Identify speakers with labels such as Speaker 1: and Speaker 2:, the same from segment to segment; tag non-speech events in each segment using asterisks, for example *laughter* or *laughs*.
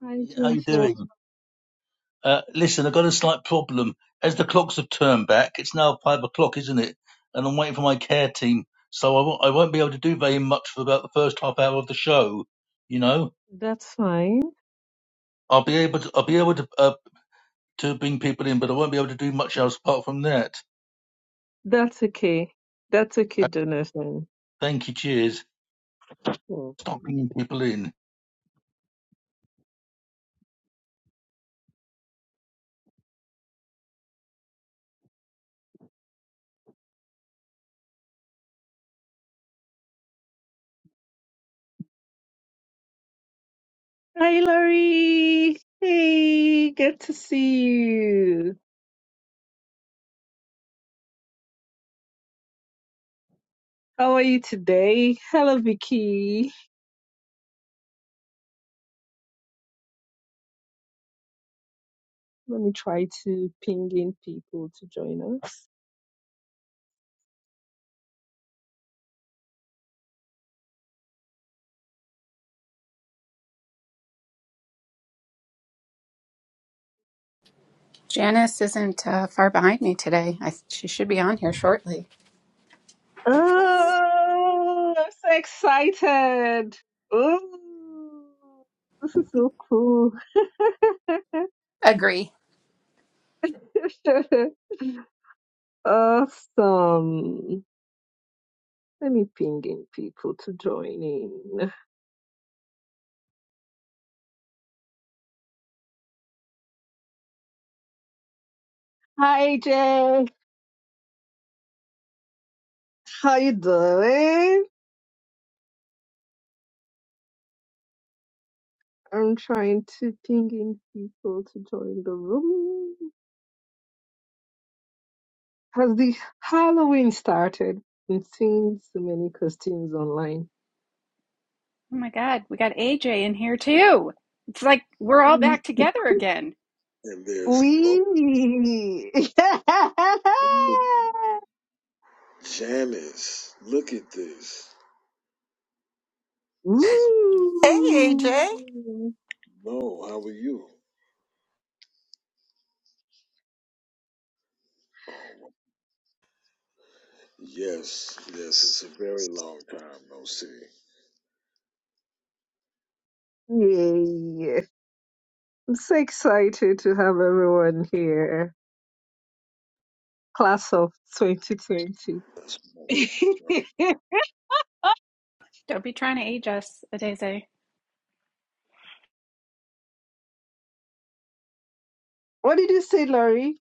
Speaker 1: Hi,
Speaker 2: How you
Speaker 1: Jonathan.
Speaker 2: doing? Uh, listen, I've got a slight problem. As the clocks have turned back, it's now five o'clock, isn't it? And I'm waiting for my care team, so I won't, I won't be able to do very much for about the first half hour of the show. You know,
Speaker 1: That's fine.
Speaker 2: I'll be able to I'll be able to uh, to bring people in, but I won't be able to do much else apart from that.
Speaker 1: That's okay. That's okay,
Speaker 2: Uh,
Speaker 1: Jonathan.
Speaker 2: Thank you. Cheers.
Speaker 1: Oh.
Speaker 2: Stop bringing people in.
Speaker 1: Hi, Larry. Hey, good to see you. How are you today? Hello, Vicky. Let me try to ping in people to join us.
Speaker 3: Janice isn't uh, far behind me today. I, she should be on here shortly.
Speaker 1: Oh, I'm so excited. Oh, *laughs* this is so cool.
Speaker 3: Agree.
Speaker 1: *laughs* awesome. Let me ping in people to join in. Hi Jay, how you doing? I'm trying to ping in people to join the room. Has the Halloween started? i seeing so many costumes online.
Speaker 3: Oh my God, we got AJ in here too. It's like we're all
Speaker 1: We,
Speaker 3: back together again.
Speaker 4: And there's low
Speaker 1: we. *laughs*
Speaker 4: Janice. Look at this. This is
Speaker 5: Hey, AJ.
Speaker 1: Woo!
Speaker 4: no. How are you? Yes, yes. It's a very long time no see.
Speaker 1: Yay! I'm so excited to have everyone here. Class of 2020.
Speaker 4: That's what,
Speaker 1: *laughs* what
Speaker 4: that's what
Speaker 3: Don't be trying to age us, Adeze.
Speaker 1: did you say, Laurie?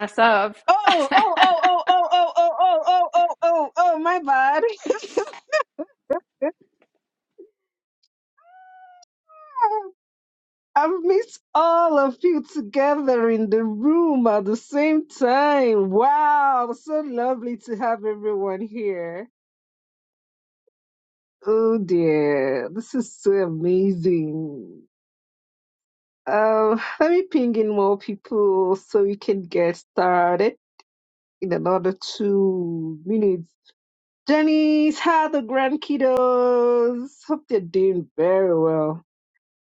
Speaker 3: Us of.
Speaker 1: Oh, oh, oh, oh, oh, oh, oh, oh, oh, oh, oh, oh, my bad. *laughs* I've missed all of you together in the room at the same time. Wow, so lovely to have everyone here. Oh dear, this is so amazing. Um, let me ping in more people so we can get started in another two minutes. Jenny's, how are the grand kiddos? Hope they're doing very well.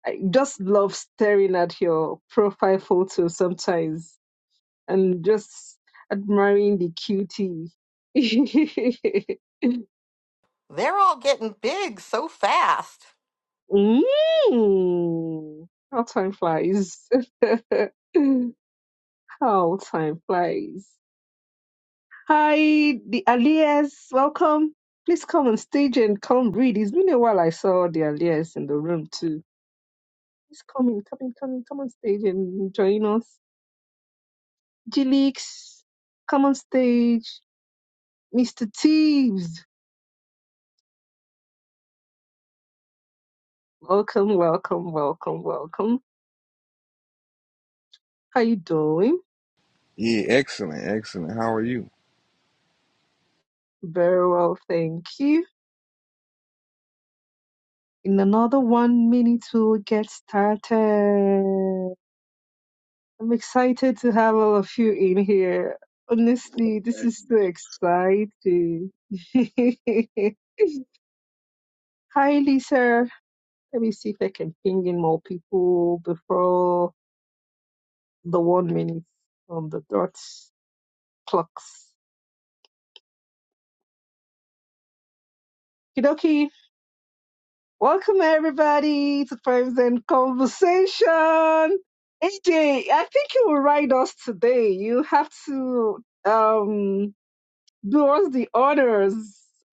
Speaker 1: I just love staring at your profile photo sometimes and just admiring the cutie. *laughs*
Speaker 5: They're all getting big so fast.
Speaker 1: mm, how time flies. *laughs* how time flies. Hi, the Alias, welcome. Please come on stage and come read. It's been a while I saw the Alias in the room too. Please come in, come in, come in, come on stage and join us. G Leaks, come on stage. Mr. Teeves, welcome, welcome, welcome, welcome. How you doing?
Speaker 6: Yeah, excellent, excellent. How are you?
Speaker 1: Very well, thank you. In another one minute, we'll get started. I'm excited to have all of you in here. Honestly,
Speaker 4: I'm
Speaker 1: this
Speaker 4: saying.
Speaker 1: is so exciting. *laughs* Hi, Lisa. Let me see if I can ping in more people before. the one minute on the dot clocks. Kidoki, welcome everybody to Primes and Conversation. AJ, I think you will ride us today. You have to um do us the honors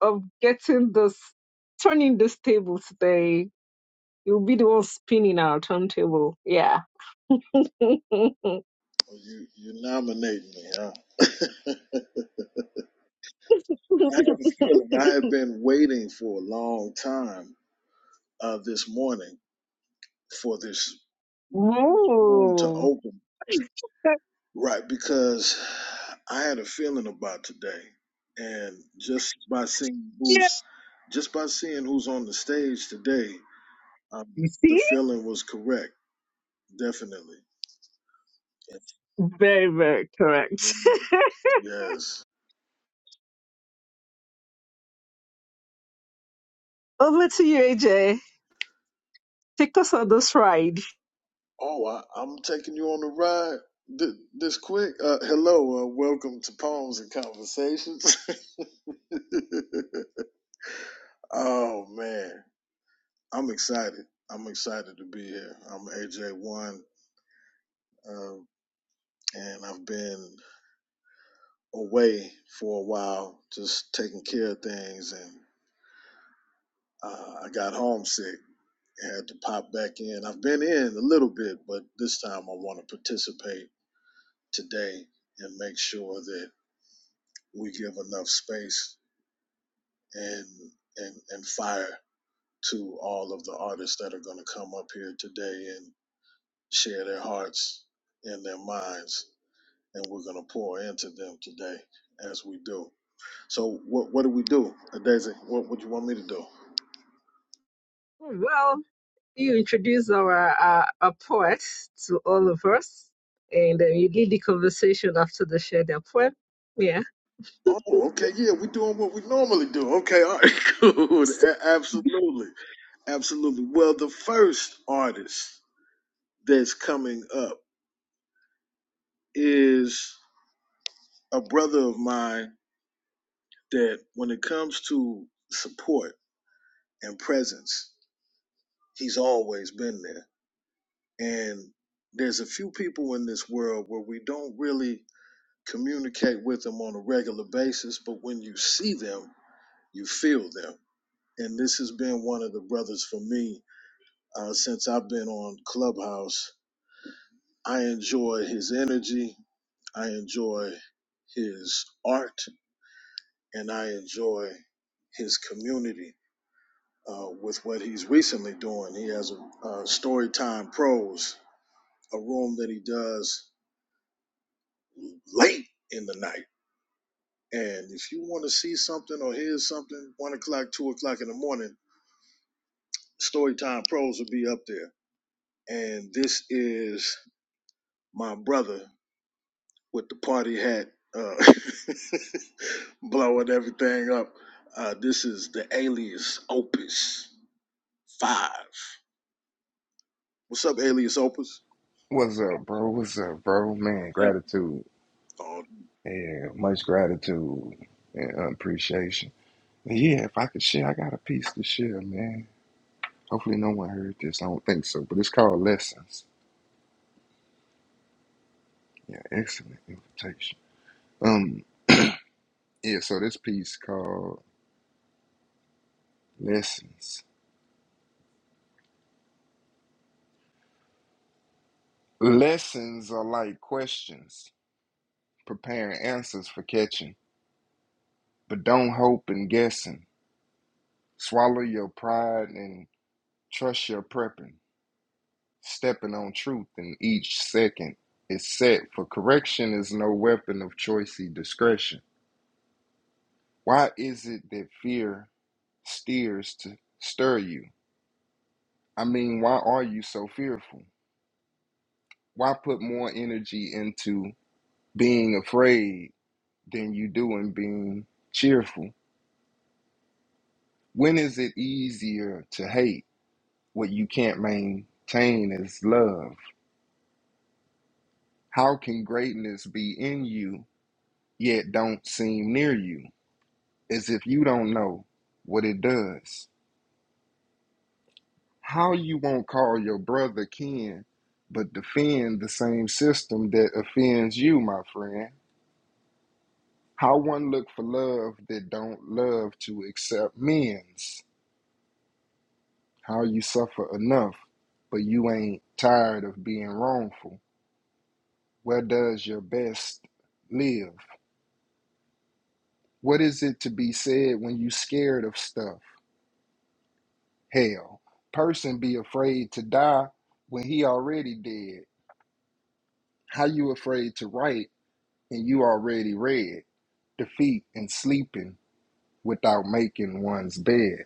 Speaker 1: of getting this turning this table today. You'll be the one spinning our turntable. Yeah. *laughs*
Speaker 4: Well, you you nominate me, huh? *laughs* I have a feeling I have been waiting for a long time uh, this morning for this room to
Speaker 1: Ooh. *laughs*
Speaker 4: open. Right, because I had a feeling about today, and just by seeing
Speaker 1: Yeah.
Speaker 4: who's just by seeing who's on the stage today, um,
Speaker 1: You see?
Speaker 4: the feeling was correct, definitely.
Speaker 1: Very, very correct. *laughs*
Speaker 4: Yes.
Speaker 1: Over to you, AJ. Take us on this ride.
Speaker 4: Oh, I, I'm taking you on a ride th- this quick. Uh, hello, uh, welcome to Poems and Conversations. *laughs* oh man, I'm excited. I'm excited to be here. I'm AJ One, uh, and I've been away for a while, just taking care of things, and uh, I got homesick. I Had to pop back in. I've been in a little bit, but this time I want to participate today and make sure that we give enough space and and and fire to all of the artists that are going to come up here today and share their hearts and their minds, and we're going to pour into them today as we do. So, what what do we do, Daisy? What would you want me to do?
Speaker 1: Well, you introduced our, uh, our poet to all of us, and uh, you did the conversation after they shared their poem. Yeah,
Speaker 4: Oh, okay, yeah, we're doing what we normally do. Okay, all right, *laughs* good.
Speaker 1: So,
Speaker 4: A- Absolutely. Absolutely. Well, the first artist that's coming up is a brother of mine that, when it comes to support and presence, he's always been there. And there's a few people in this world where we don't really communicate with them on a regular basis, but when you see them, you feel them. And this has been one of the brothers for me uh, since I've been on Clubhouse. I enjoy his energy, I enjoy his art, and I enjoy his community uh, with what he's recently doing. He has a, a story Pros, a room that he does late in the night. And if you want to see something or hear something, one o'clock, two o'clock in the morning, Storytime Pros will be up there. And this is my brother with the party hat, uh, *laughs* blowing everything up. Uh, this is the Alias Opus 5. What's up, Alias Opus?
Speaker 6: What's up, bro? What's up, bro? Man,
Speaker 4: Yeah.
Speaker 6: gratitude.
Speaker 4: Oh,
Speaker 6: Yeah, much gratitude and appreciation. And yeah, if I could share, I got a piece to share, man. Hopefully, no one heard this. I don't think so, but it's called Lessons. Yeah, excellent invitation. Um, *clears throat* yeah. So this piece called Lessons. Lessons are like questions, preparing answers for catching, but don't hope in guessing. Swallow your pride and. Trust your prepping, stepping on truth in each second is set, for correction is no weapon of choicey discretion. Why is it that fear steers to stir you? I mean, why are you so fearful? Why put more energy into being afraid than you do in being cheerful? When is it easier to hate what you can't maintain as love? How can greatness be in you yet don't seem near you, as if you don't know what it does. How you won't call your brother kin, but defend the same system that offends you, my friend? How one look for love that don't love to accept men's? How you suffer enough, but you ain't tired of being wrongful? Where does your best live? What is it to be said when you scared of stuff? hell. Person be afraid to die when he already dead. How you afraid to write and you already read? Defeat and sleeping without making one's bed.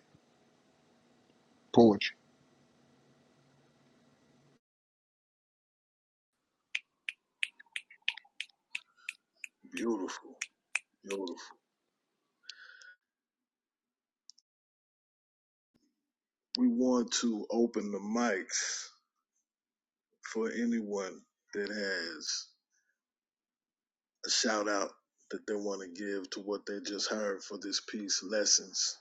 Speaker 6: Poetry.
Speaker 4: beautiful. Beautiful. We want to open the mics for anyone that has a shout out that they want to give to what they just heard for this piece, Lessons.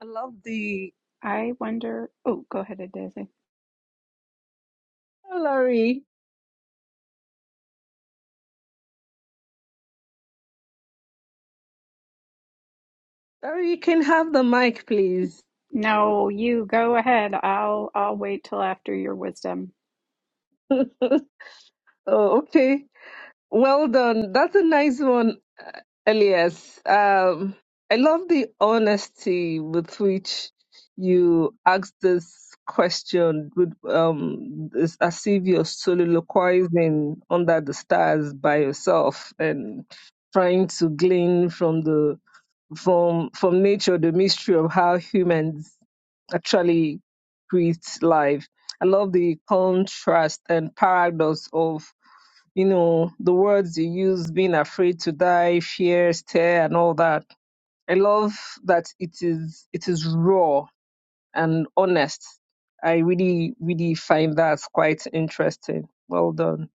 Speaker 1: I love the.
Speaker 3: *laughs* I wonder. Oh, go ahead, Adeze.
Speaker 1: Oh, Larry, Larry, you can have the mic, please.
Speaker 3: No, you go ahead. I'll I'll wait till after your wisdom.
Speaker 1: *laughs* oh, okay. Well done. That's a nice one, uh, Elias. Um, I love the honesty with which you asked this question, with um, it's as if you're soliloquizing under the stars by yourself and trying to glean from the from from nature the mystery of how humans actually create life. I love the contrast and paradox of you know, the words you use, being afraid to die, fear, stare, and all that. I love that it is it is raw and honest. I really, really find that quite interesting. Well done.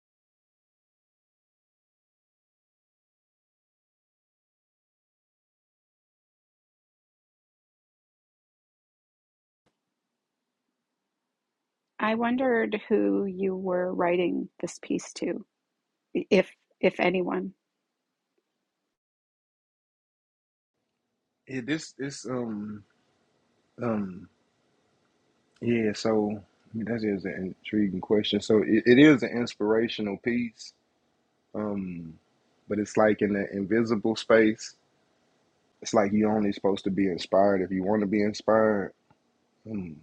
Speaker 3: I wondered who you were writing this piece to, if if anyone.
Speaker 6: Yeah, this this um um yeah. So I mean, that is an intriguing question. So it, it is an inspirational piece. Um, but it's like in the invisible space. It's like you only supposed to be inspired if you want to be inspired. Mm.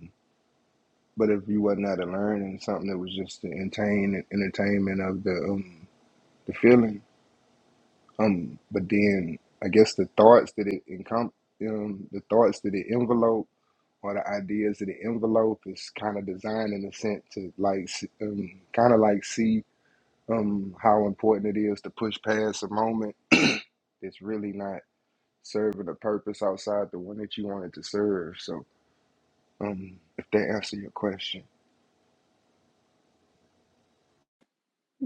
Speaker 6: But if you wasn't out to learn and something that was just the entertain entertainment of the um the feeling, um, but then I guess the thoughts that it encom um the thoughts that it envelope or the ideas that it envelope is kind of designed in a sense to like s- um kind of like see um how important it is to push past a moment *clears throat* that's really not serving a purpose outside the one that you wanted to serve. So um, if that answer your question.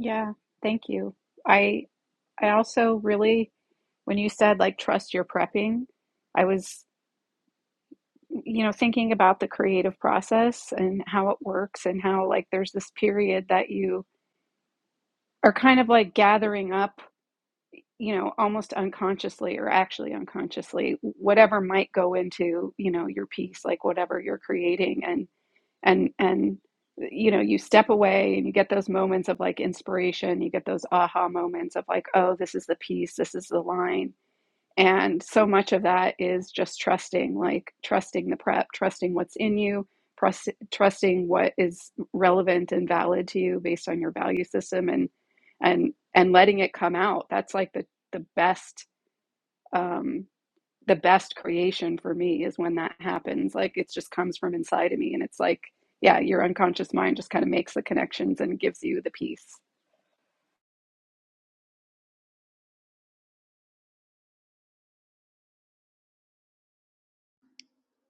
Speaker 3: Yeah, thank you. I I also really when you said like trust your prepping, I was you know thinking about the creative process and how it works and how like there's this period that you are kind of like gathering up you know, almost unconsciously or actually unconsciously, whatever might go into, you know, your piece, like whatever you're creating and and and you know, you step away and you get those moments of like inspiration, you get those aha moments of like, oh, this is the piece, this is the line and so much of that is just trusting, like trusting the prep, trusting what's in you, trust, trusting what is relevant and valid to you based on your value system, and and and letting it come out. That's like the the best um, the best creation for me is when that happens. Like it just comes from inside of me, and it's like yeah, your unconscious mind just kind of makes the connections and gives you the peace.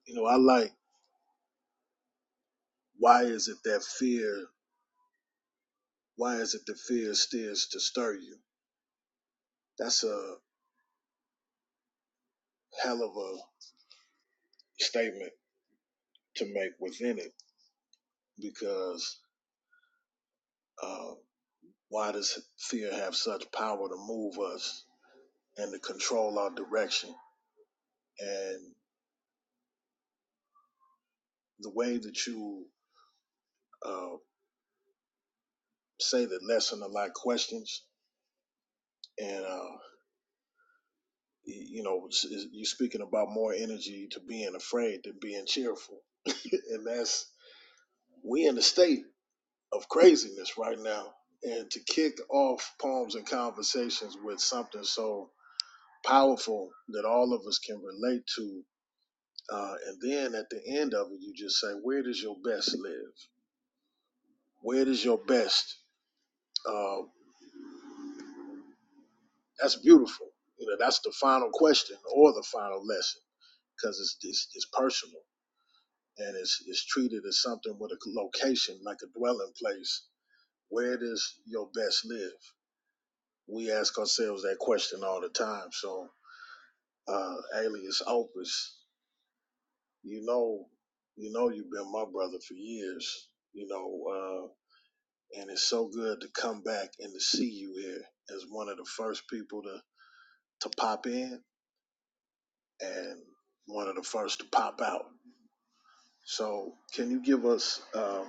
Speaker 4: You know, I like why is it that fear, why is it that fear steers to stir you? That's a hell of a statement to make within it because uh, why does fear have such power to move us and to control our direction? And the way that you uh, say that lesson a lot questions and uh, you know you're speaking about more energy to being afraid than being cheerful, *laughs* and that's we in a state of craziness right now. And to kick off poems and conversations with something so powerful that all of us can relate to. Uh, and then at the end of it, you just say, where does your best live? Where does your best? Um, that's beautiful. You know, that's the final question or the final lesson because it's, it's it's personal and it's it's treated as something with a location, like a dwelling place. Where does your best live? We ask ourselves that question all the time. So, uh, alias opus. you know, you know, you've been my brother for years, you know, uh, and it's so good to come back and to see you here as one of the first people to, to pop in and one of the first to pop out. So can you give us, um,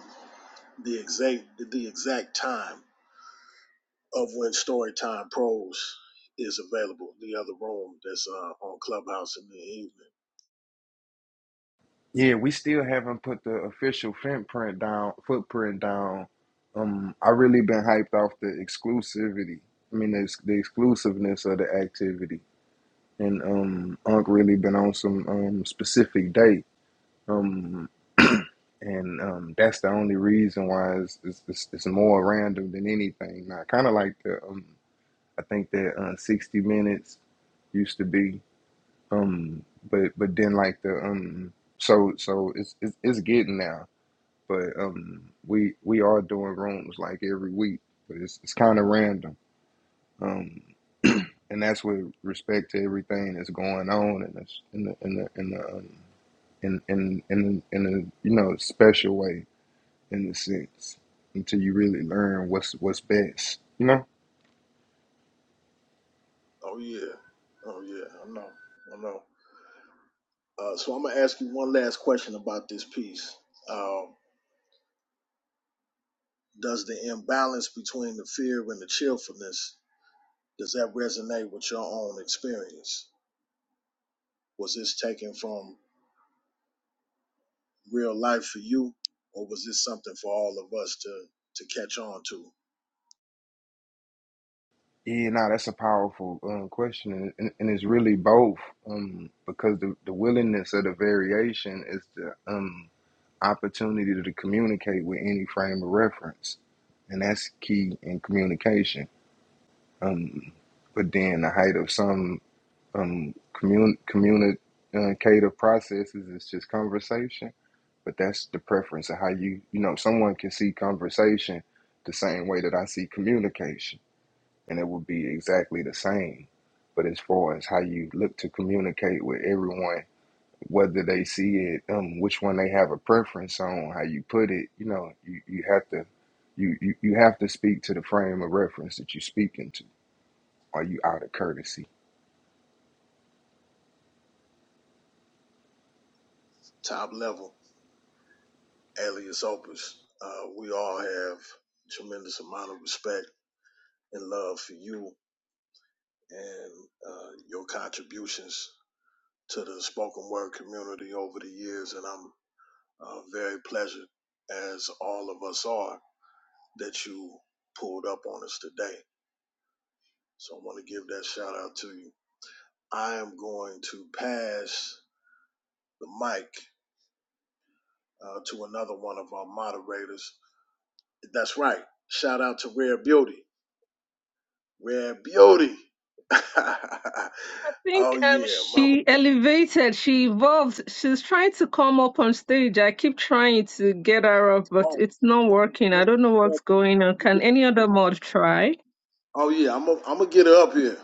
Speaker 4: the exact, the exact time of when Storytime Pros is available, the other room that's, uh, on Clubhouse in the evening?
Speaker 6: Yeah, we still haven't put the official footprint down. Footprint down. Um, I really been hyped off the exclusivity. I mean, the, the exclusiveness of the activity, and um, Unc really been on some um specific date. Um, and um, that's the only reason why it's it's, it's, it's more random than anything. Now, kind of like the um, I think that uh, sixty minutes used to be. Um, but but then like the um, so so it's it's, it's getting now. but um, we we are doing rooms like every week, but it's it's kind of random. Um, *clears throat* and that's with respect to everything that's going on in this in the in the in the um, in in in in a you know special way in the sense until you really learn what's what's best, you know.
Speaker 4: Oh yeah. Oh yeah. I know. I know. Uh, so I'm gonna ask you one last question about this piece. Um, does the imbalance between the fear and the cheerfulness does that resonate with your own experience? Was this taken from real life for you, or was this something for all of us to to catch on to?
Speaker 6: Yeah, nah, that's a powerful uh, question, and, and and it's really both um, because the, the willingness of the variation is the um, opportunity to communicate with any frame of reference. And that's key in communication. Um, but then the height of some um, commun- communicative processes is just conversation. But that's the preference of how you, you know, someone can see conversation the same way that I see communication. And it will be exactly the same. But as far as how you look to communicate with everyone whether they see it, um, which one they have a preference on, how you put it, you know, you, you have to you, you you have to speak to the frame of reference that you're speaking to. Are you out of courtesy?
Speaker 4: Top level, alias opus. Uh, we all have tremendous amount of respect and love for you and uh, your contributions to the spoken word community over the years, and I'm Uh, very pleasant, as all of us are, that you pulled up on us today. So I want to give that shout out to you. I am going to pass the mic uh, to another one of our moderators. That's right. Shout out to Rare Beauty. Rare Beauty. *laughs*
Speaker 1: I think
Speaker 4: oh,
Speaker 1: um
Speaker 4: yeah, Mama.
Speaker 1: she elevated, she evolved. She's trying to come up on stage. I keep trying to get her up, but
Speaker 4: Oh,
Speaker 1: it's not
Speaker 4: let me,
Speaker 1: working.
Speaker 4: let
Speaker 1: I
Speaker 4: me,
Speaker 1: don't know what's
Speaker 4: let
Speaker 1: going on.
Speaker 4: me
Speaker 1: Can
Speaker 4: get her
Speaker 1: any
Speaker 4: up here.
Speaker 1: other mod try?
Speaker 4: Oh, yeah, I'm going to get her up here.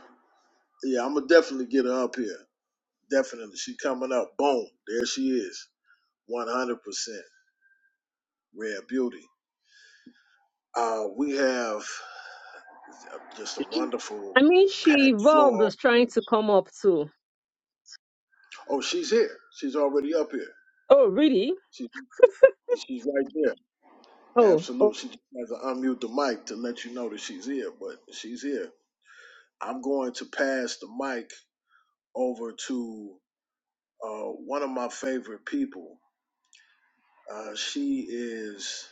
Speaker 4: Yeah, I'm going to definitely get her up here. Definitely. She coming up. Boom. There she is. 100%. Rare beauty. Uh, we have just a wonderful
Speaker 1: I mean, she
Speaker 4: packed floor
Speaker 1: evolved was trying
Speaker 4: already.
Speaker 1: to come up too.
Speaker 4: Oh, she's here. She's already up here.
Speaker 1: Oh, really?
Speaker 4: She, she's right there.
Speaker 1: Oh,
Speaker 4: Absolutely. She just has to unmute the mic to let you know that she's here, but she's here. I'm going to pass the mic over to uh, one of my favorite people. Uh, she is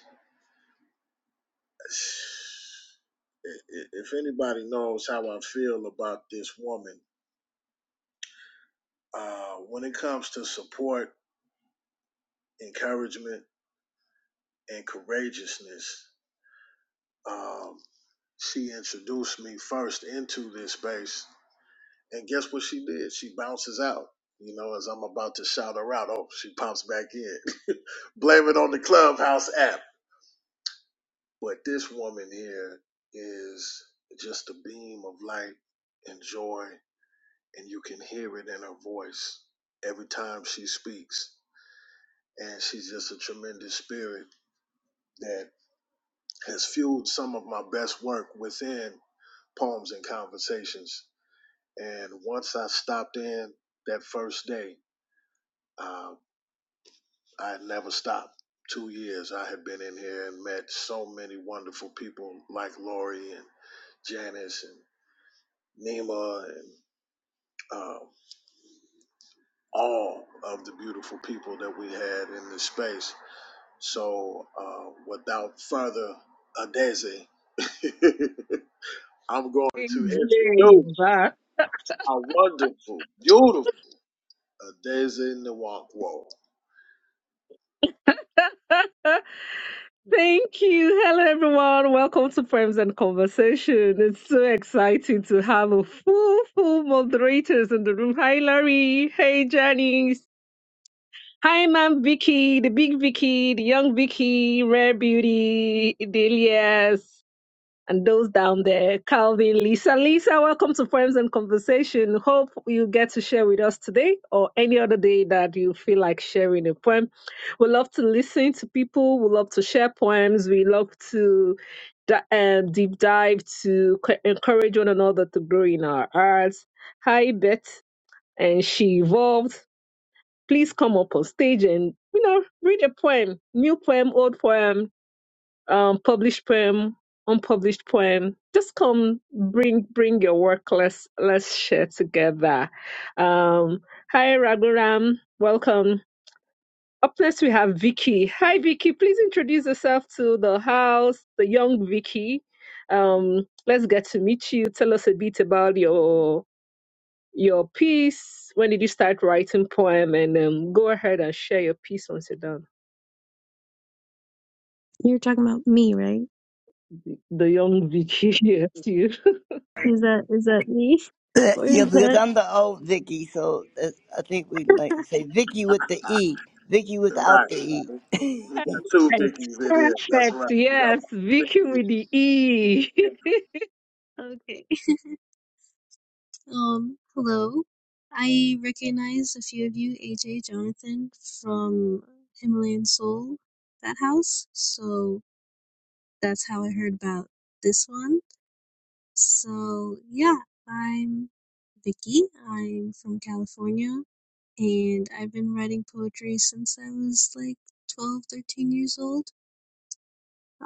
Speaker 4: *sighs* if anybody knows how I feel about this woman, uh, when it comes to support, encouragement, and courageousness, um, she introduced me first into this space. And guess what she did? She bounces out. You know, as I'm about to shout her out, oh, she pops back in. *laughs* Blame it on the Clubhouse app. But this woman here is just a beam of light and joy and you can hear it in her voice every time she speaks. And she's just a tremendous spirit that has fueled some of my best work within poems and conversations. And once I stopped in that first day, uh, I had never stopped. Two years I had been in here and met so many wonderful people like Lori and Janice and Nima and uh, all of the beautiful people that we had in this space So uh, without further adese, *laughs* I'm going to introduce
Speaker 1: Jane back.
Speaker 4: our wonderful, beautiful Adeze Nwakwo.
Speaker 1: *laughs* Thank you. Hello, everyone. Welcome to Frames and Conversation. It's so exciting to have a full, full moderators in the room. Hi, Larry. Hey, Janice. Hi, Ma'am Vicky, the big Vicky, the young Vicky, Rare Beauty, Delias. and those down there, Calvin, Lisa. Lisa, welcome to Poems and Conversation. Hope you get to share with us today or any other day that you feel like sharing a poem. We love to listen to people. We love to share poems. We love to di- um, deep dive to c- encourage one another to grow in our arts. Hi, Beth, and she evolved. Please come up on stage and you know read a poem, new poem, old poem, um, published poem, unpublished poem. Just come, bring bring your work. Let's let's share together. Um, hi Raghuram, welcome. Up next we have Vicky. Hi Vicky, please introduce yourself to the house, the young Vicky. Um, let's get to meet you. Tell us a bit about your your piece. When did you start writing poem? And um, go ahead and share your piece once you're done.
Speaker 7: You're talking about me, right?
Speaker 1: The young Vicky, *laughs* yes, you.
Speaker 7: Is that is that me? *laughs* Or is
Speaker 8: Yeah, because
Speaker 7: that
Speaker 8: I'm the old Vicky, so that's, I think we like to say Vicky with the E, Vicky
Speaker 4: Right,
Speaker 8: without the
Speaker 4: right.
Speaker 8: E.
Speaker 4: We got two
Speaker 1: Perfect.
Speaker 4: Vickies in here. That's
Speaker 1: Perfect.
Speaker 4: right. We got
Speaker 1: Yes. Vicky
Speaker 4: Vicky.
Speaker 1: with the E.
Speaker 7: okay. Um hello. I recognize a few of you, AJ Jonathan from Himalayan Soul, that house. So that's how I heard about this one. So yeah, I'm Vicky. I'm from California and I've been writing poetry since I was like 12, 13 years old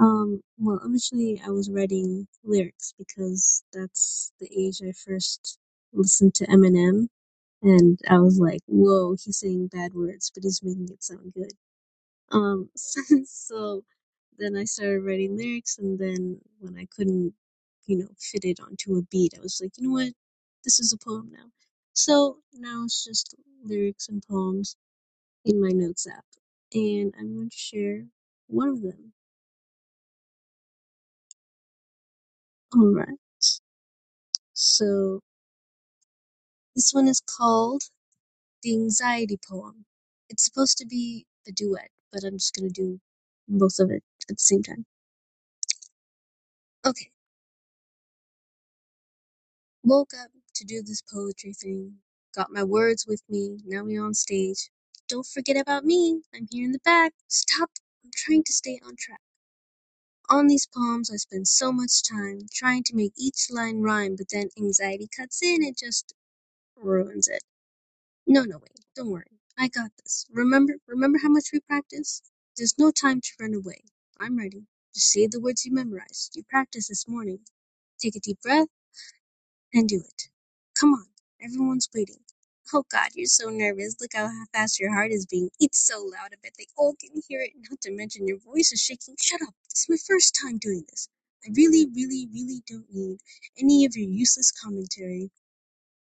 Speaker 7: Um, well, originally I was writing lyrics because that's the age I first listened to Eminem, and I was like, "Whoa, he's saying bad words, but he's making it sound good." Um, *laughs* so then I started writing lyrics, and then when I couldn't, you know, fit it onto a beat, I was like, "You know what? This is a poem now." So now it's just lyrics and poems in my notes app, and I'm going to share one of them. All right, so. This one is called The Anxiety Poem. It's supposed to be a duet, but I'm just gonna do both of it at the same time. Okay, woke up to do this poetry thing. Got my words with me. Now we on stage. Don't forget about me. I'm here in the back. Stop. I'm trying to stay on track. On these poems, I spend so much time trying to make each line rhyme, but then anxiety cuts in and just ruins it. No, no, wait. Don't worry. I got this. Remember, remember how much we practiced? There's no time to run away. I'm ready. Just say the words you memorized. You practiced this morning. Take a deep breath and do it. Come on. Everyone's waiting. Oh god, you're so nervous. Look how fast your heart is beating. It's so loud. I bet they all can hear it. Not to mention your voice is shaking. Shut up. This is my first time doing this. I really, really, really don't need any of your useless commentary.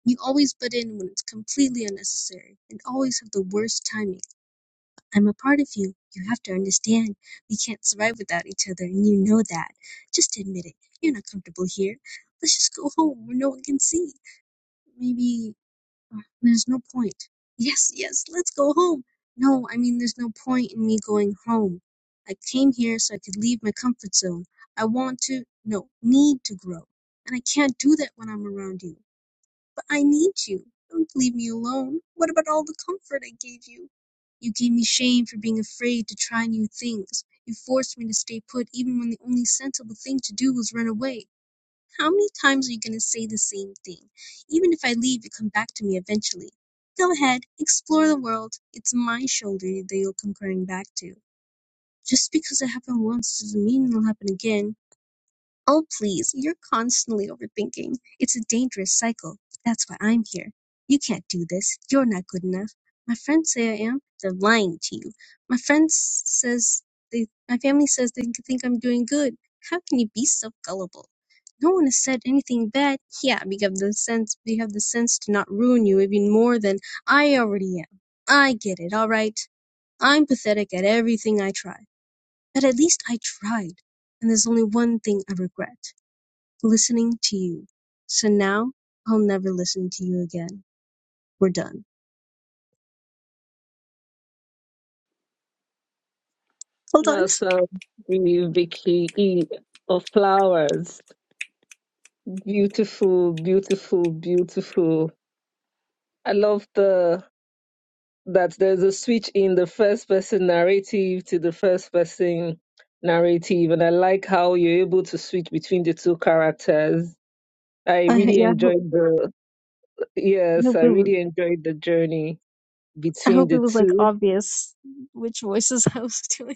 Speaker 7: You always butt in when it's completely unnecessary and always have the worst timing. I'm a part of you. You have to understand. We can't survive without each other, and you know that. Just admit it. You're not comfortable here. Let's just go home where no one can see. Maybe uh, there's no point. Yes, yes, let's go home. No, I mean, there's no point in me going home. I came here so I could leave my comfort zone. I want to, no, need to grow. And I can't do that when I'm around you. I need you. Don't leave me alone. What about all the comfort I gave you? You gave me shame for being afraid to try new things. You forced me to stay put even when the only sensible thing to do was run away. How many times are you going to say the same thing? Even if I leave, you come back to me eventually. Go ahead, explore the world. It's my shoulder that you'll come crying back to. Just because it happened once doesn't mean it'll happen again. Oh, please, you're constantly overthinking. It's a dangerous cycle. That's why I'm here. You can't do this. You're not good enough. My friends say I am. They're lying to you. My friends says they, my family says they think I'm doing good. How can you be so gullible? No one has said anything bad. Yeah, we have the sense, we have the sense to not ruin you even more than I already am. I get it, alright? I'm pathetic at everything I try. But at least I tried. And there's only one thing I regret listening to you. So now I'll never listen to you again. We're done.
Speaker 1: *laughs*
Speaker 7: Hold on. *laughs*
Speaker 1: That's um, the Vicky E of flowers. Beautiful, beautiful, beautiful. I love the that there's a switch in the first person narrative to the first person narrative, and I like how you're able to switch between the two characters. I
Speaker 7: I
Speaker 1: really
Speaker 7: yeah, I hope,
Speaker 1: enjoyed the
Speaker 7: I
Speaker 1: yes,
Speaker 7: hope
Speaker 1: I
Speaker 7: it was,
Speaker 1: really enjoyed the journey
Speaker 7: I
Speaker 1: between
Speaker 7: hope it
Speaker 1: the
Speaker 7: was like
Speaker 1: two
Speaker 7: obvious which voices *laughs* I was doing.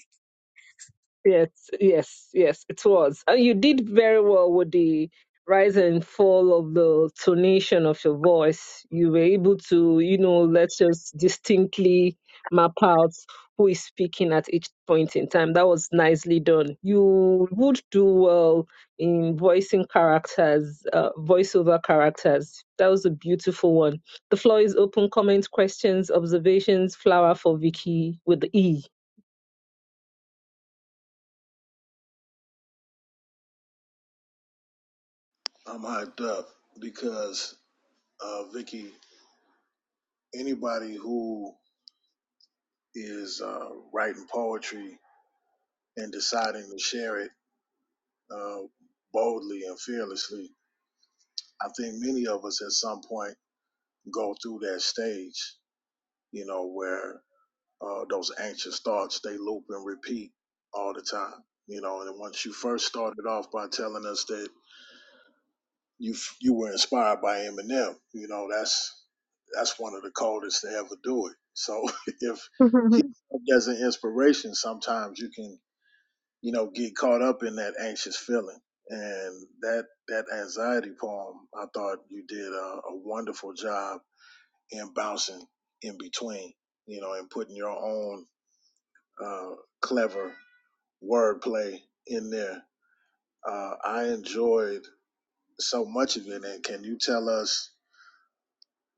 Speaker 1: Yes, yes, yes, it was. And you did very well with the rise and fall of the tonation of your voice. You were able to, you know, let's just distinctly map out who is speaking at each point in time. That was nicely done. You would do well in voicing characters, uh, voiceover characters. That was a beautiful one. The floor is open. Comments, questions, observations, flower for Vicky with the E.
Speaker 4: I'm hyped up because uh, Vicky, anybody who is uh, writing poetry and deciding to share it uh, boldly and fearlessly, I think many of us at some point go through that stage, you know, where uh, those anxious thoughts they loop and repeat all the time, you know. And once you first started off by telling us that you f- you were inspired by Eminem, you know, that's that's one of the coldest to ever do it. So *laughs* if
Speaker 7: *laughs*
Speaker 4: he
Speaker 7: I
Speaker 4: served as an inspiration, sometimes you can you know get caught up in that anxious feeling. And that that anxiety poem, I thought you did a, a wonderful job and bouncing in between, you know, and putting your own uh, clever wordplay in there. Uh, I enjoyed so much of it, and can you tell us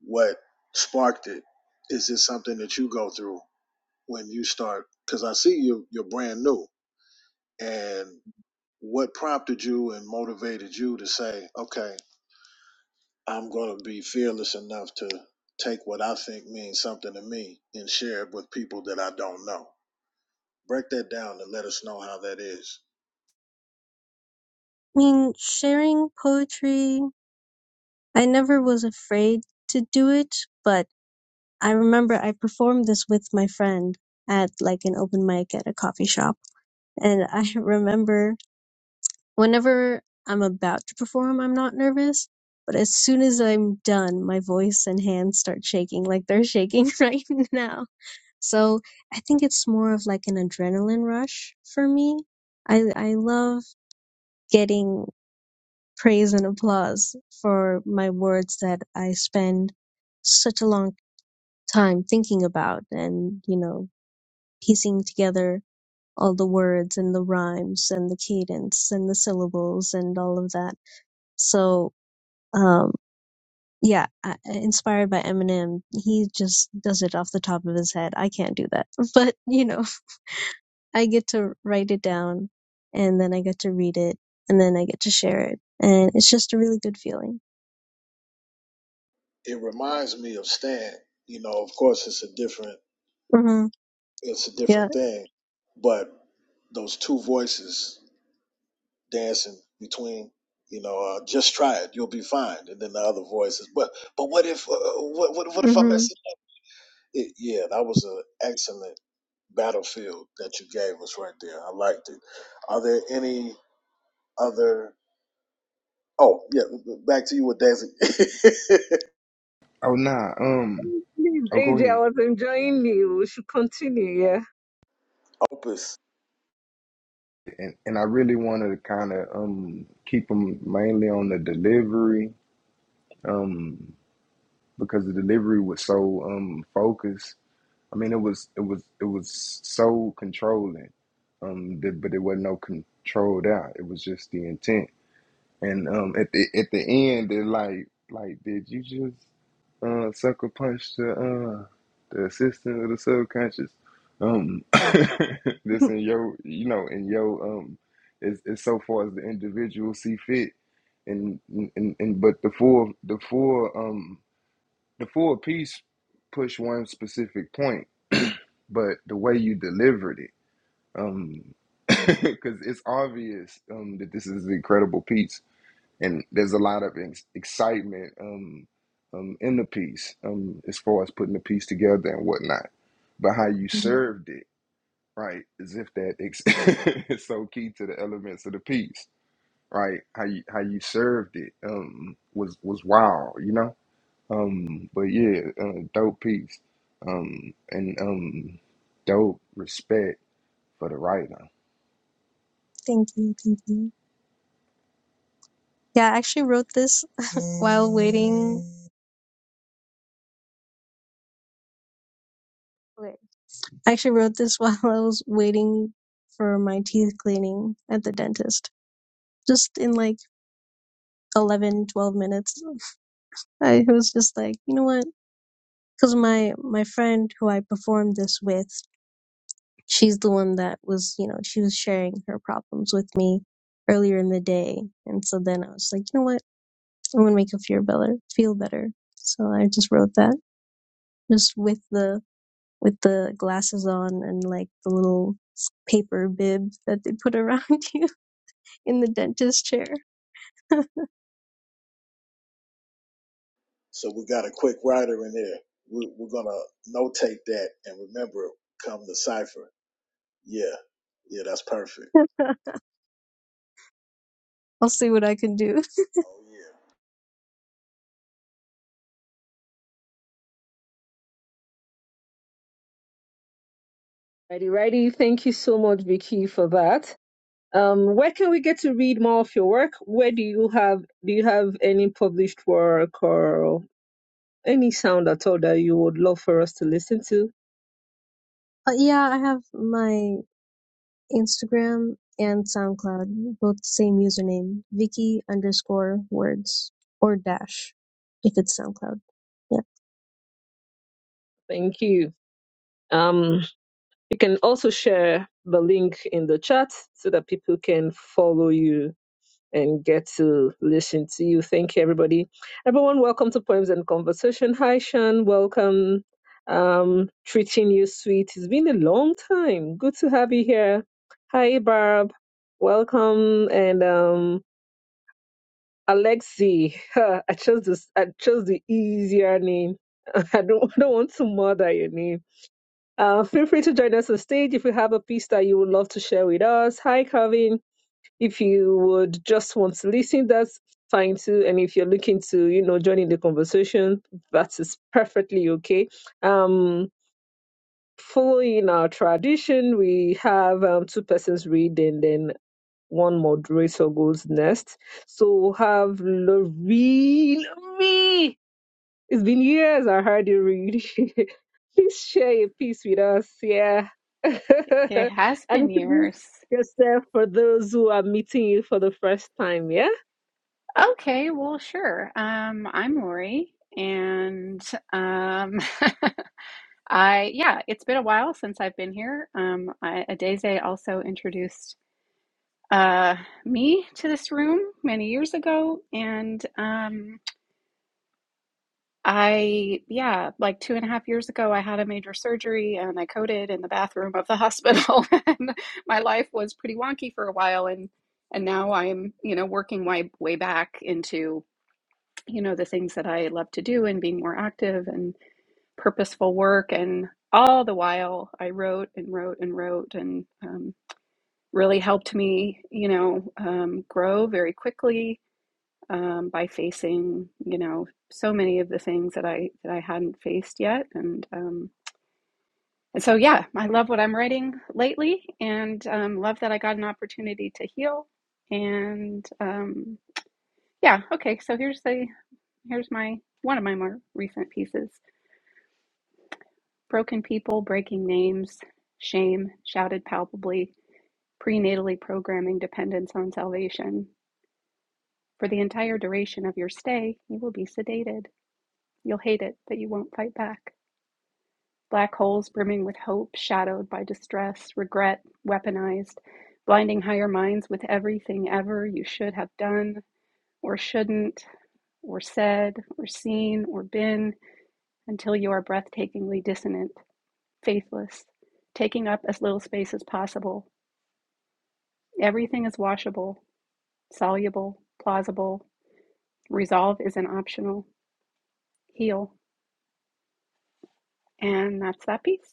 Speaker 4: what sparked it? Is this something that you go through when you start? Because I see you, you're brand new, and what prompted you and motivated you to say, okay, I'm going to be fearless enough to take what I think means something to me and share it with people that I don't know? break that down and let us know how that is.
Speaker 7: mean, sharing poetry, I never was afraid to do it, but I remember I performed this with my friend at like an open mic at a coffee shop. And I *laughs* remember Whenever I'm about to perform, I'm not nervous, but as soon as I'm done, my voice and hands start shaking like they're shaking *laughs* right now. So I think it's more of like an adrenaline rush for me. I, I love getting praise and applause for my words that I spend such a long time thinking about and, you know, piecing together all the words and the rhymes and the cadence and the syllables and all of that. So Um, yeah, I- inspired by Eminem, he just does it off the top of his head. I can't do that. *laughs* But, you know, I get to write it down and then I get to read it and then I get to share it. And it's just a really good feeling.
Speaker 4: It reminds me of Stan. You know, of course, it's a different
Speaker 7: hmm
Speaker 4: it's a
Speaker 7: Yeah.
Speaker 4: different thing, but those two voices dancing between, you know, uh, just try it, you'll be fine, and then the other voices. But but what if uh, what, what what if I
Speaker 7: hmm
Speaker 4: mess it up? It, yeah, that was an excellent battlefield that you gave us right there. I liked it. Are there any other? Oh yeah, back to you with Daisy.
Speaker 6: Oh nah, um,
Speaker 1: Please,
Speaker 6: I'll go
Speaker 1: AJ, I
Speaker 6: ahead.
Speaker 1: was enjoying you. We should continue, yeah.
Speaker 4: *laughs* Opus.
Speaker 6: And and I really wanted to kind of um keep them mainly on the delivery, um, because the delivery was so um focused. I mean, it was it was it was so controlling, um, that, but it wasn't no controlled out. It was just the intent And um, at the at the end, they're like, like, did you just uh, sucker punch the uh, the assistant of the subconscious? Um, *coughs* *laughs* this
Speaker 7: *laughs*
Speaker 6: in your, you know, in your um, it's, it's so far as the individual see fit, and and and but the full the full um the full piece push one specific point, but the way you delivered it, um, *coughs* *laughs* because it's obvious um that this is an incredible piece and there's a lot of ex- excitement um, um, in the piece um, as far as putting the piece together and whatnot. But how you served it, right, is if that ex- *laughs* is so key to the elements of the piece, right? How you how you served it um, was was wild, you know. Um, but yeah, uh, dope piece um, and um, dope respect for the writer.
Speaker 7: Thank you. Thank you. Yeah, I actually wrote this while waiting. Wait. I actually wrote this *laughs* while I was waiting for my teeth cleaning at the dentist. Just in like 11, 12 minutes. I was just like, you know what? Because my my friend who I performed this with, she's the one that was, you know, she was sharing her problems with me earlier in the day, and so then I was like, you know what? I'm gonna make her feel better, feel better. So I just wrote that, just with the with the glasses on and like the little paper bib that they put around *laughs* you in the dentist chair.
Speaker 4: So we got a quick rider in there. We, we're gonna notate that and remember it come the cipher. Yeah, yeah, that's perfect.
Speaker 7: I'll see what I can do.
Speaker 4: Oh yeah,
Speaker 1: Ready, ready. Thank you so much, Vicky, for that. Um, where can we get to read more of your work? Where do you have do you have any published work or any sound at all that you would love for us to listen to?
Speaker 7: But yeah, I have my Instagram and SoundCloud, both the same username, Vicky underscore words or dash if it's SoundCloud. Yeah.
Speaker 1: Thank you. Um, you can also share the link in the chat so that people can follow you and get to listen to you. Thank you, everybody. Everyone, welcome to Poems and Conversation. Hi, Sean. Welcome. Um, treating you sweet. It's been a long time. Good to have you here. Hi, Barb. Welcome. And um, Alexi. *laughs* I chose this. I chose the easier name. *laughs* I don't, I don't want to murder your name. Uh, feel free to join us on stage if you have a piece that you would love to share with us. Hi, Kevin if you would just want to listen, that's fine too. And if you're looking to, you know, join in the conversation, that is perfectly okay. Um, following our tradition, we have um, two persons read and then one moderator goes next. So we'll have Lori, Lori. It's been years I heard you read. *laughs* Please share a piece with us. Yeah. *laughs* and
Speaker 3: It has been
Speaker 1: introduce
Speaker 3: years.
Speaker 1: yourself for those who are meeting you for the first time. Yeah.
Speaker 3: Okay, well, sure. Um, I'm Lori, and um, *laughs* I yeah, it's been a while since I've been here. Um, I, Adeze also introduced uh, me to this room many years ago, and um, I yeah, like two and a half years ago, I had a major surgery, and I coded in the bathroom of the hospital, *laughs* and my life was pretty wonky for a while, and and now I'm you know working my way back into. you know, the things that I love to do and being more active and purposeful work. And all the while, I wrote and wrote and wrote and um, really helped me, you know, um, grow very quickly um, by facing, you know, so many of the things that I that I hadn't faced yet. And um, and so, yeah, I love what I'm writing lately, and um, love that I got an opportunity to heal. And um, yeah, okay, so here's the here's my one of my more recent pieces. Broken people, breaking names, shame, shouted palpably, prenatally programming dependence on salvation. For the entire duration of your stay, you will be sedated. You'll hate it, but you won't fight back. Black holes brimming with hope, shadowed by distress, regret, weaponized, blinding higher minds with everything ever you should have done, or shouldn't, or said, or seen, or been, until you are breathtakingly dissonant faithless, taking up as little space as possible. Everything is washable, soluble, plausible. Resolve is an optional. Heal. And that's that piece.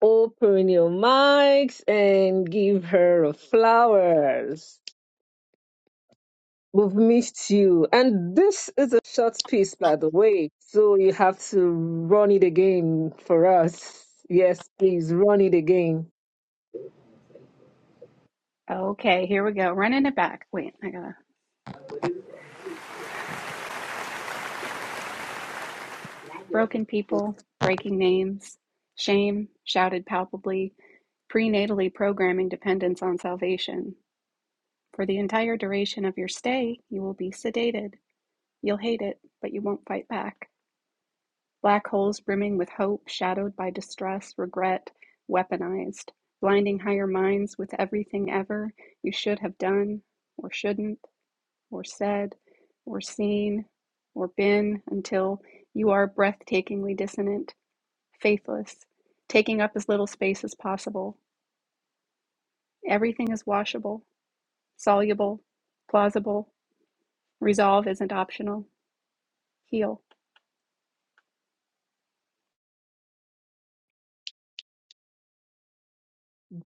Speaker 1: Open your mics and give her flowers. We've missed you. And this is a short piece, by the way. So you have to run it again for us. Yes, please run it again.
Speaker 3: Okay, here we go. Running it back. Wait, I gotta. Broken people, breaking names, shame, shouted palpably, prenatally programming dependence on salvation. For the entire duration of your stay, you will be sedated. You'll hate it, but you won't fight back. Black holes brimming with hope, shadowed by distress, regret, weaponized, blinding higher minds with everything ever you should have done, or shouldn't, or said, or seen, or been, until you are breathtakingly dissonant, faithless, taking up as little space as possible. Everything is washable, soluble, plausible. Resolve isn't optional. Heal.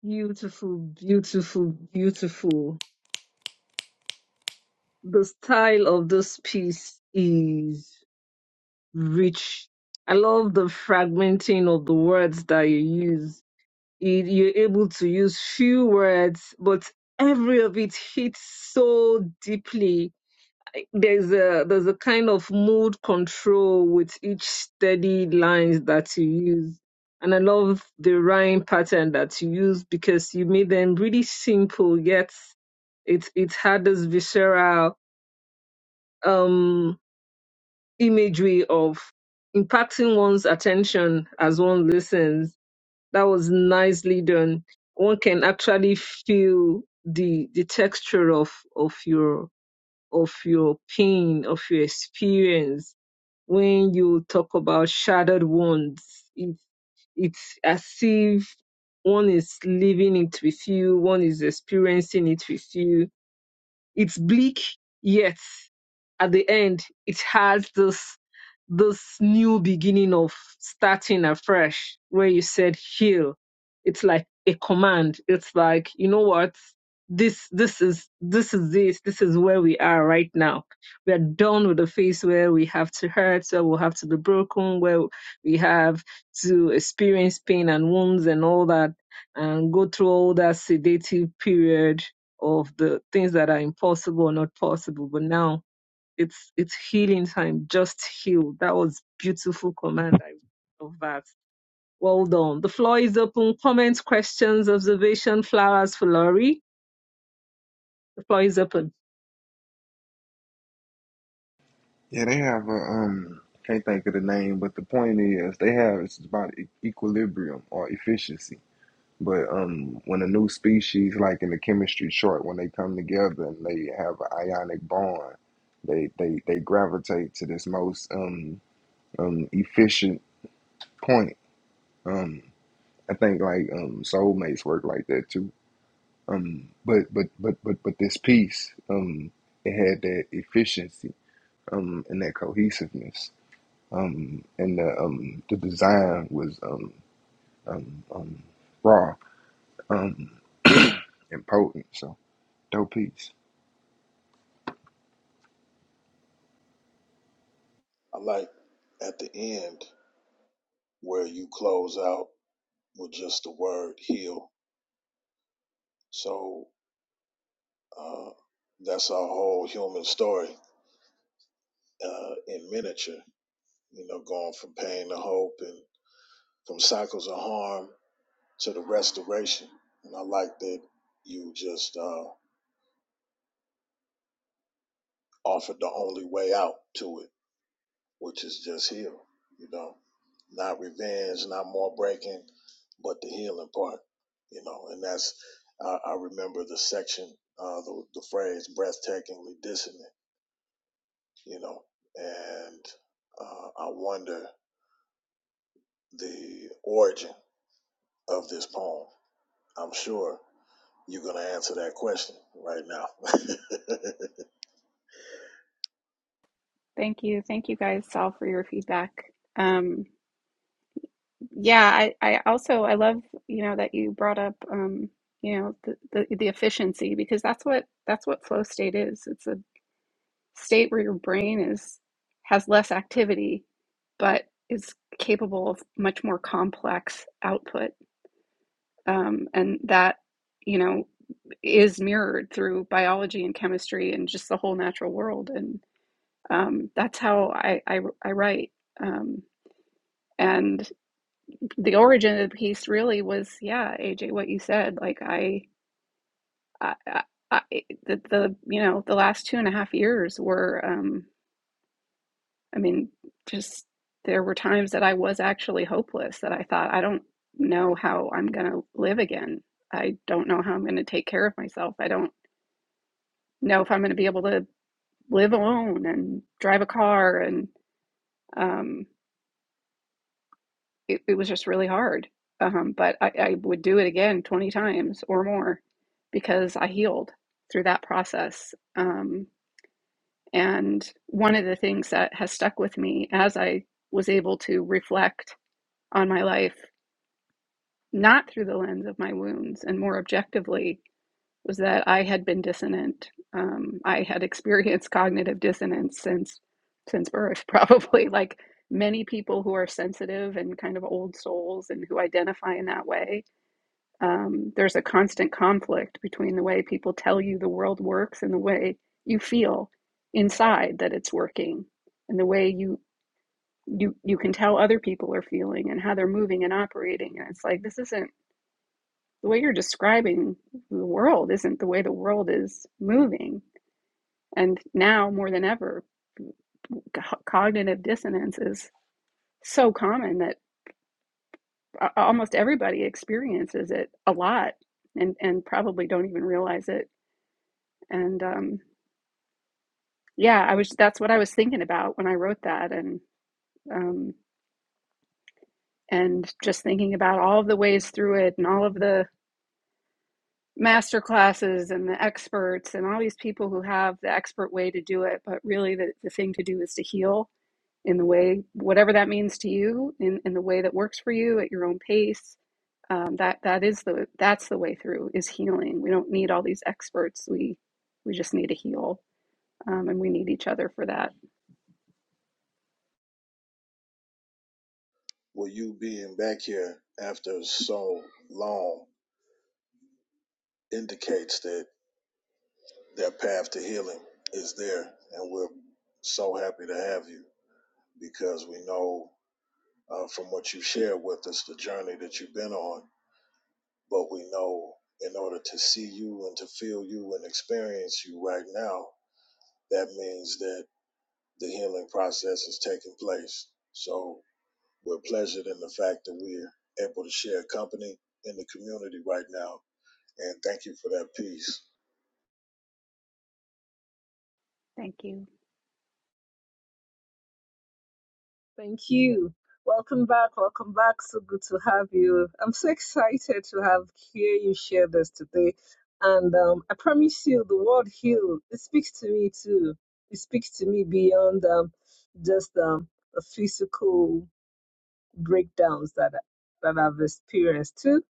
Speaker 1: Beautiful, beautiful, beautiful. The style of this piece is rich. I love the fragmenting of the words that you use. It, you're able to use few words, but every of it hits so deeply. There's a there's a kind of mood control with each steady lines that you use. And I love the rhyme pattern that you use because you made them really simple, yet it it had this visceral um imagery of impacting one's attention as one listens. That was nicely done. One can actually feel the the texture of of your of your pain, of your experience when you talk about shattered wounds. It, it's as if one is living it with you, one is experiencing it with you it's bleak, yet at the end, it has this this new beginning of starting afresh, where you said heal. It's like a command. It's like you know what this this is this is this this is where we are right now. We are done with the phase where we have to hurt, where we have to be broken, where we have to experience pain and wounds and all that, and go through all that sedative period of the things that are impossible or not possible. But now it's it's healing time. Just heal. That was beautiful command. I love that. Well done. The floor is open. Comments, questions, observation, flowers for Laurie. The floor is open.
Speaker 6: Yeah, they have a um can't think of the name, but the point is they have it's about e- equilibrium or efficiency. But um when a new species like in the chemistry short, when they come together and they have an ionic bond, they they they gravitate to this most um um efficient point. Um I think like um soulmates work like that too. Um but but but but but this piece um it had that efficiency um and that cohesiveness. um and the um the design was um raw and potent so dope piece
Speaker 4: I like at the end where you close out with just the word heal. So uh, that's our whole human story uh, in miniature. You know, going from pain to hope and from cycles of harm to the restoration. And I like that you just uh, offered the only way out to it which is just heal, you know, not revenge, not more breaking, but the healing part, you know, and that's, I, I remember the section, uh, the, the phrase breathtakingly dissonant, you know, and uh, I wonder the origin of this poem. I'm sure you're going to answer that question right now.
Speaker 3: Thank you. Thank you guys all for your feedback. Um, Yeah, I, I also I love, you know, that you brought up um, you know, the, the the efficiency because that's what that's what flow state is. It's a state where your brain is has less activity but is capable of much more complex output. Um, and that, you know, is mirrored through biology and chemistry and just the whole natural world. And um, that's how I, I, I write. Um, and the origin of the piece really was yeah AJ what you said like I I, I the the you know the last two and a half years were um I mean just there were times that I was actually hopeless that I thought I don't know how I'm gonna live again I don't know how I'm gonna take care of myself I don't know if I'm gonna be able to live alone and drive a car and um it, it was just really hard. Um, but I, I would do it again 20 times or more because I healed through that process. Um, and one of the things that has stuck with me as I was able to reflect on my life, not through the lens of my wounds and more objectively, was that I had been dissonant. Um, I had experienced *laughs* cognitive dissonance since since birth, *laughs* probably like many people who are sensitive and kind of old souls and who identify in that way. Um, there's a constant conflict between the way people tell you the world works and the way you feel inside that it's working, and the way you you you can tell other people are feeling and how they're moving and operating. And it's like this isn't the way you're describing the world isn't the way the world is moving. And now more than ever, cognitive dissonance is so common that almost everybody experiences it a lot and, and probably don't even realize it. And um, yeah, I was that's what I was thinking about when I wrote that and um, and just thinking about all of the ways through it and all of the master classes and the experts and all these people who have the expert way to do it but really the, the thing to do is to heal in the way whatever that means to you in, in the way that works for you at your own pace um, that that is the that's the way through is healing we don't need all these experts we we just need to heal um, and we need each other for that
Speaker 4: *laughs* well, you being back here after so long indicates that That path to healing is there, and we're so happy to have you because we know uh, from what you shared with us the journey that you've been on. But we know in order to see you and to feel you and experience you right now, that means that the healing process is taking place. So we're pleasured in the fact that we're able to share company in the community right now. And thank you for that piece.
Speaker 3: thank you
Speaker 1: Thank you. Welcome back. Welcome back. So good to have you. I'm so excited to have hear you share this today. And um, I promise you, the word heal, it speaks to me too. It speaks to me beyond um, just um, the physical breakdowns that that I've experienced too,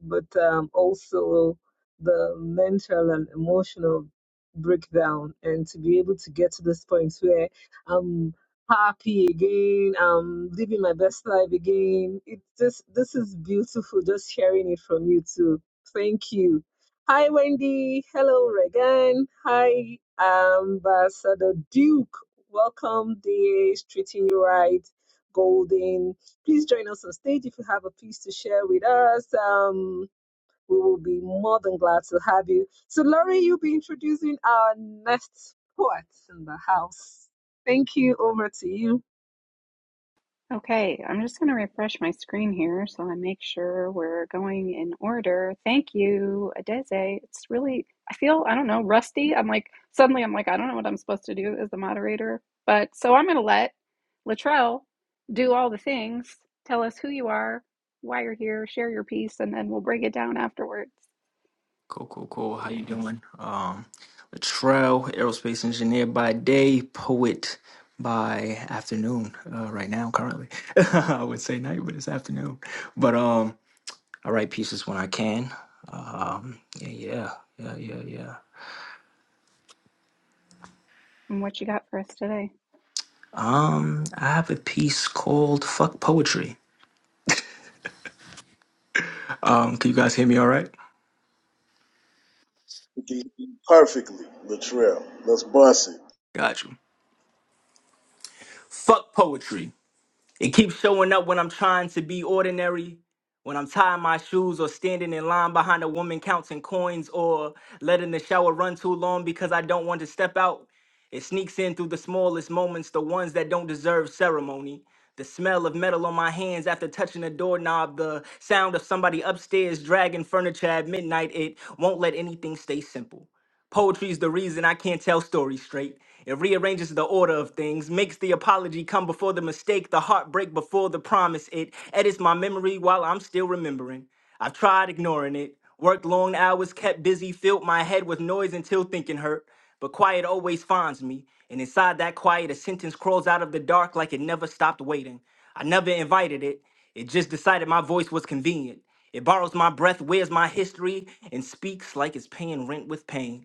Speaker 1: but um, also the mental and emotional breakdown, and to be able to get to this point where I'm happy again, I'm living my best life again. It just this is beautiful. Just hearing it from you too. Thank you. Hi Wendy. Hello Regan. Hi Ambassador Duke. Welcome, DH, treating you right. Golden. Please join us on stage if you have a piece to share with us. Um, we will be more than glad to have you. So, Laurie, you'll be introducing our next poet in the house. Thank you. Over to you.
Speaker 3: Okay, I'm just going to refresh my screen here so I make sure we're going in order. Thank you, Adeze. It's really, I feel, I don't know, rusty. I'm like, suddenly I'm like, I don't know what I'm supposed to do as the moderator. But so I'm going to let Latrell do all the things, tell us who you are, why you're here, share your piece, and then we'll break it down afterwards
Speaker 9: Cool, cool, cool. How you doing? Um, Latrell, aerospace engineer by day, poet by afternoon. Uh, right now, currently, *laughs* I would say night, but it's afternoon. But um, I write pieces when I can. Um, yeah, yeah, yeah, yeah, yeah.
Speaker 3: and what you got for us today.
Speaker 9: Um, I have a piece called "Fuck Poetry." Um, can you guys hear me? All right?
Speaker 4: Perfectly, Latrell. Let's bust it.
Speaker 9: Got you. Fuck poetry. It keeps showing up when I'm trying to be ordinary, when I'm tying my shoes or standing in line behind a woman counting coins or letting the shower run too long because I don't want to step out. It sneaks in through the smallest moments, the ones that don't deserve ceremony. The smell of metal on my hands after touching a doorknob, the sound of somebody upstairs dragging furniture at midnight, it won't let anything stay simple. Poetry is the reason I can't tell stories straight. It rearranges the order of things, makes the apology come before the mistake, the heartbreak before the promise. It edits my memory while I'm still remembering. I've tried ignoring it, worked long hours, kept busy, filled my head with noise until thinking hurt. But quiet always finds me, and inside that quiet, a sentence crawls out of the dark like it never stopped waiting. I never invited it, it just decided my voice was convenient. It borrows my breath, wears my history, and speaks like it's paying rent with pain.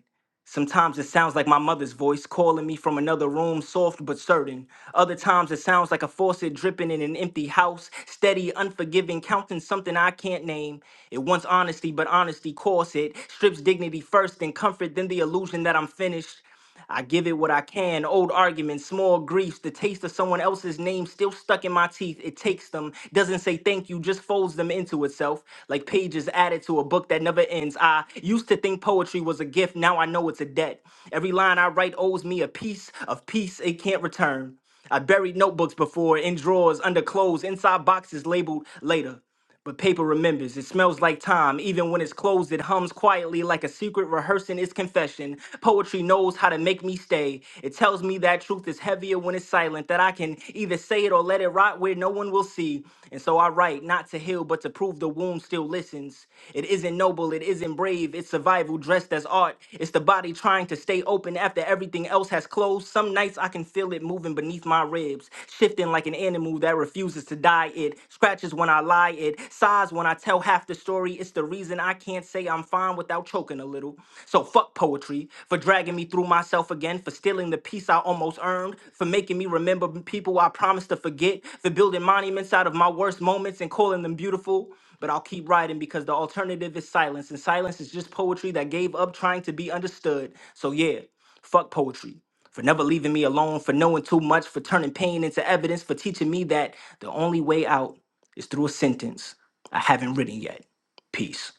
Speaker 9: Sometimes it sounds like my mother's voice calling me from another room, soft but certain. Other times it sounds like a faucet dripping in an empty house, steady, unforgiving, counting something I can't name. It wants honesty, but honesty costs it. Strips dignity first, then comfort, then the illusion that I'm finished. I give it what I can. Old arguments, small griefs, the taste of someone else's name still stuck in my teeth. It takes them, doesn't say thank you, just folds them into itself. Like pages added to a book that never ends. I used to think poetry was a gift, now I know it's a debt. Every line I write owes me a piece of peace it can't return. I buried notebooks before, in drawers, under clothes, inside boxes labeled later. But paper remembers. It smells like time. Even when it's closed, it hums quietly like a secret rehearsing its confession. Poetry knows how to make me stay. It tells me that truth is heavier when it's silent, that I can either say it or let it rot where no one will see. And so I write, not to heal, but to prove the wound still listens. It isn't noble, it isn't brave, it's survival dressed as art. It's the body trying to stay open after everything else has closed. Some nights I can feel it moving beneath my ribs, shifting like an animal that refuses to die. It scratches when I I lie. It sighs when I tell half the story. It's the reason I can't say I'm fine without choking a little. So fuck poetry for dragging me through myself again, for stealing the peace I almost earned, for making me remember people I promised to forget, for building monuments out of my worst moments and calling them beautiful. But I'll keep writing because the alternative is silence, and silence is just poetry that gave up trying to be understood. So yeah, fuck poetry for never leaving me alone, for knowing too much, for turning pain into evidence, for teaching me that the only way out it's through a sentence I haven't written yet. Peace.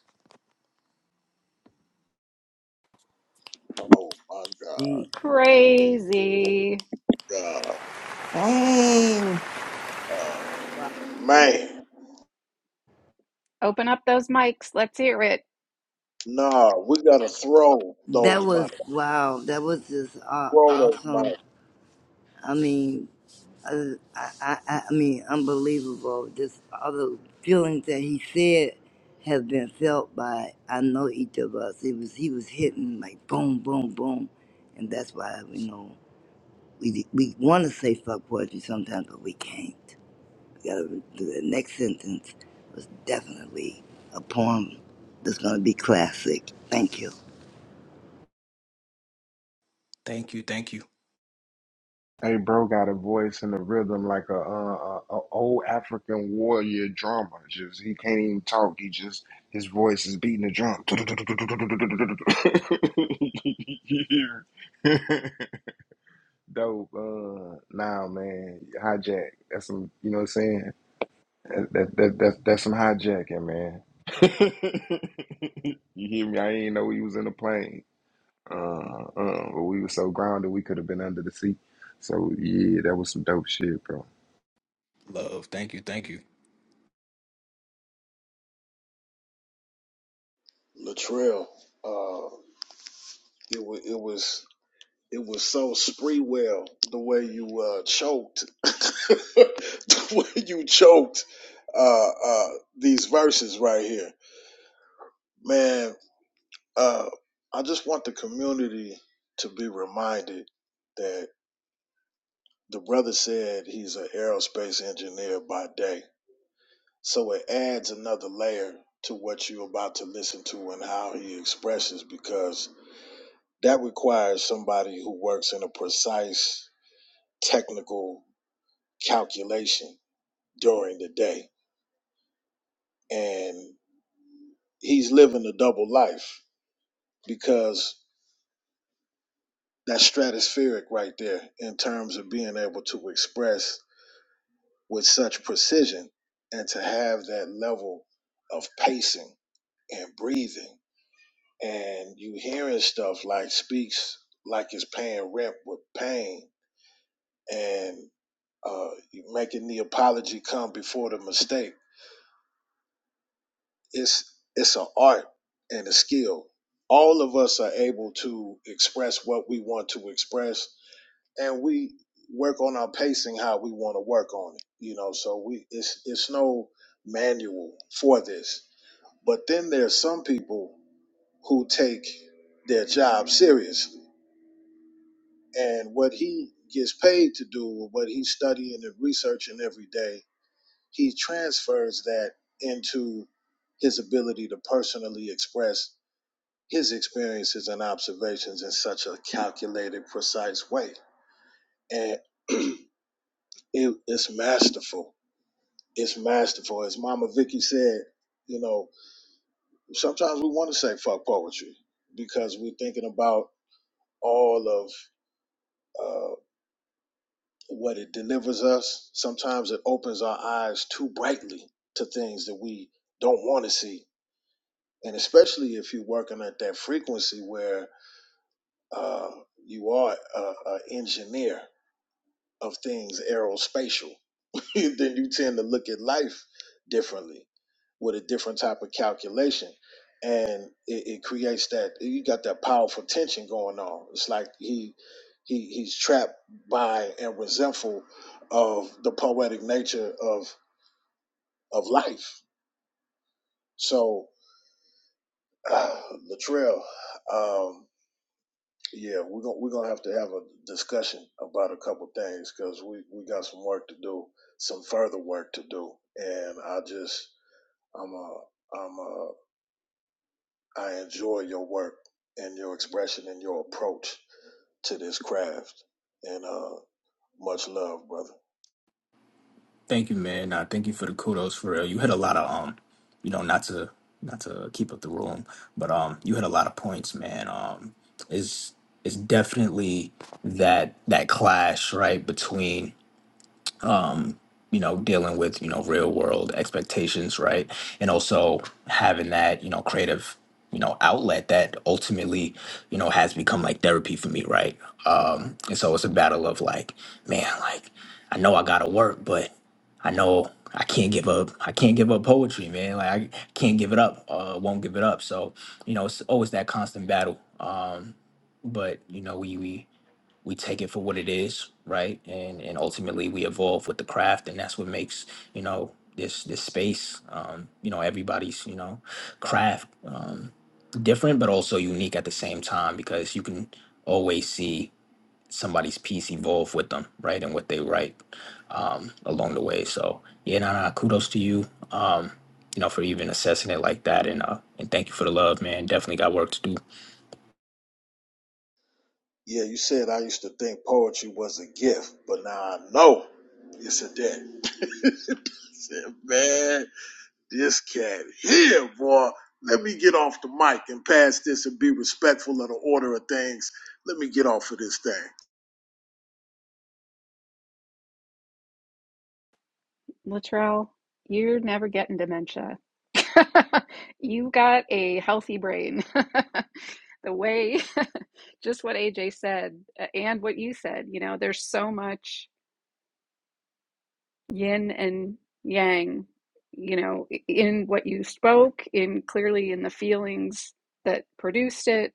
Speaker 4: Oh my
Speaker 8: *laughs*
Speaker 4: God,
Speaker 8: The-
Speaker 3: Crazy.
Speaker 4: God,
Speaker 5: Dang.
Speaker 4: uh,
Speaker 1: Wow. I
Speaker 4: man,
Speaker 3: Open up those mics. Let's hear it.
Speaker 4: nah, we gotta throw
Speaker 8: That
Speaker 4: those mics,
Speaker 8: was wow. That was just uh,
Speaker 4: throw those
Speaker 8: awesome.
Speaker 4: mics.
Speaker 8: I mean, uh, I, I, I, I mean, unbelievable. Just all the feelings that he said have been felt by I know each of us. It was he was hitting like boom, boom, boom, and that's why you know we we want to say fuck poetry sometimes, but we can't. gotta do the next sentence was definitely a poem that's gonna be classic. Thank you.
Speaker 9: Thank you, thank you,
Speaker 6: hey bro got a voice and a rhythm like a uh a, a old african warrior drummer just he can't even talk he just his voice is beating the drum *laughs* dope uh nah man hijack that's some you know what i'm saying That, that, that, that, that's some hijacking, man. *laughs* you hear me? I didn't know we was in a plane. Uh, uh, but we were so grounded we could have been under the sea. So yeah, that was some dope shit, bro.
Speaker 9: love. Thank you, thank you,
Speaker 4: Latrell, uh, it was, it was, it was so Spreewell the way you uh, choked, *laughs* the way you choked uh, uh, these verses right here, man. Uh, I just want the community to be reminded that the brother said he's an aerospace engineer by day So it adds another layer to what you're about to listen to and how he expresses, because that requires somebody who works in a precise technical calculation during the day. And he's living a double life because that's stratospheric right there in terms of being able to express with such precision and to have that level of pacing and breathing and you hearing stuff like speaks like it's paying rent with pain and uh, you making the apology come before the mistake. It's it's an art and a skill. All of us are able to express what we want to express, and we work on our pacing how we want to work on it. You know, so we it's it's no manual for this. But then there's some people who take their job seriously and what he gets paid to do or what he's studying and researching every day he transfers that into his ability to personally express his experiences and observations in such a calculated precise way and *clears throat* it, it's masterful it's masterful as mama vicky said you know sometimes we want to say fuck poetry because we're thinking about all of uh, what it delivers us. Sometimes it opens our eyes too brightly to things that we don't want to see. And especially if you're working at that frequency where uh, you are an engineer of things aerospatial, *laughs* then you tend to look at life differently with a different type of calculation. And it, it creates that you got that powerful tension going on. It's like he he he's trapped by and resentful of the poetic nature of of life. So *sighs* uh, Latrell, um, yeah, we're gonna we're gonna have to have a discussion about a couple things because we we got some work to do, some further work to do, and I just I'm ai am ai enjoy your work and your expression and your approach to this craft. And uh, much love, brother.
Speaker 9: thank you, man. Nah, thank you for the kudos for real. You had a lot of um, you know, not to not to keep up the room, but um, you had a lot of points, man. Um, is it's it's definitely that that clash right between you know dealing with you know real world expectations right and also having that you know creative you know outlet that ultimately you know has become like therapy for me right um and so it's a battle of like man like i know i gotta work but i know i can't give up i can't give up poetry man like i can't give it up uh won't give it up so you know it's always that constant battle um but you know we we we take it for what it is, right? And and ultimately we evolve with the craft, and that's what makes you know this this space, um, you know, everybody's you know craft um, different, but also unique at the same time because you can always see somebody's piece evolve with them, right, and what they write um, along the way. So yeah, nah, nah, kudos to you. Um, you know, for even assessing it like that, and uh, and thank you for the love, man. Definitely got work to do.
Speaker 4: Yeah, you said I used to think poetry was a gift, but now I know it's a debt. I said, man, this cat here, boy. Let me get off the mic and pass this and be respectful of the order of things. Let me get off of this thing.
Speaker 3: Latrell, you're never getting dementia. *laughs* you got a healthy brain. *laughs* the way, *laughs* just what AJ said uh, and what you said, you know, there's so much yin and yang, you know, in what you spoke, in clearly in the feelings that produced it,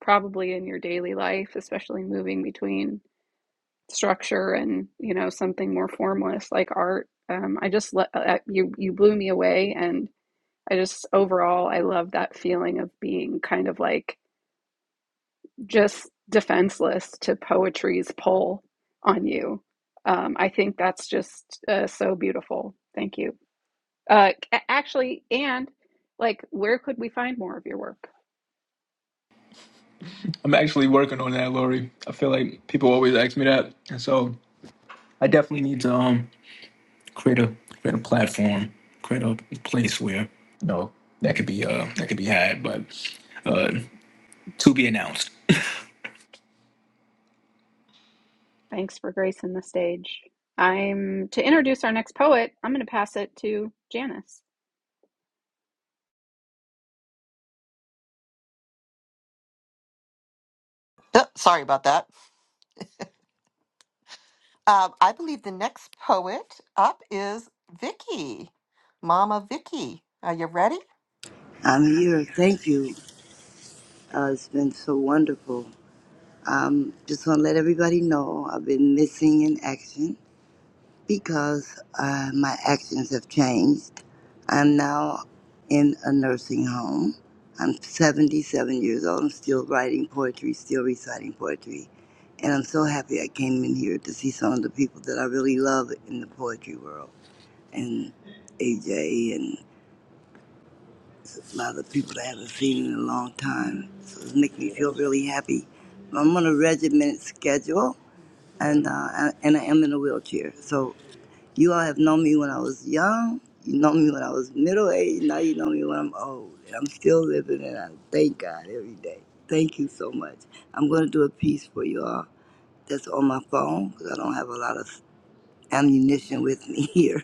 Speaker 3: probably in your daily life, especially moving between structure and you know something more formless like art um, i just let uh, you you blew me away and i just overall i love that feeling of being kind of like just defenseless to poetry's pull on you um, i think that's just uh, so beautiful thank you uh, actually and like where could we find more of your work
Speaker 9: I'm actually working on that, Lori. I feel like people always ask me that, and so I definitely need to um create a create a platform, create a place where you know that could be uh that could be had, but uh to be announced.
Speaker 3: thanks for gracing the stage i'm to introduce our next poet i'm going to pass it to janice
Speaker 5: Uh, sorry about that. Um, I believe the next poet up is Vicky, Mama Vicky. Are you ready?
Speaker 8: I'm here. Thank you. Uh, it's been so wonderful. Um, just want to let everybody know I've been missing in action. because uh, my actions have changed. I'm now in a nursing home. I'm 77 years old. I'm still writing poetry, still reciting poetry. And I'm so happy I came in here to see some of the people that I really love in the poetry world. And AJ and a lot of the people that I haven't seen in a long time. So it's making me
Speaker 4: Yeah.
Speaker 8: feel really happy. I'm on a regimented schedule and, uh, I- and I am in a wheelchair. So you all have known me when I was young. You know me when I was middle aged. Now you know me when I'm old. And I'm still living and I thank God every day. Thank you so much. I'm going to do a piece for you all that's on my phone because I don't have a lot of ammunition with me *laughs* here.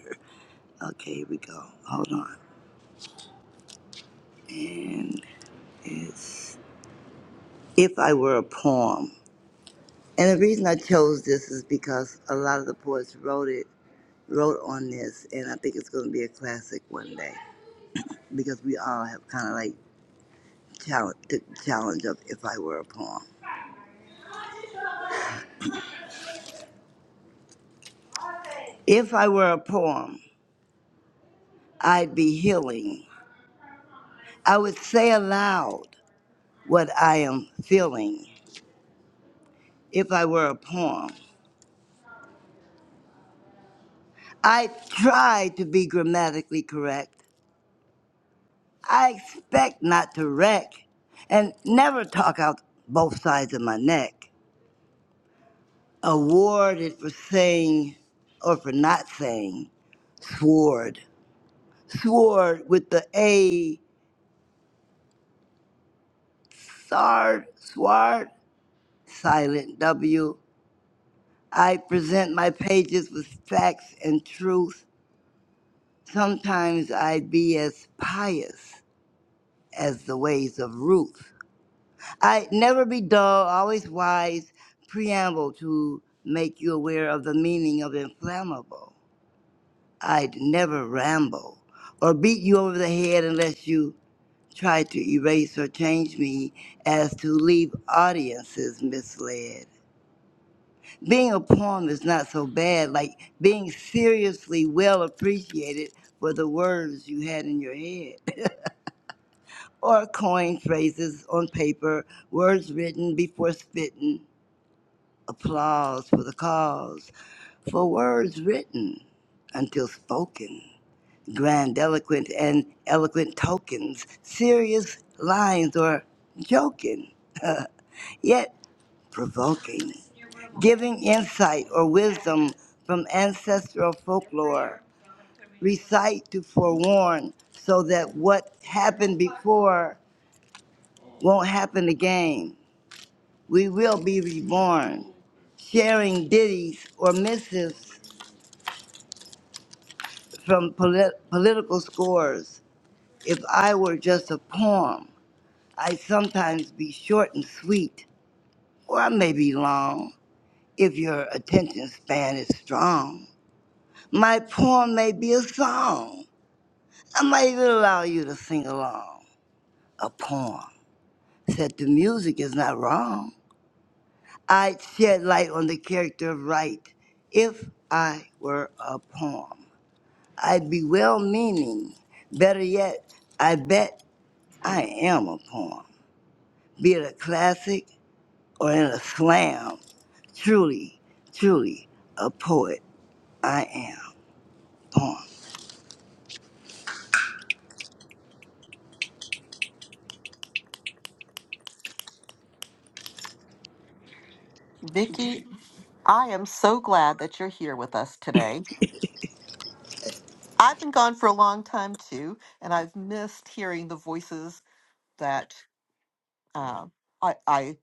Speaker 8: Okay, here we go. Hold on. And it's If I Were a Poem. And the reason I chose this is because a lot of the poets wrote it, wrote on this, and I think it's going to be a classic one day because we all have kind of like challenge, the challenge of if I were a poem. If I were a poem, I'd be healing. I would say aloud what I am feeling if I were a poem. I try to be grammatically correct. I expect not to wreck and never talk out both sides of my neck. Awarded for saying or for not saying sword. Sword with the A, sard, sword. Silent W. I present my pages with facts and truth. Sometimes I be as pious as the ways of Ruth. I never be dull, always wise, preamble to make you aware of the meaning of inflammable. I'd never ramble or beat you over the head unless you try to erase or change me as to leave audiences misled. being a poem is not so bad. Like being seriously well appreciated for the words you had in your head, *laughs* or coin phrases on paper, words written before spitting, applause for the cause, for words written until spoken, grandiloquent and eloquent tokens, serious lines or joking. Yet provoking, giving insight or wisdom from ancestral folklore. Recite to forewarn so that what happened before won't happen again. We will be reborn. Sharing ditties or missives from polit- political scores. If I were just a poem, I'd sometimes be short and sweet, or I may be long if your attention span is strong My poem may be a song. I might even allow you to sing along. A poem. Said the music is not wrong. I'd shed light on the character of right if I were a poem. I'd be well meaning. Better yet, I bet I am a poem. Be it a classic or in a slam. Truly, truly, a poet I am. Poem.
Speaker 5: Vicky, I am so glad that you're here with us today. I've been gone for a long time too, and I've missed hearing the voices that uh, I, I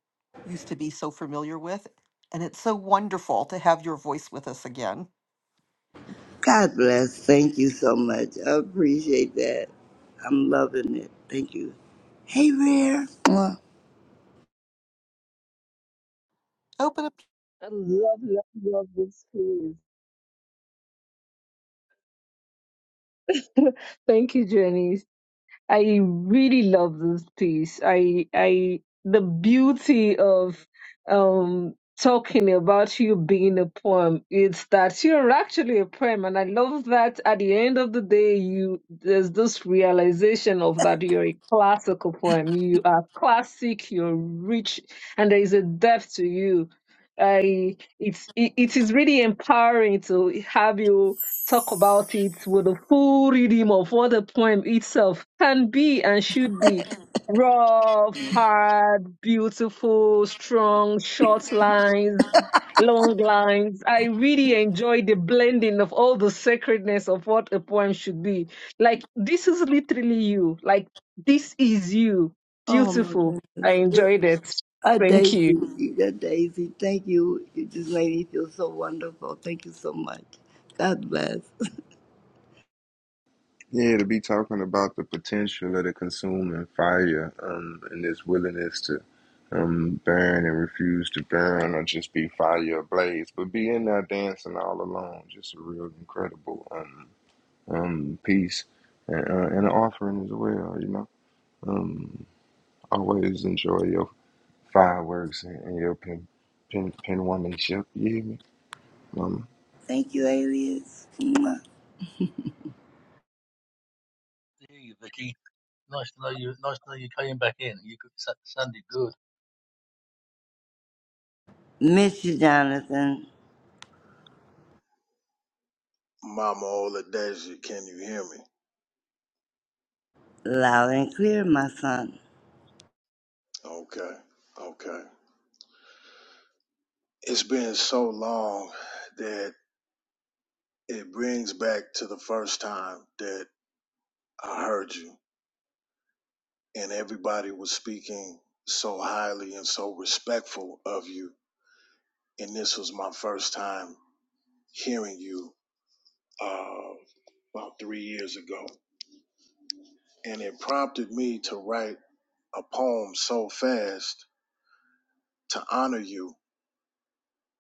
Speaker 5: used to be so familiar with. And it's so wonderful to have your voice with us again.
Speaker 8: God bless. Thank you so much. I appreciate that. I'm loving it. Thank you. Hey, Rare. Mwah.
Speaker 5: Open up.
Speaker 1: love, love, love this piece. *laughs* Thank you, Jenny. I really love this piece. I I the beauty of um talking about you being a poem is that you're actually a poem and I love that at the end of the day you there's this realization of that you're a classical poem. You are classic, you're rich and there is a depth to you. I it's it, it is really empowering to have you talk about it with a full rhythm of what the poem itself can be and should be. Rough, hard, beautiful, strong, short lines, long lines. I really enjoy the blending of all the sacredness of what a poem should be. Like, this is literally you. Like, this is you.
Speaker 8: Oh, my
Speaker 1: Beautiful. I
Speaker 8: goodness.
Speaker 1: enjoyed it.
Speaker 8: A
Speaker 1: Thank you.
Speaker 8: daisy. A daisy. Thank you. You just made me feel so wonderful. Thank you so much. God bless.
Speaker 6: Yeah, to be talking about the potential of the consuming fire, um, and this willingness to um burn and refuse to burn or just be fire ablaze, but be in there dancing all alone, just a real incredible um um piece and, uh, and an offering as well, you know. Um, always enjoy your fireworks and, and your pin, pin, pin womanship. You hear me? Um,
Speaker 8: Thank you, alias. Mwah.
Speaker 2: Hear you, Vicky. Nice to know you. Nice to know you came back in. You could- sa- sounded good,
Speaker 8: Mr. Jonathan,
Speaker 4: Mama Oladeji, can you hear me?
Speaker 8: loud and clear, my son.
Speaker 4: Okay, okay. it's been so long that it brings back to the first time that I heard you and everybody was speaking so highly and so respectful of you. And this was my first time hearing you uh, about three years ago. And it prompted me to write a poem so fast to honor you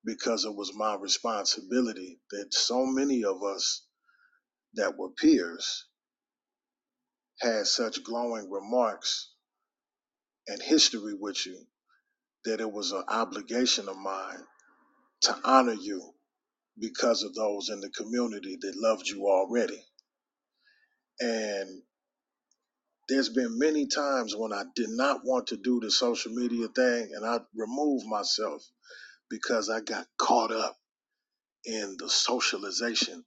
Speaker 4: because it was my responsibility that so many of us that were peers had such glowing remarks and history with you that it was an obligation of mine to honor you because of those in the community that loved you already. And there's been many times when I did not want to do the social media thing and I removed myself because I got caught up in the socialization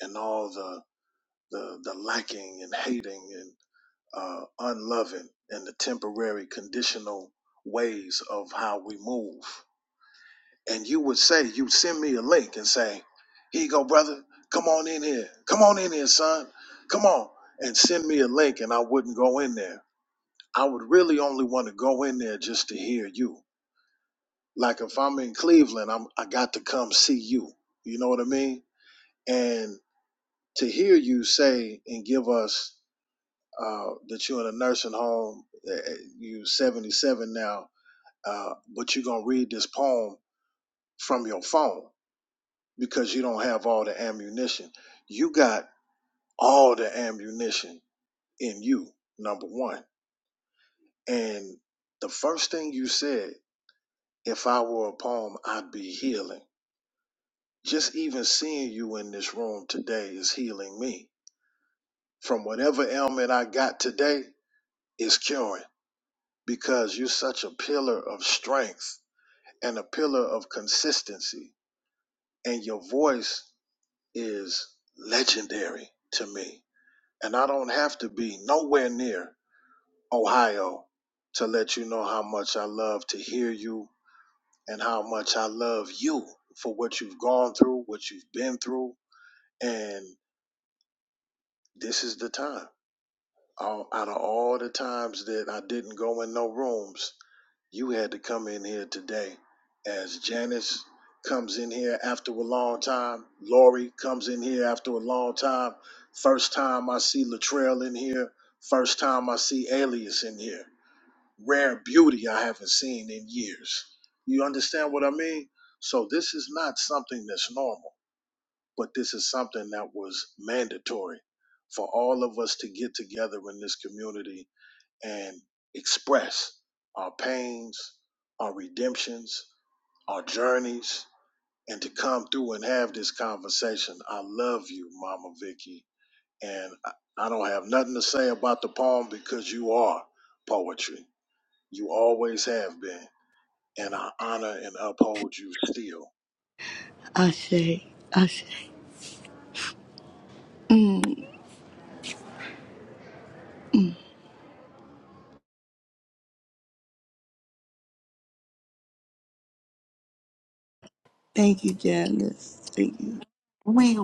Speaker 4: and all the the, the lacking and hating and uh, unloving and the temporary conditional ways of how we move and you would say, you send me a link and say, here you go, brother. Come on in here. Come on in here, son. Come on. And send me a link, and I wouldn't go in there. I would really only want to go in there just to hear you. Like if I'm in Cleveland, I'm I got to come see you. You know what I mean? And to hear you say and give us uh, that you're in a nursing home, uh, you're 77 now, uh, but you're gonna read this poem from your phone because you don't have all the ammunition. You got all the ammunition in you, number one. And the first thing you said, if I were a poem, I'd be healing. Just even seeing you in this room today is healing me. From whatever ailment I got today is curing because you're such a pillar of strength and a pillar of consistency. And your voice is legendary to me And I don't have to be nowhere near Ohio to let you know how much I love to hear you and how much I love you for what you've gone through, what you've been through. And this is the time. All- Out of all the times that I didn't go in no rooms, You had to come in here today as Janice comes in here after a long time. Lori comes in here after a long time. First time I see Latrell in here. First time I see Alias in here. Rare beauty I haven't seen in years. You understand what I mean? So this is not something that's normal, but this is something that was mandatory for all of us to get together in this community and express our pains, our redemptions, our journeys, and to come through and have this conversation. I love you, Mama Vicky, and I I don't have nothing to say about the poem because you are poetry. You always have been, and I honor and uphold you still.
Speaker 8: Ashe. Ashe. Thank you, Janice. Thank you.
Speaker 5: We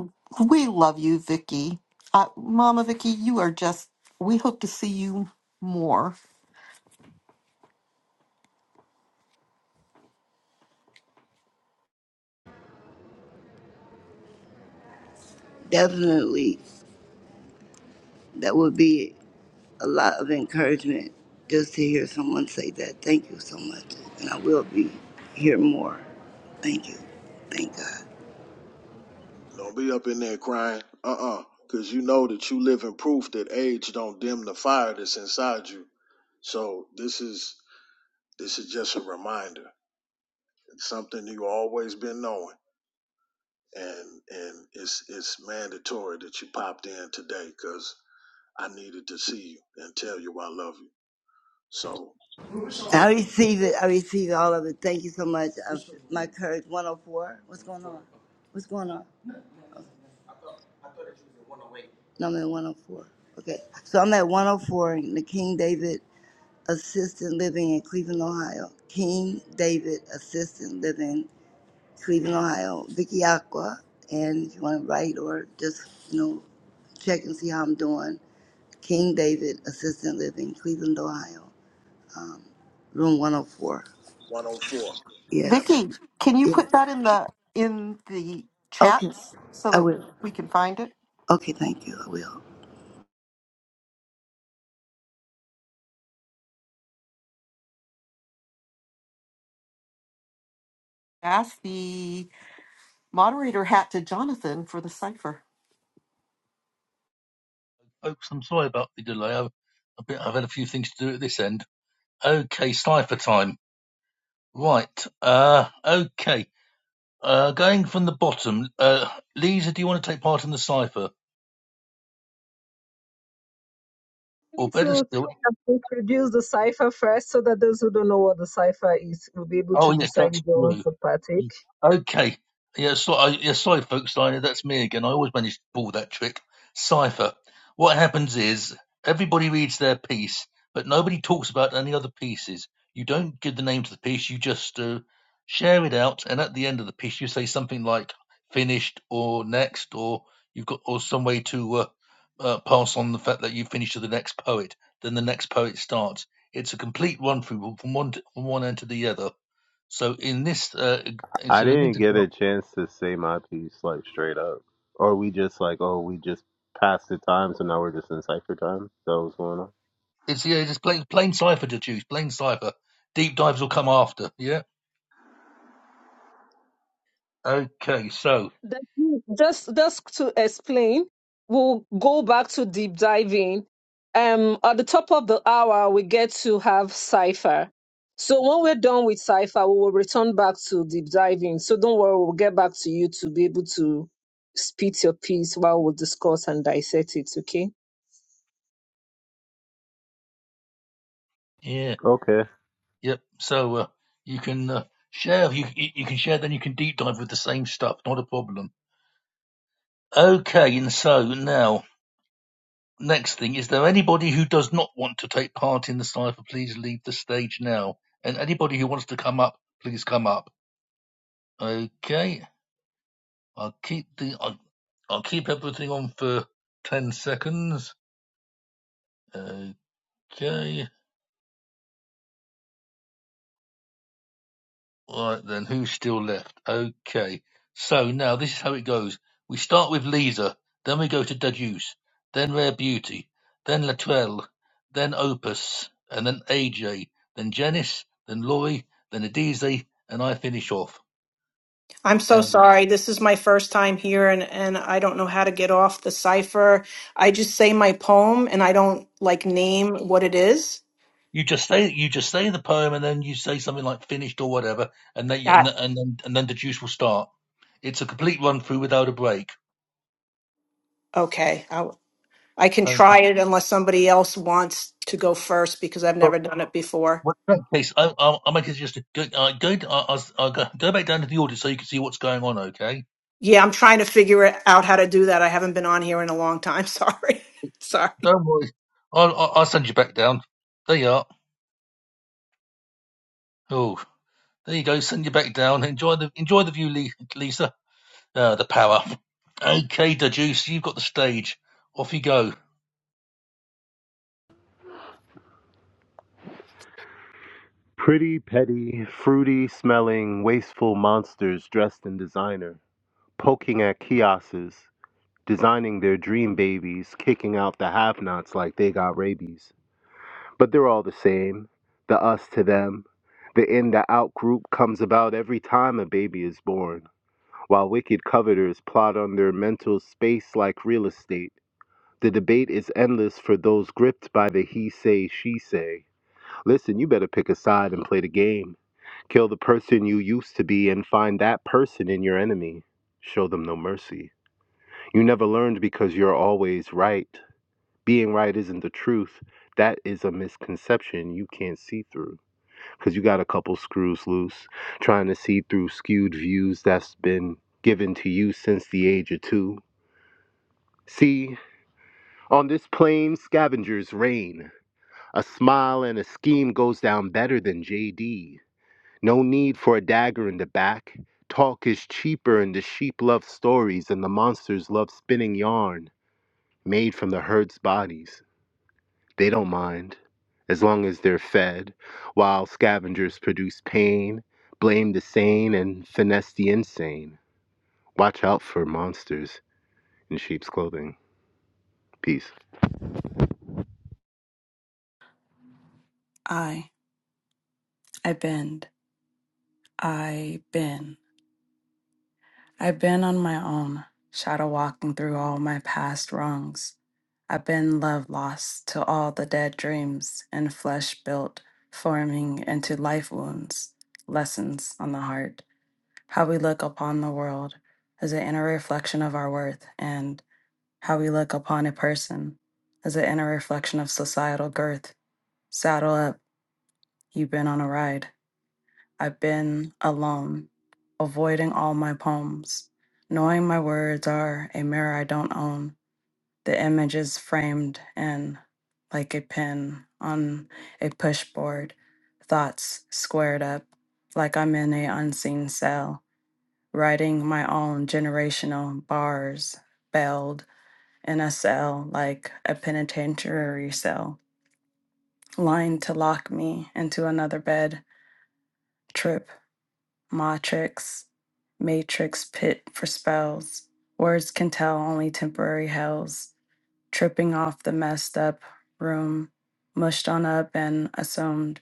Speaker 5: we love you, Vicky. Uh, Mama Vicky, you are just. We hope to see you more.
Speaker 8: Definitely. That would be it. a lot of encouragement just to hear someone say that. Thank you so much. And I will be here more. Thank you. Thank God.
Speaker 4: Don't be up in there crying, uh-uh, because you know that you live in proof that age don't dim the fire that's inside you. So this is this is just a reminder It's something you always been knowing and and it's it's mandatory that you popped in today because i needed to see you and tell you i love you so
Speaker 8: I receive it. I receive all of it. Thank you so much. I, my courage 104. What's going on? What's going on? No, I'm at 104. Okay. So I'm at 104 in the King David Assistant Living in Cleveland, Ohio. King David Assistant Living Cleveland, Ohio, Vicky Aqua. And if you want to write or just, you know, check and see how I'm doing, King David Assistant Living, Cleveland, Ohio, room 104.
Speaker 4: 104
Speaker 8: Yes.
Speaker 4: absolute
Speaker 5: Vicky, can you put
Speaker 8: Yes.
Speaker 5: that in the in the
Speaker 8: Okay.
Speaker 5: chats so
Speaker 8: I
Speaker 5: that
Speaker 8: will.
Speaker 5: we can find it?
Speaker 8: Okay. Thank you. I will.
Speaker 5: Ask the moderator hat to Jonathan for the cipher.
Speaker 2: folks. I'm sorry about the delay. I've, I've been- I've had a few things to do at this end. Okay, cipher time. Right. Uh, okay. Uh, going from the bottom, uh, Lisa, do you want to take part in the cipher?
Speaker 1: We
Speaker 2: Or
Speaker 1: need
Speaker 2: better
Speaker 1: to
Speaker 2: still,
Speaker 1: uh, produce the cipher first so that those who don't know what the cipher is will be able
Speaker 2: oh,
Speaker 1: to
Speaker 2: yes,
Speaker 1: decide
Speaker 2: that's
Speaker 1: if they
Speaker 2: true.
Speaker 1: want to partake.
Speaker 2: Okay. Yeah, so, I yeah, sorry, folks. I, that's me again. I always manage to pull that trick. Cipher. What happens is everybody reads their piece, but nobody talks about any other pieces. You don't give the name to the piece. You just uh, share it out, and at the end of the piece, you say something like "finished" or "next," or you've got or some way to uh, uh, pass on the fact that you finished to the next poet. Then the next poet starts. It's a complete run through from one from one end to the other. So in this uh, it's
Speaker 10: I
Speaker 2: a
Speaker 10: didn't
Speaker 2: mix of
Speaker 10: get a chance to say my piece like straight up. Or we just like, oh, we just passed the time, so now we're just in cipher time. Is That was going on.
Speaker 2: It's yeah, it's just plain plain cipher to choose. Plain cipher. Deep dives will come after. Yeah. Okay. So
Speaker 1: That- Just, just to explain, we'll go back to deep diving. Um, at the top of the hour, we get to have cipher. So when we're done with cipher, we will return back to deep diving. So don't worry, we'll get back to you to be able to spit your piece while we discuss and dissect it. Okay.
Speaker 2: yeah.
Speaker 10: Okay.
Speaker 2: Yep. So uh, you can uh, share. You you you can share. Then you can deep dive with the same stuff. Not a problem. Okay. And so now next thing is there anybody who does not want to take part in the cipher? Please leave the stage now. And anybody who wants to come up, please come up. Okay. I'll keep the I'll, I'll keep everything on for ten seconds. Okay. All right then. Who's still left? Okay. So now this is how it goes. We start with Lisa, then we go to Deduce, then Rare Beauty, then Latrell, then Opus, and then AJ, then Janice, then Laurie, then Adize, and I finish off.
Speaker 11: I'm so
Speaker 2: And
Speaker 11: sorry. This is my first time here and, and I don't know how to get off the cipher. I just say my poem and I don't like name what it is.
Speaker 2: you just say you just say the poem, and then you say something like finished or whatever, and then and
Speaker 11: Got
Speaker 2: then and then, and then Deduce will start. It's a complete run through without a break.
Speaker 11: Okay. I, I can
Speaker 2: Thank
Speaker 11: try
Speaker 2: you.
Speaker 11: it unless somebody else wants to go first because I've never done it before.
Speaker 2: Well, in that case, I'll, I'll, I'll make a suggestion. Go, uh, go, I'll, I'll I'll go, go back down to the audit so you can see what's going on, okay?
Speaker 11: Yeah, I'm trying to figure it out how to do that. I haven't been on here in a long time. *laughs* Sorry. sorry.
Speaker 2: Don't worry. I'll, I'll I'll send you back down. There you are. Oh, there you go. Send you back down. Enjoy the enjoy the view, Lee- Lisa. Uh, the power. Okay, the juice. You've got the stage. Off you go.
Speaker 10: Pretty, petty, fruity smelling, wasteful monsters dressed in designer, poking at kiosks, designing their dream babies, kicking out the have nots like they got rabies. But they're all the same the us to them. The in the out group comes about every time a baby is born. while wicked coveters plot on their mental space like real estate. The debate is endless for those gripped by the he say, she say. Listen, you better pick a side and play the game. Kill the person you used to be and find that person in your enemy. Show them no mercy. You never learned because you're always right. Being right isn't the truth. That is a misconception you can't see through because you got a couple screws loose trying to see through skewed views that's been given to you since the age of two. See, on this plain scavengers reign, a smile and a scheme goes down better than JD. No need for a dagger in the back. Talk is cheaper, and the sheep love stories, and the monsters love spinning yarn made from the herd's bodies. They don't mind as long as they're fed, while scavengers produce pain, blame the sane, and finesse the insane. Watch out for monsters in sheep's clothing. Peace.
Speaker 12: I, I bend, I bend, I've been on my own, shadow walking through all my past wrongs. I've been love lost to all the dead dreams and flesh built, forming into life wounds, lessons on the heart, how we look upon the world as an inner reflection of our worth, and how we look upon a person as an inner reflection of societal girth. Saddle up, you've been on a ride. I've been alone, avoiding all my poems, knowing my words are a mirror I don't own. The image is framed in like a pin on a pushboard, thoughts squared up like I'm in a unseen cell, writing my own generational bars, bailed in a cell like a penitentiary cell, lined to lock me into another bed, trip. Matrix, Matrix pit for spells. Words can tell only temporary hells. Tripping off the messed up room, mushed on up and assumed.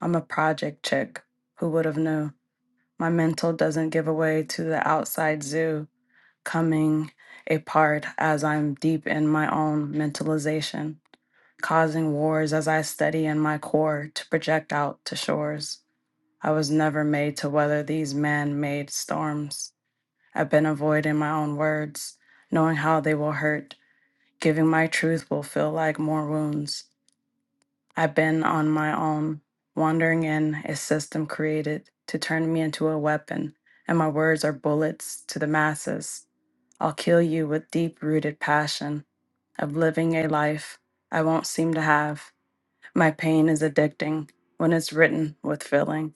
Speaker 12: I'm a project chick. Who would have knew? My mental doesn't give away to the outside zoo, coming apart as I'm deep in my own mentalization, causing wars as I study in my core to project out to shores. I was never made to weather these man made storms. I've been avoiding my own words, knowing how they will hurt. Giving my truth will feel like more wounds. I've been on my own, wandering in a system created to turn me into a weapon, and my words are bullets to the masses. I'll kill you with deep rooted passion of living a life I won't seem to have. My pain is addicting when it's written with feeling.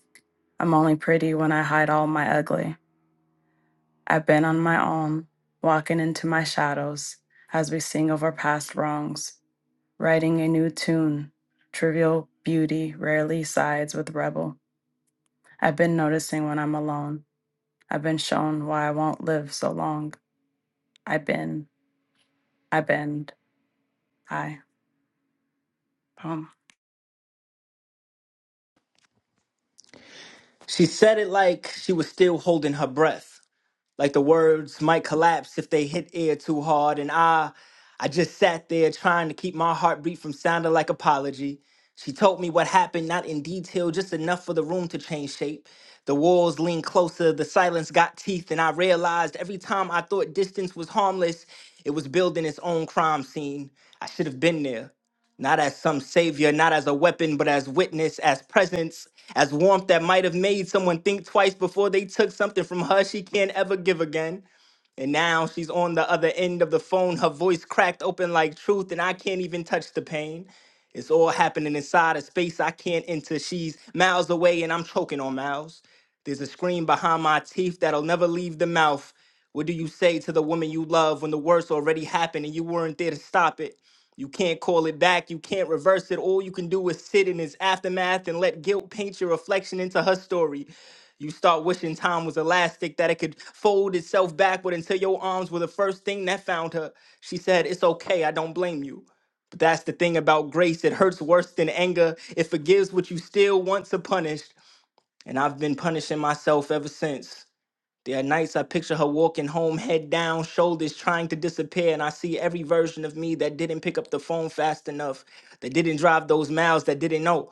Speaker 12: I'm only pretty when I hide all my ugly. I've been on my own, walking into my shadows as we sing over past wrongs, writing a new tune. Trivial beauty rarely sides with rebel. I've been noticing when I'm alone. I've been shown why I won't live so long. I bend, I bend, I. Poem.
Speaker 9: She said it like she was still holding her breath. like the words might collapse if they hit air too hard and i i just sat there trying to keep my heartbeat from sounding like apology she told me what happened not in detail just enough for the room to change shape the walls leaned closer the silence got teeth and i realized every time i thought distance was harmless it was building its own crime scene i should have been there not as some savior, not as a weapon, but as witness, as presence, as warmth that might have made someone think twice before they took something from her she can't ever give again. And now she's on the other end of the phone, her voice cracked open like truth, and I can't even touch the pain. It's all happening inside a space I can't enter. She's miles away, and I'm choking on miles. There's a scream behind my teeth that'll never leave the mouth. What do you say to the woman you love when the worst already happened and you weren't there to stop it? You can't call it back, you can't reverse it. All you can do is sit in its aftermath and let guilt paint your reflection into her story. You start wishing time was elastic, that it could fold itself backward until your arms were the first thing that found her. She said, It's okay, I don't blame you. But that's the thing about grace, it hurts worse than anger. It forgives what you still want to punish. And I've been punishing myself ever since. There are nights I picture her walking home, head down, shoulders trying to disappear, and I see every version of me that didn't pick up the phone fast enough, that didn't drive those miles, that didn't know.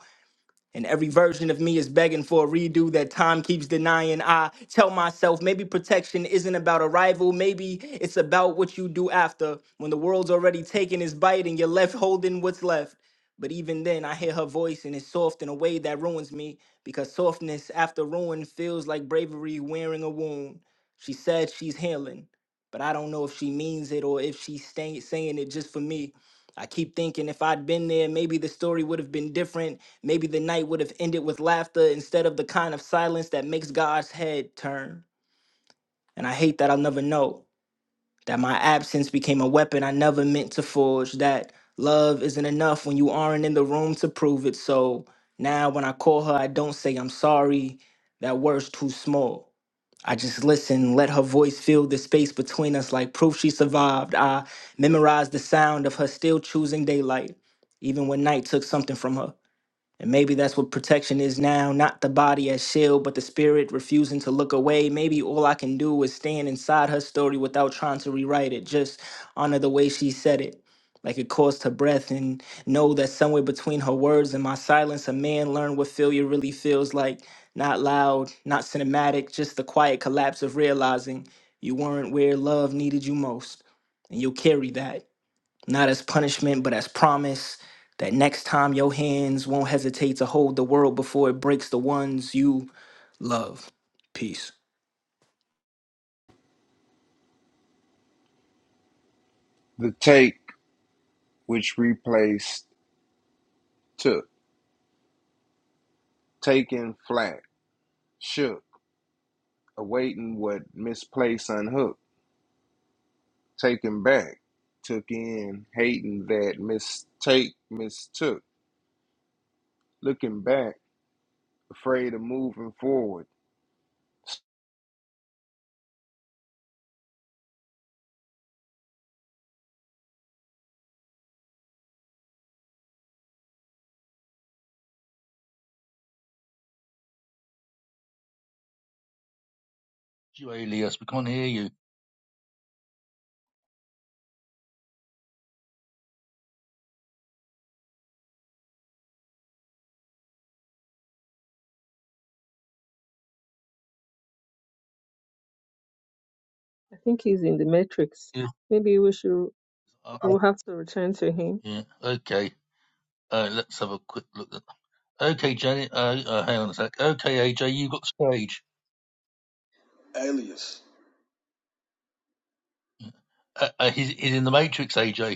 Speaker 9: And every version of me is begging for a redo that time keeps denying. I tell myself maybe protection isn't about arrival, maybe it's about what you do after. When the world's already taken its bite and you're left holding what's left. But even then, I hear her voice and it's soft in a way that ruins me because softness after ruin feels like bravery wearing a wound. She said she's healing, but I don't know if she means it or if she's staying, saying it just for me. I keep thinking if I'd been there, maybe the story would have been different. Maybe the night would have ended with laughter instead of the kind of silence that makes God's head turn. And I hate that I'll never know that my absence became a weapon I never meant to forge, that love isn't enough when you aren't in the room to prove it. So now when I call her, I don't say I'm sorry, that word's too small. I just listen, let her voice fill the space between us like proof she survived. I memorized the sound of her still choosing daylight, even when night took something from her. And maybe that's what protection is now not the body as shield, but the spirit refusing to look away. Maybe all I can do is stand inside her story without trying to rewrite it, just honor the way she said it. Like it caused her breath, and know that somewhere between her words and my silence, a man learned what failure really feels like. Not loud, not cinematic, just the quiet collapse of realizing you weren't where love needed you most. And you'll carry that not as punishment, but as promise that next time your hands won't hesitate to hold the world before it breaks the ones you love. Peace.
Speaker 6: the take which replaced took, taken flat, shook, awaiting what misplaced unhooked, taken back, took in, hating that mistake mistook, looking back, afraid of moving forward.
Speaker 2: You alias. We can't hear you.
Speaker 1: I think he's in the Matrix.
Speaker 2: Yeah.
Speaker 1: Maybe we should
Speaker 2: Uh,
Speaker 1: we'll have to return to him.
Speaker 2: yeah. Okay. Uh, let's have a quick look. At... Okay, Jenny. Uh, uh, hang on a sec. Okay, AJ. you got the stage.
Speaker 4: alias
Speaker 2: Uh, uh, he's, he's in the Matrix, AJ.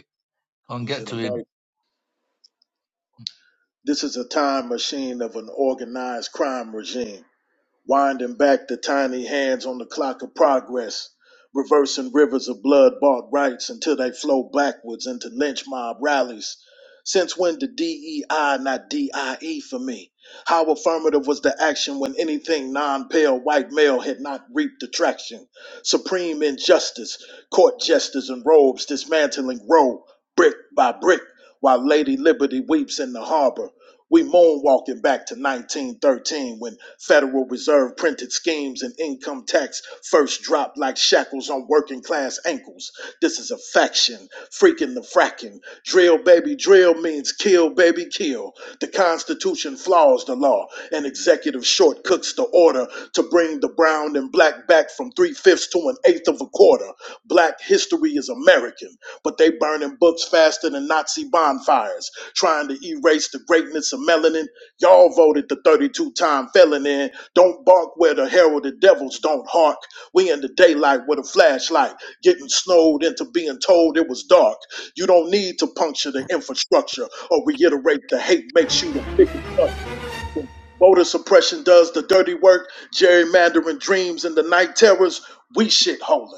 Speaker 2: I can
Speaker 4: he's
Speaker 2: get
Speaker 4: in the
Speaker 2: to him.
Speaker 4: matrix this is a time machine of an organized crime regime winding back the tiny hands on the clock of progress, reversing rivers of blood bought rights until they flow backwards into lynch mob rallies. Since when did DEI not DIE for me? How affirmative was the action when anything non pale white male had not reaped attraction? Supreme injustice, court jesters in robes dismantling row, brick by brick, while Lady Liberty weeps in the harbor. We moan walking back to 1913 when Federal Reserve printed schemes and income tax first dropped like shackles on working class ankles. This is a faction, freaking the fracking. Drill baby drill means kill baby kill. The Constitution flaws the law, and executive shortcuts the order to bring the brown and black back from three fifths to an eighth of a quarter. Black history is American but they burning books faster than Nazi bonfires, trying to erase the greatness of melanin. Y'all voted the 32-time felon in. Don't bark where the heralded devils don't hark. We in the daylight with a flashlight, getting snowed into being told it was dark. You don't need to puncture the infrastructure or reiterate the hate makes you the biggest fuck. Voter suppression does the dirty work, gerrymandering dreams and the night terrors. We shitholers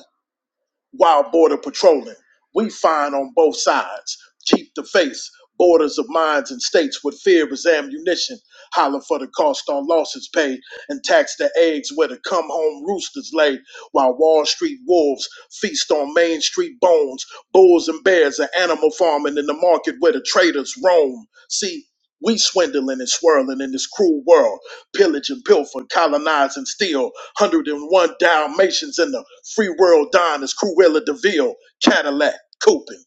Speaker 4: while border patrolling. We find on both sides. Keep the faith. Borders of minds and states with fear as ammunition. Holler for the cost on losses paid and tax the eggs where the come home roosters lay. While Wall Street wolves feast on Main Street bones. Bulls and bears are animal farming in the market where the traders roam. See, we swindling and swirling in this cruel world pillage and pilfer, colonize and steal. 101 Dalmatians in the free world dine as Cruella de Vil, Cadillac, Coopin.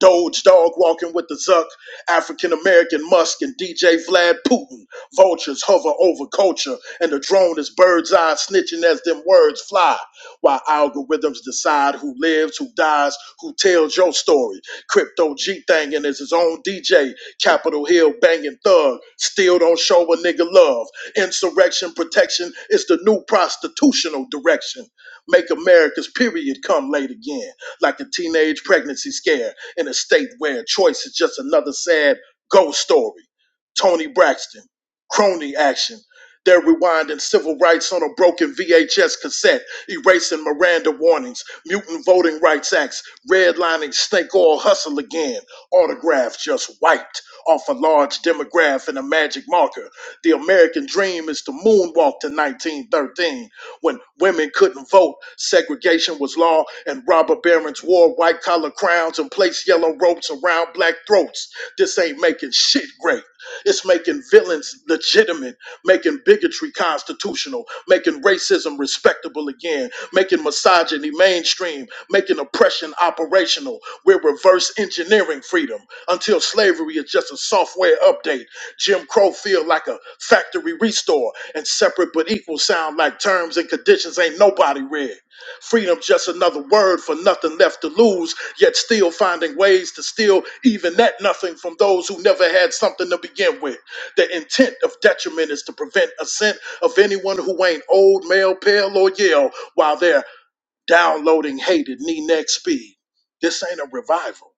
Speaker 4: Doge dog walking with the Zuck, African American Musk and DJ Vlad Putin. Vultures hover over culture, and the drone is bird's eye snitching as them words fly. While algorithms decide who lives, who dies, who tells your story. Crypto G thangin' is his own DJ, Capitol Hill banging thug. Still don't show a nigga love. Insurrection protection is the new prostitutional direction. Make America's period come late again, like a teenage pregnancy scare in a state where choice is just another sad ghost story. Tony Braxton, crony action. They're rewinding civil rights on a broken VHS cassette erasing Miranda warnings, mutant voting rights acts, redlining snake oil hustle again, autograph just wiped off a large demograph and a magic marker. The American dream is to moonwalk to 1913 when women couldn't vote, segregation was law, and robber barons wore white collar crowns and placed yellow ropes around black throats. This ain't making shit great. It's making villains legitimate, making bigotry constitutional, making racism respectable again, making misogyny mainstream, making oppression operational. We're reverse engineering freedom until slavery is just a software update. Jim Crow feel like a factory restore, and separate but equal sound like terms and conditions ain't nobody read. Freedom just another word for nothing left to lose, yet still finding ways to steal even that nothing from those who never had something to begin with. The intent of detriment is to prevent ascent of anyone who ain't old, male, pale, or yell. while they're downloading hated knee neck speed. This ain't a revival.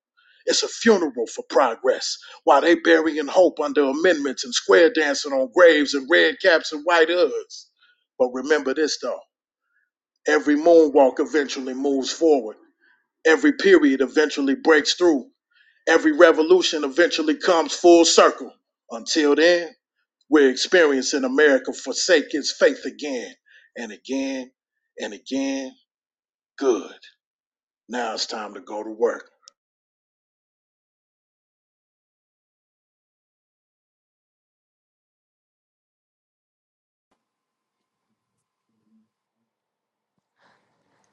Speaker 4: It's a funeral for progress. While they burying hope under amendments and square dancing on graves and red caps and white hoods. But remember this though. Every moonwalk eventually moves forward. Every period eventually breaks through. Every revolution eventually comes full circle. Until then, we're experiencing America forsake its faith again and again and again. Good. Now it's time to go to work.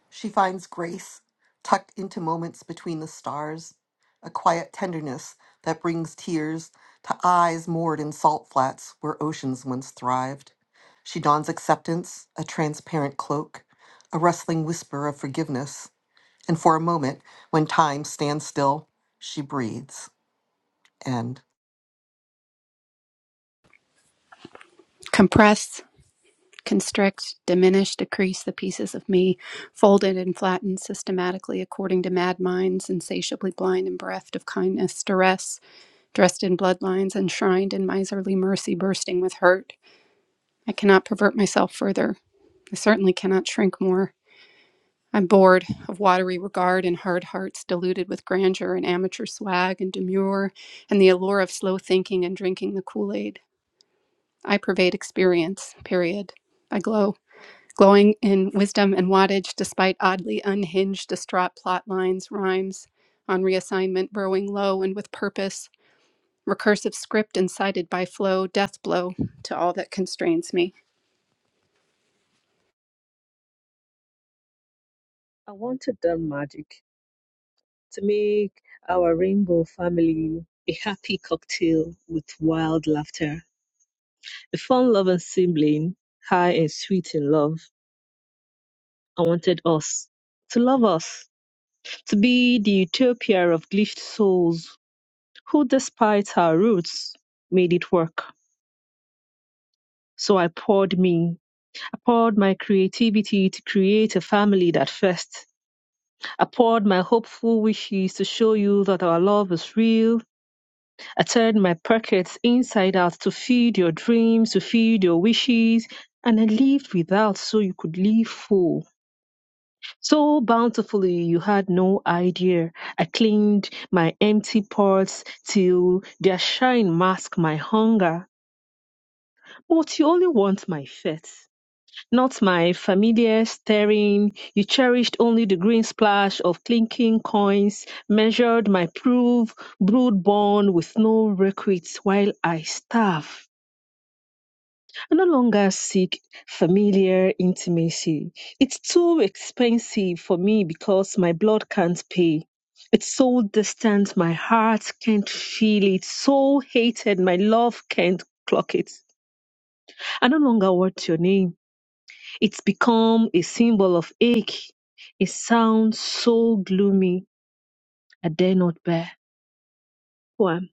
Speaker 5: She finds grace tucked into moments between the stars, a quiet tenderness that brings tears to eyes moored in salt flats where oceans once thrived. She dons acceptance, a transparent cloak, a rustling whisper of forgiveness, and for a moment, when time stands still, she breathes. End.
Speaker 3: Compressed. constrict, diminish, decrease the pieces of me, folded and flattened systematically according to mad minds, insatiably blind and bereft of kindness, duress, dressed in bloodlines, enshrined in miserly mercy, bursting with hurt. I cannot pervert myself further. I certainly cannot shrink more. I'm bored of watery regard and hard hearts diluted with grandeur and amateur swag and demure and the allure of slow thinking and drinking the Kool Aid. I pervade experience, period. I glow glowing in wisdom and wattage despite oddly unhinged, distraught plot lines, rhymes on reassignment, burrowing low and with purpose, recursive script incited by flow, death blow to all that constrains me.
Speaker 1: I wanted that magic to make our rainbow family a happy cocktail with wild laughter, a fun loving sibling, high and sweet in love. I wanted us to love us. to be the utopia of glitched souls who, despite our roots, made it work. So I poured me. I poured my creativity to create a family that first. I poured my hopeful wishes to show you that our love is real. I turned my pockets inside out to feed your dreams, to feed your wishes, and I lived without so you could live full. So bountifully, you had no idea. I cleaned my empty pots till their shine masked my hunger. But you only want my fat, not my familiar staring. You cherished only the green splash of clinking coins, measured my proof, brood born with no recruits while I starve. I no longer seek familiar intimacy. It's too expensive for me because my blood can't pay. It's so distant, my heart can't feel it. So hated, my love can't clock it. I no longer want your name. It's become a symbol of ache. It sounds so gloomy, I dare not bear. One.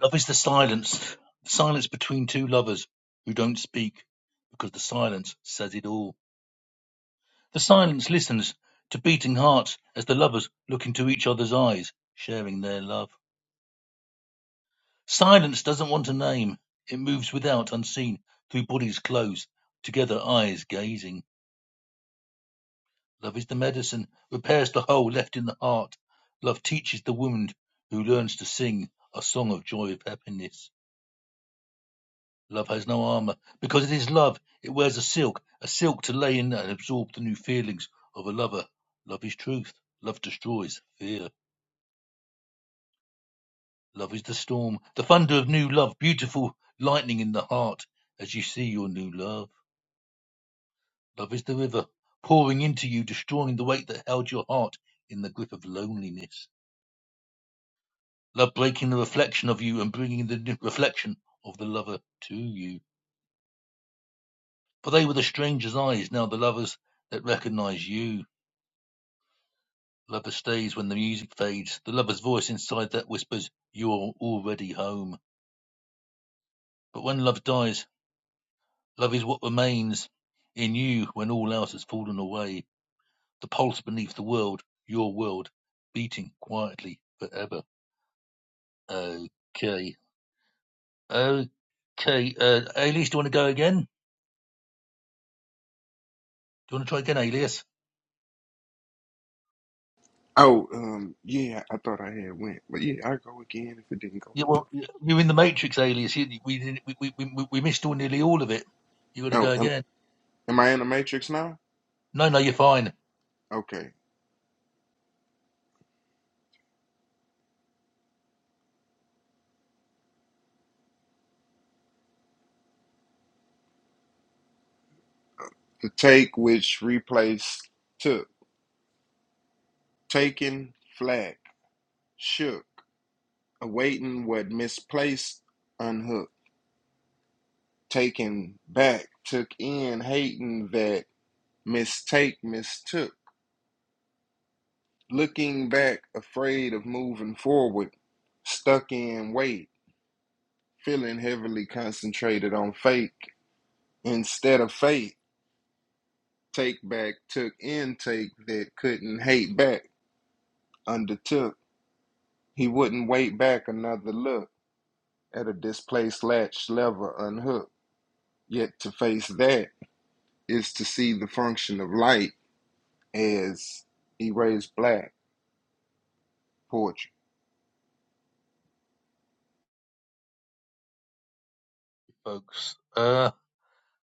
Speaker 2: Love is the silence, the silence between two lovers who don't speak, because the silence says it all. The silence listens to beating hearts as the lovers look into each other's eyes, sharing their love. Silence doesn't want a name. It moves without, unseen, through bodies closed, together eyes gazing. Love is the medicine, repairs the hole left in the heart. Love teaches the wound who learns to sing a song of joy of happiness. Love has no armor. Because it is love, it wears a silk, a silk to lay in and absorb the new feelings of a lover. Love is truth. Love destroys fear. Love is the storm, the thunder of new love, beautiful lightning in the heart as you see your new love. Love is the river, pouring into you, destroying the weight that held your heart in the grip of loneliness. Love breaking the reflection of you and bringing the new reflection of the lover to you. For they were the stranger's eyes, now the lovers that recognize you Lover stays when the music fades. The lover's voice inside that whispers, You're already home. But when love dies, love is what remains in you when all else has fallen away. The pulse beneath the world, your world, beating quietly forever. Okay. Okay. Uh, Alias, do you want to go again? Do you want to try again, Alias?
Speaker 6: Oh, um, yeah, I thought I had went, but yeah, I go again if it didn't go
Speaker 2: Yeah,
Speaker 6: through.
Speaker 2: well, you're in the Matrix, Alias. You, we, didn't- we, we, we we missed all nearly all of it. you got to
Speaker 6: Oh,
Speaker 2: go
Speaker 6: am,
Speaker 2: again.
Speaker 6: am I in the matrix now?
Speaker 2: No, no, you're fine,
Speaker 6: Okay. The take which replaced took, taken, flag, shook, awaiting what misplaced unhooked, taken back, took in, hating that mistake mistook, looking back, afraid of moving forward, stuck in wait, feeling heavily concentrated on fake instead of fate. Take back, took intake that couldn't hate back, undertook. He wouldn't wait back another look at a displaced latch lever unhooked. Yet to face that is to see the function of light as erased black poetry.
Speaker 2: folks. Uh.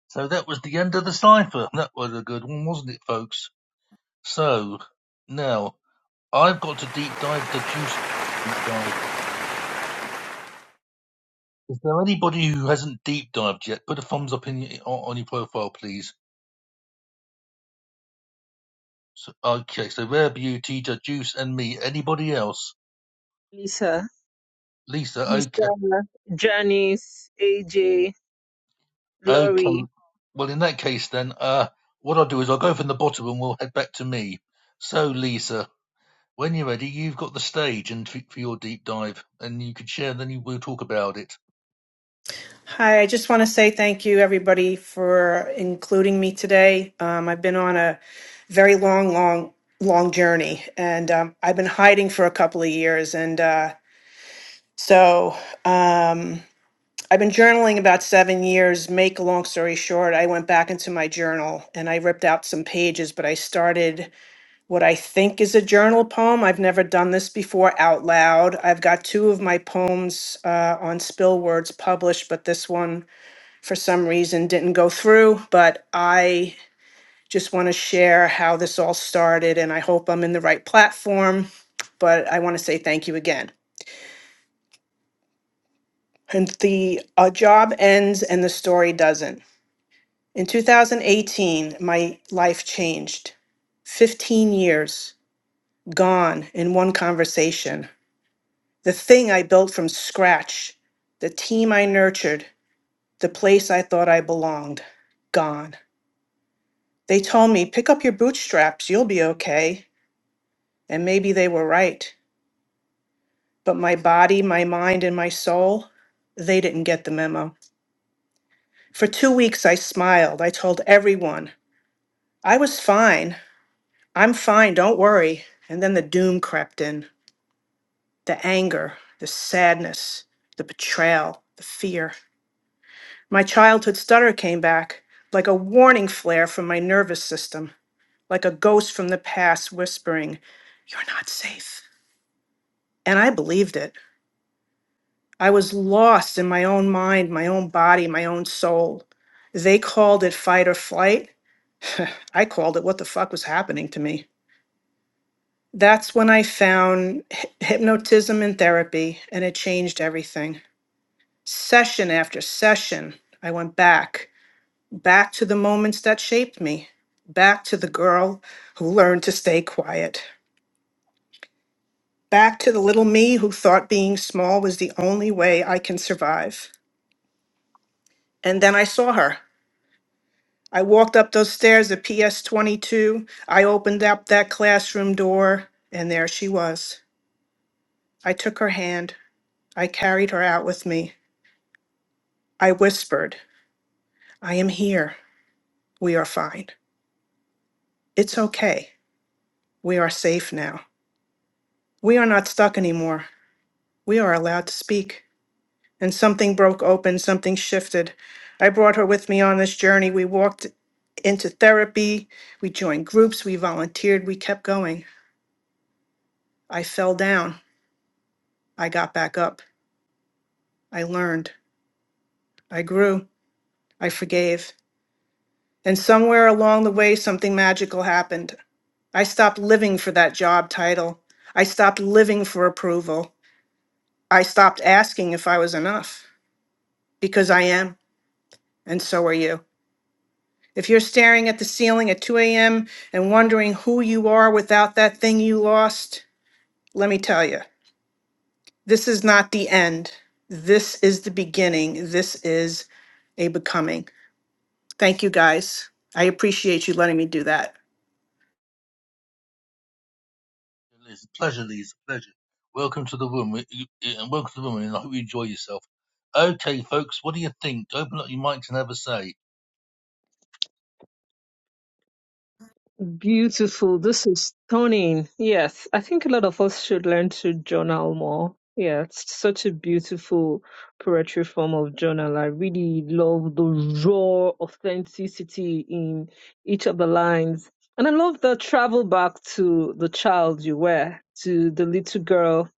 Speaker 2: So that was the end of the cipher. That was a good one, wasn't it, folks? So now I've got to deep dive the juice. Deep dive. Is there anybody who hasn't deep dived yet? Put a thumbs up in your, on your profile, please. So, okay, so Rare Beauty, the Juice, and me. Anybody else?
Speaker 1: Lisa,
Speaker 2: Lisa,
Speaker 1: Lisa,
Speaker 2: okay,
Speaker 1: Janice, AJ,
Speaker 2: okay.
Speaker 1: Laurie.
Speaker 2: Well, in that case, then, uh, what I'll do is I'll go from the bottom and we'll head back to me. So, Lisa, when you're ready, you've got the stage and for your deep dive, and you can share. and Then you, we'll talk about it.
Speaker 11: Hi, I just want to say thank you, everybody, for including me today. Um, I've been on a very long, long, long journey, and um, I've been hiding for a couple of years. And uh, so um, I've been journaling about seven years. Make a long story short, I went back into my journal and I ripped out some pages, but I started what I think is a journal poem. I've never done this before out loud. I've got two of my poems uh, on Spill Words published, but this one for some reason didn't go through, but I just want to share how this all started and I hope I'm in the right platform. But I want to say thank you again. And the uh, job ends and the story doesn't. In 2018, my life changed. 15 years gone in one conversation. The thing I built from scratch, the team I nurtured, the place I thought I belonged, gone. They told me, pick up your bootstraps, you'll be okay. And maybe they were right. But my body, my mind, and my soul, they didn't get the memo. For two weeks, I smiled. I told everyone, I was fine. I'm fine, don't worry. And then the doom crept in the anger, the sadness, the betrayal, the fear. My childhood stutter came back like a warning flare from my nervous system, like a ghost from the past whispering, You're not safe. And I believed it. I was lost in my own mind, my own body, my own soul. They called it fight or flight. *sighs* *laughs* I called it what the fuck was happening to me. That's when I found hy- hypnotism and therapy, and it changed everything. Session after session, I went back, back to the moments that shaped me, back to the girl who learned to stay quiet, back to the little me who thought being small was the only way I can survive. And then I saw her. I walked up those stairs at PS 22. I opened up that classroom door, and there she was. I took her hand. I carried her out with me. I whispered, I am here. We are fine. It's okay. We are safe now. We are not stuck anymore. We are allowed to speak. And something broke open, something shifted. I brought her with me on this journey. We walked into therapy. We joined groups. We volunteered. We kept going. I fell down. I got back up. I learned. I grew. I forgave. And somewhere along the way, something magical happened. I stopped living for that job title. I stopped living for approval. I stopped asking if I was enough because I am, and so are you. If you're staring at the ceiling at 2 a.m. and wondering who you are without that thing you lost, let me tell you, this is not the end. This is the beginning. This is a becoming. Thank you guys. I appreciate you letting me do that.
Speaker 2: It's a pleasure, Lee. It's a pleasure. Welcome to the room, we- you- yeah, and welcome to the room, and I hope you enjoy yourself. Okay, folks, what do you think? Open up your mics and have a say.
Speaker 1: Beautiful. This is stunning. Yes, I think a lot of us should learn to journal more. Yeah, it's such a beautiful poetry form of journal. I really love the raw authenticity in each of the lines. And I love the travel back to the child you were, to the little girl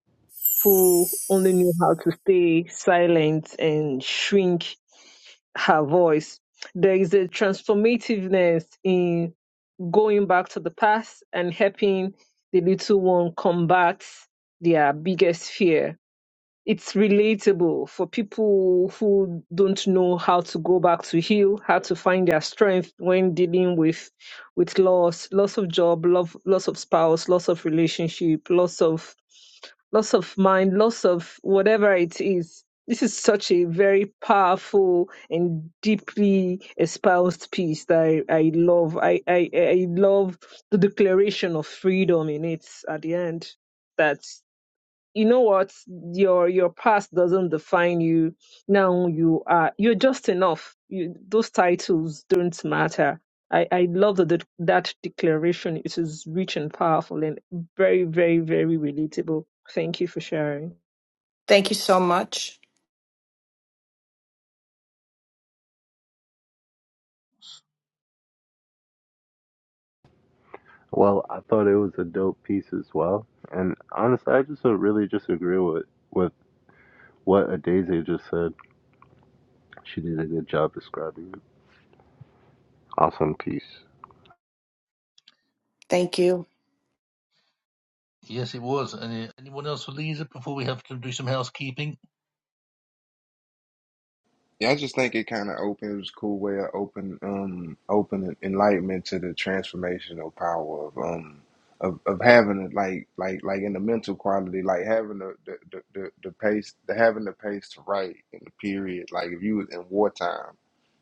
Speaker 1: who only knew how to stay silent and shrink her voice. There is a transformativeness in going back to the past and helping the little one combat their biggest fear. It's relatable for people who don't know how to go back to heal, how to find their strength when dealing with with loss, loss of job, love, loss of spouse, loss of relationship, loss of loss of mind, loss of whatever it is. This is such a very powerful and deeply espoused piece that I, I love. I, I, I love the declaration of freedom in it at the end. That you know what your your past doesn't define you now you are you're just enough you, those titles don't matter i i love that that that declaration it is rich and powerful and very very very relatable thank you for sharing
Speaker 11: Thank you so much.
Speaker 10: Well, I thought it was a dope piece as well. And honestly, I just don't really just agree with, with what Adaze just said. She did a good job describing it. Awesome piece.
Speaker 11: Thank you.
Speaker 2: Yes, it was. Any, anyone else for Lisa before we have to do some housekeeping?
Speaker 6: Yeah, I just think it kind of opens it was a cool way of open um open enlightenment to the transformational power of um of, of having it like like like in the mental quality like having the the, the, the, the pace the having the pace to write in the period like if you was in wartime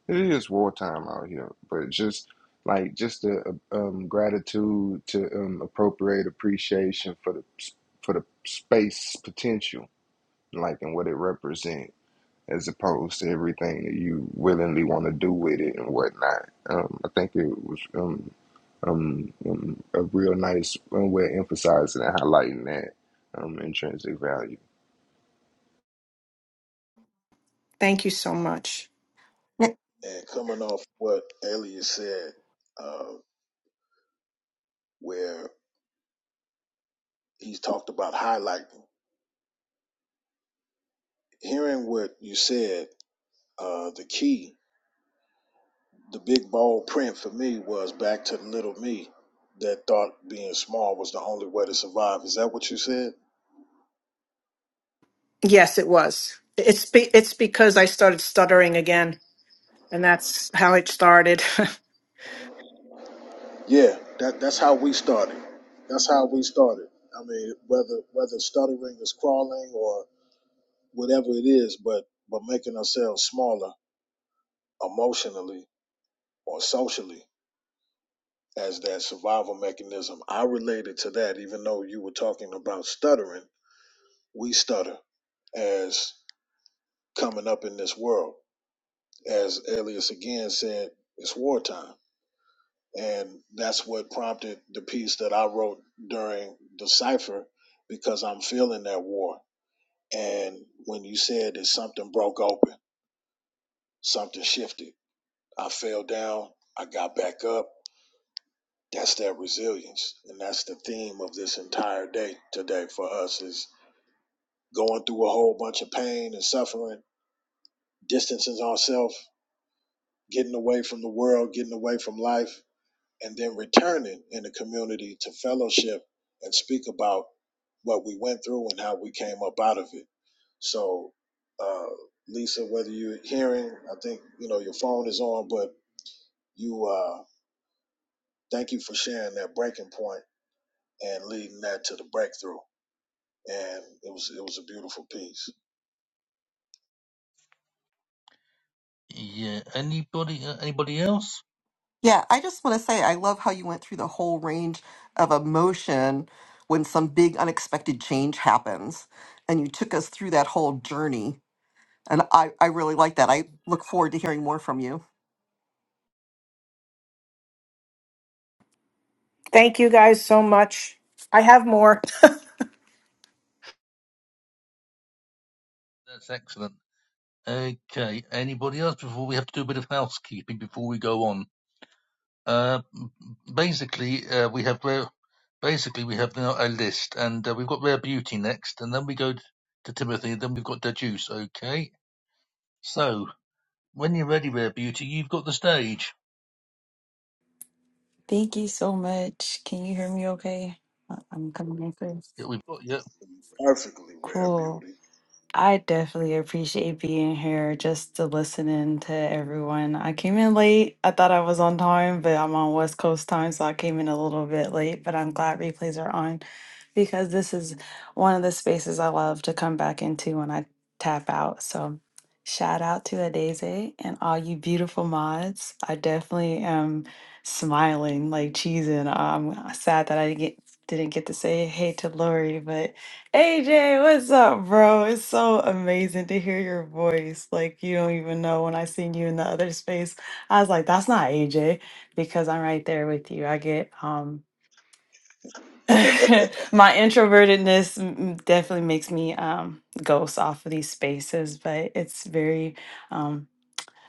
Speaker 6: It is wartime out here, but just like just the uh, um, gratitude to um, appropriate appreciation for the for the space potential, like and what it represents, as opposed to everything that you willingly want to do with it and whatnot. Um, I think it was um, um, um, a real nice um, way of emphasizing and highlighting that um, intrinsic value.
Speaker 11: Thank you so much.
Speaker 4: And coming off what Elias said, uh, where he talked about highlighting, hearing what you said, uh, the key. The big bold print for me was back to the little me that thought being small was the only way to survive. Is that what you said?
Speaker 11: Yes, it was. It's be- it's because I started stuttering again, and that's how it started. *laughs*
Speaker 4: Yeah, that that's how we started. That's how we started. I mean, whether whether stuttering is crawling or whatever it is, but but making ourselves smaller emotionally or socially as that survival mechanism. I related to that, even though you were talking about stuttering. We stutter as coming up in this world. as Elias again said, it's wartime. And that's what prompted the piece that I wrote during the cipher because I'm feeling that war. And when you said that something broke open, something shifted, I fell down, I got back up. That's that resilience. And that's the theme of this entire day today for us is going through a whole bunch of pain and suffering, distancing ourselves, getting away from the world, getting away from life and then returning in the community to fellowship and speak about what we went through and how we came up out of it. So, uh, Lisa, whether you're hearing, I think you know your phone is on, but you uh, thank you for sharing that breaking point and leading that to the breakthrough. And it was it was a beautiful piece,
Speaker 2: Yeah. Anybody? Uh, anybody else?
Speaker 5: Yeah, I just want to say I love how you went through the whole range of emotion when some big unexpected change happens. And you took us through that whole journey. And I, I really like that. I look forward to hearing more from you.
Speaker 11: Thank you guys so much. I have more.
Speaker 2: That's excellent. Okay. Anybody else before we have to do a bit of housekeeping before we go on? Uh, basically, uh, we have rare, basically we have now a list, and uh, we've got Rare Beauty next, and then we go t- to Timothy, and then we've got Dejus. Okay. So, when you're ready, Rare Beauty, you've got the stage.
Speaker 12: Thank you so much. Can you hear me okay? I- I'm coming in first.
Speaker 2: Yeah, we've got, yeah,
Speaker 4: perfectly rare
Speaker 12: Cool.
Speaker 4: beauty.
Speaker 12: I definitely appreciate being here just to listening to everyone. I came in late. I thought I was on time, but I'm on West Coast time, so I came in a little bit late. But I'm glad replays are on because this is one of the spaces I love to come back into when I tap out. So shout out to Adeze and all you beautiful mods. I definitely am smiling like cheesing. I'm sad that I didn't get didn't get to say hey to Lori, but AJ, what's up, bro? It's so amazing to hear your voice. Like you don't even know when I seen you in the other space. I was like, that's not AJ because I'm right there with you. I get um *laughs*
Speaker 4: *laughs*
Speaker 12: my introvertedness m- m- definitely makes me um ghost off of these spaces, but it's very um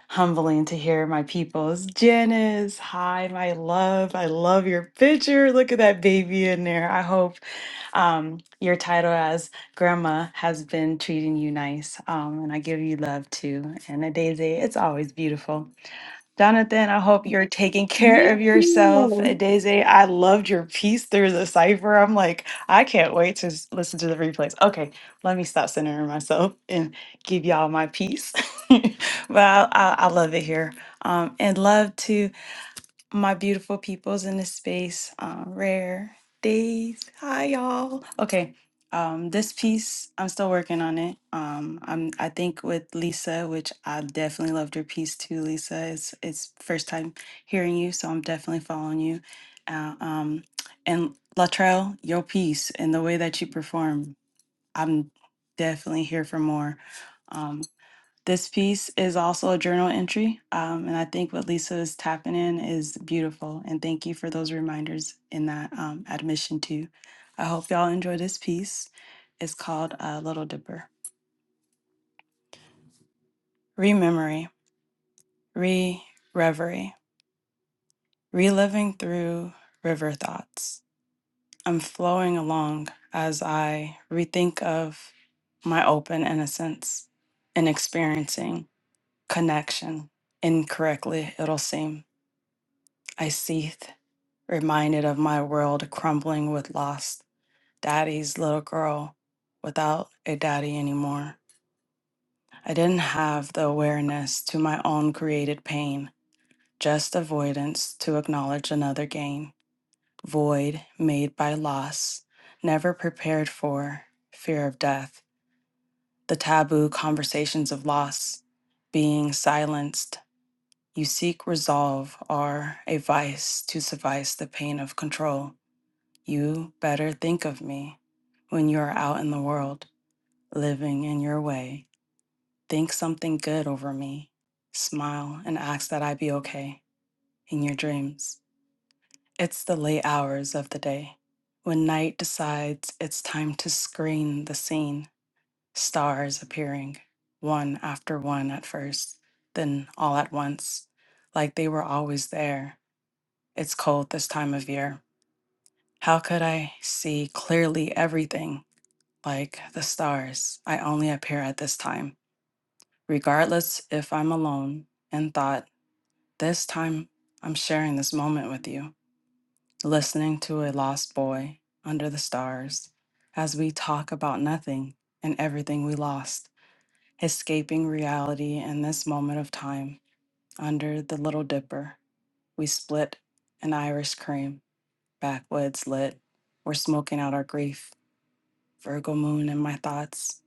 Speaker 12: humbling to hear my people's Janice. Hi, my love. I love your picture. Look at that baby in there. I hope um, your title as Grandma has been treating you nice, um, and I give you love too. And Adeze, it's always beautiful. Jonathan, I hope you're taking care
Speaker 1: Miss
Speaker 12: of yourself.
Speaker 1: you,
Speaker 12: Adeze, I loved your piece through the cipher. I'm like, I can't wait to s- listen to the replays. Okay, let me stop centering myself and give y'all my piece. *laughs* but I, I, I love it here. Um, and love to my beautiful peoples in this space. Um, rare days. Hi, y'all. Okay. Um, this piece, I'm still working on it. Um, I'm I think with Lisa, which I definitely loved your piece too, Lisa. It's it's first time hearing you, so I'm definitely following you. Uh, um, and Latrell, your piece and the way that you perform, I'm definitely here for more. Um, this piece is also a journal entry, um, and I think what Lisa is tapping in is beautiful. And thank you for those reminders in that um, admission too. I hope y'all enjoy this piece. It's called uh, Little Dipper. Rememory, re reverie, reliving through river thoughts. I'm flowing along as I rethink of my open innocence and experiencing connection incorrectly, it'll seem. I seethe, reminded of my world crumbling with lost daddy's little girl without a daddy anymore. I didn't have the awareness to my own created pain, just avoidance to acknowledge another gain. Void made by loss, never prepared for, fear of death, the taboo conversations of loss, being silenced. You seek resolve are a vice to suffice the pain of control. You better think of me when you are out in the world, living in your way. Think something good over me. Smile and ask that I be okay in your dreams. It's the late hours of the day. When night decides it's time to screen the scene, stars appearing, one after one at first, then all at once, like they were always there. It's cold this time of year. How could I see clearly everything? like the stars, I only appear at this time, regardless if I'm alone in thought. This time, I'm sharing this moment with you, listening to a lost boy under the stars as we talk about nothing and everything we lost, escaping reality in this moment of time under the Little Dipper. We split an Irish cream, backwoods lit. We're smoking out our grief, Virgo moon in my thoughts,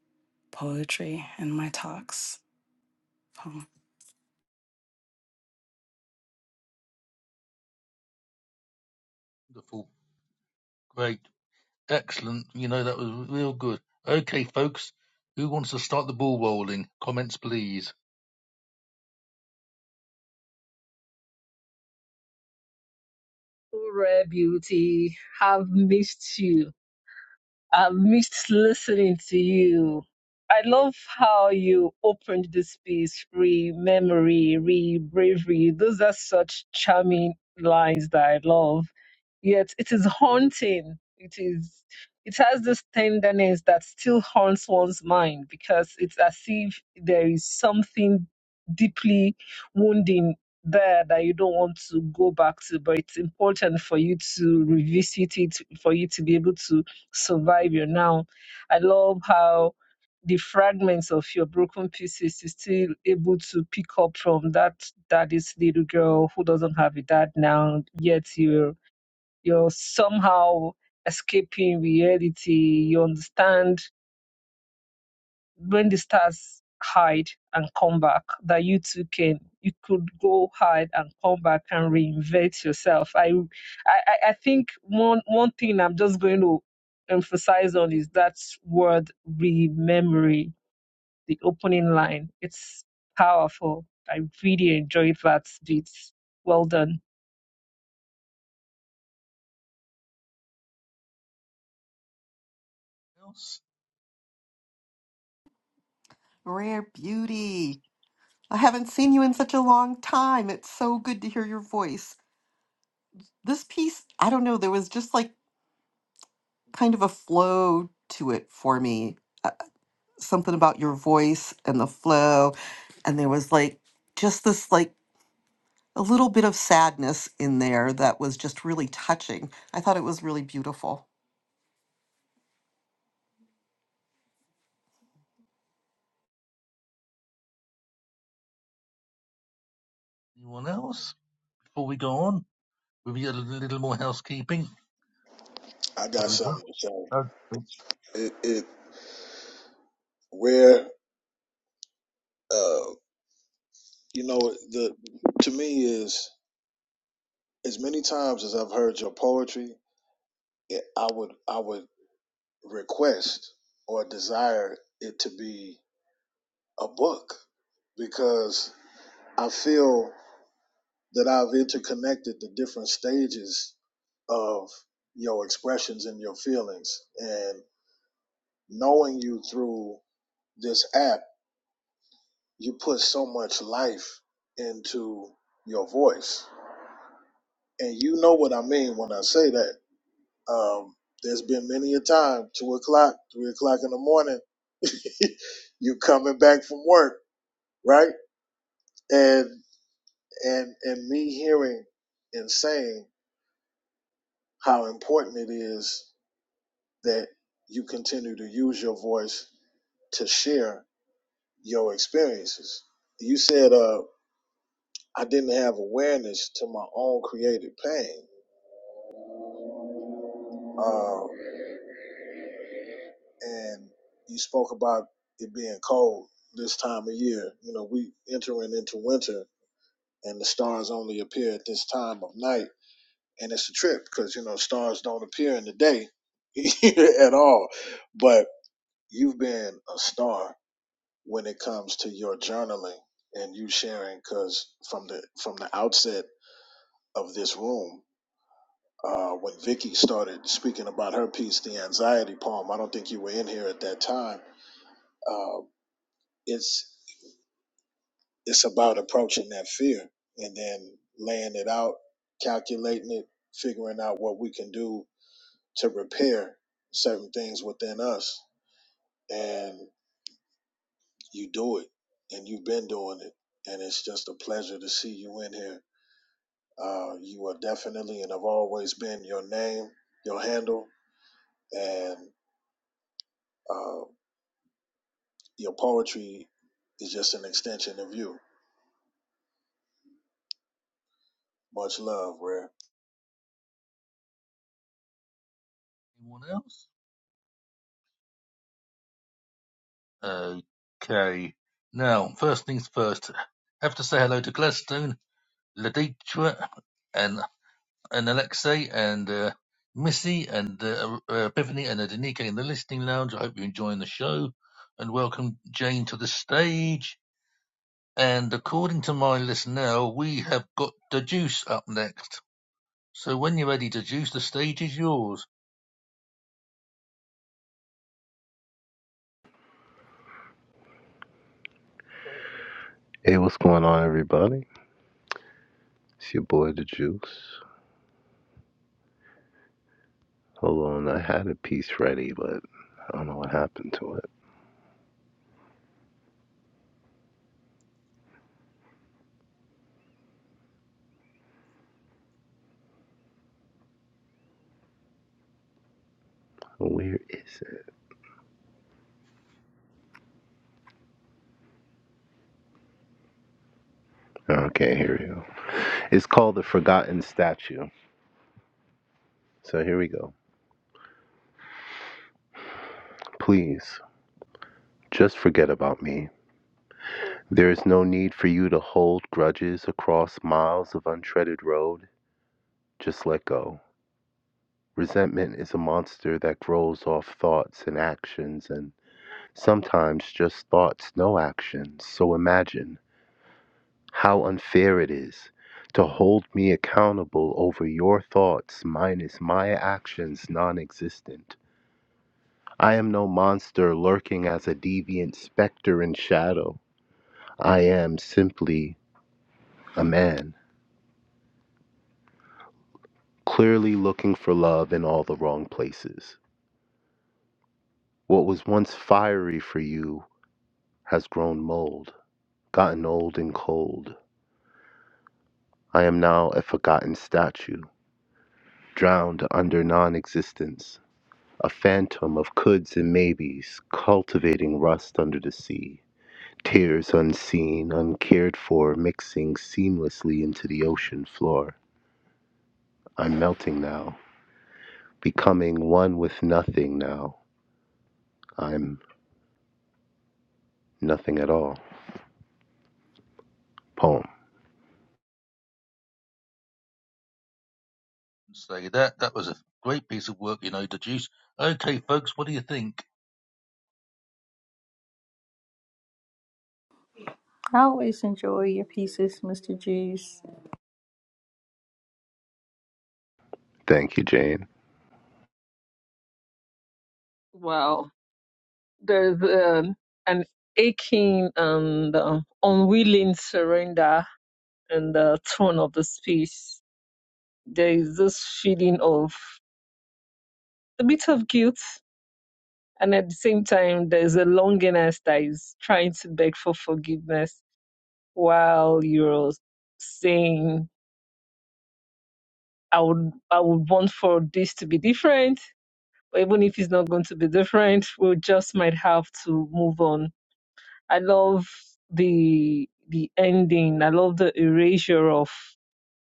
Speaker 12: poetry in my talks. Oh,
Speaker 2: wonderful, great, excellent. You know, that was real good. Okay, folks, who wants to start the ball rolling? Comments, please.
Speaker 1: rare beauty. Have missed you. I miss listening to you. I love how you opened the space, re memory, re bravery. Those are such charming lines that I love. Yet it is haunting. It is it has this tenderness that still haunts one's mind because it's as if there is something deeply wounding there that you don't want to go back to, but it's important for you to revisit it, for you to be able to survive you now. I love how the fragments of your broken pieces is still able to pick up from that daddy's little girl who doesn't have a dad now, yet you're you're somehow escaping reality. You understand when the stars hide and come back that you too can you could go hide and come back and reinvent yourself i i i I think one one thing i'm just going to emphasize on is that word rememory the opening line it's powerful i really enjoyed that bit well done
Speaker 2: Else?
Speaker 5: Rare beauty. I haven't seen you in such a long time. It's so good to hear your voice. This piece, I don't know, there was just like kind of a flow to it for me. Uh, something about your voice and the flow. And there was like just this like a little bit of sadness in there that was just really touching. I thought it was really beautiful.
Speaker 2: Anyone else? Before we go on, we'll be a little more housekeeping.
Speaker 4: I
Speaker 2: There
Speaker 4: got
Speaker 2: we go.
Speaker 4: something to say.
Speaker 2: Okay.
Speaker 4: It, it rare, uh, you know, the to me is as many times as I've heard your poetry, it, I would I would request or desire it to be a book because I feel that I've interconnected the different stages of your expressions and your feelings and knowing you through this app you put so much life into your voice and you know what I mean when I say that Um, there's been many a time, two o'clock, three o'clock in the morning, *laughs* you coming back from work, right? And and and me hearing and saying how important it is that you continue to use your voice to share your experiences. You said, uh, I didn't have awareness to my own creative pain. Uh, and you spoke about it being cold this time of year. You know, we entering into winter, and the stars only appear at this time of night, and it's a trip because you know stars don't appear in the day *laughs* at all. But you've been a star when it comes to your journaling and you sharing, because from the from the outset of this room. Uh, when Vicky started speaking about her piece, the anxiety poem, I don't think you were in here at that time uh, it's it's about approaching that fear and then laying it out, calculating it, figuring out what we can do to repair certain things within us. And you do it, and you've been doing it. And it's just a pleasure to see you in here. Uh, you are definitely and have always been your name, your handle, and uh, your poetry is just an extension of you. Much love, Rare.
Speaker 2: Anyone else? Okay. Now, first things first, have to say hello to Gladstone, Laditra, and and Alexei and uh, Missy and uh, uh, Bethany and Adenike in the listening lounge. I hope you're enjoying the show and welcome Jane to the stage. And according to my list now, we have got the juice up next. So when you're ready the juice, the stage is yours.
Speaker 10: Hey, what's going on, everybody? It's your boy, The Juice. Hold on, I had a piece ready, but I don't know what happened to it. Where is it? Okay, here we go. It's called The Forgotten Statue. So here we go. Please, just forget about me. There is no need for you to hold grudges across miles of untreaded road. Just let go. Resentment is a monster that grows off thoughts and actions, and sometimes just thoughts, no actions. So imagine how unfair it is to hold me accountable over your thoughts minus my actions non existent. I am no monster lurking as a deviant specter in shadow. I am simply a man, clearly looking for love in all the wrong places. What was once fiery for you has grown mold, gotten old and cold. I am now a forgotten statue, drowned under non existence, a phantom of coulds and maybes, cultivating rust under the sea. Tears unseen, uncared for, mixing seamlessly into the ocean floor. I'm melting now, becoming one with nothing now. I'm nothing at all. Poem.
Speaker 2: Say that. That was a great piece of work, you know, the juice. Okay, folks, what do you think?
Speaker 13: I always enjoy your pieces, Mr. Juice.
Speaker 10: Thank you, Jane.
Speaker 1: wow there's um, an aching and um, unwilling surrender in the tone of the speech there is this feeling of a bit of guilt. And at the same time, there's a longingness that is trying to beg for forgiveness while you're saying, I would, I would want for this to be different. But even if it's not going to be different, we just might have to move on. I love the the ending. I love the erasure of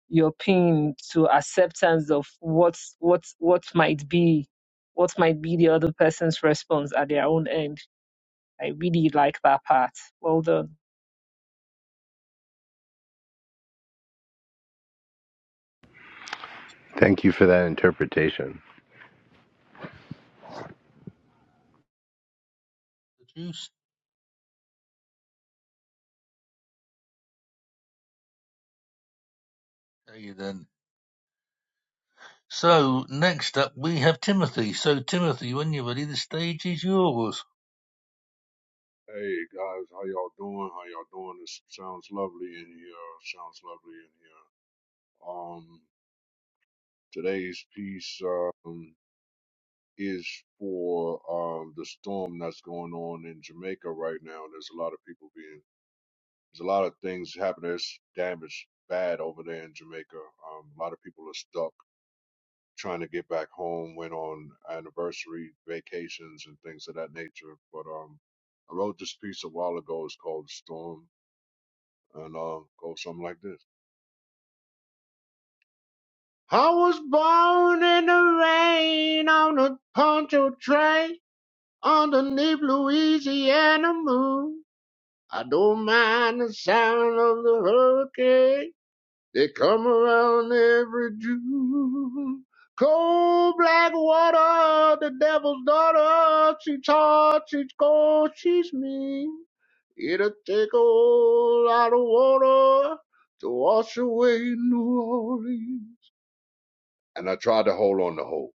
Speaker 1: your pain to acceptance of what what what might be what might be the other person's response at their own end. I really like that part. Well done.
Speaker 10: Thank you for that interpretation.
Speaker 2: The juice? Okay, then. So next up, we have Timothy. So Timothy, when you're ready, the stage is yours.
Speaker 14: Hey guys, how y'all doing? How y'all doing? This sounds lovely in here. Sounds lovely in here. Um, today's piece um is for um the storm that's going on in Jamaica right now. There's a lot of people being, there's a lot of things happening. There's damage bad over there in Jamaica. Um, a lot of people are stuck trying to get back home. Went on anniversary vacations and things of that nature. But um, I wrote this piece a while ago. It's called "Storm." and uh, go something like this. I was born in the rain on a poncho train underneath Louisiana moon. I don't mind the sound of the hurricane. They come around every June. Cold black water, the devil's daughter. She's hot, she's cold, she's mean. It'll take a whole lot of water to wash away New Orleans. And I tried to hold on to hope.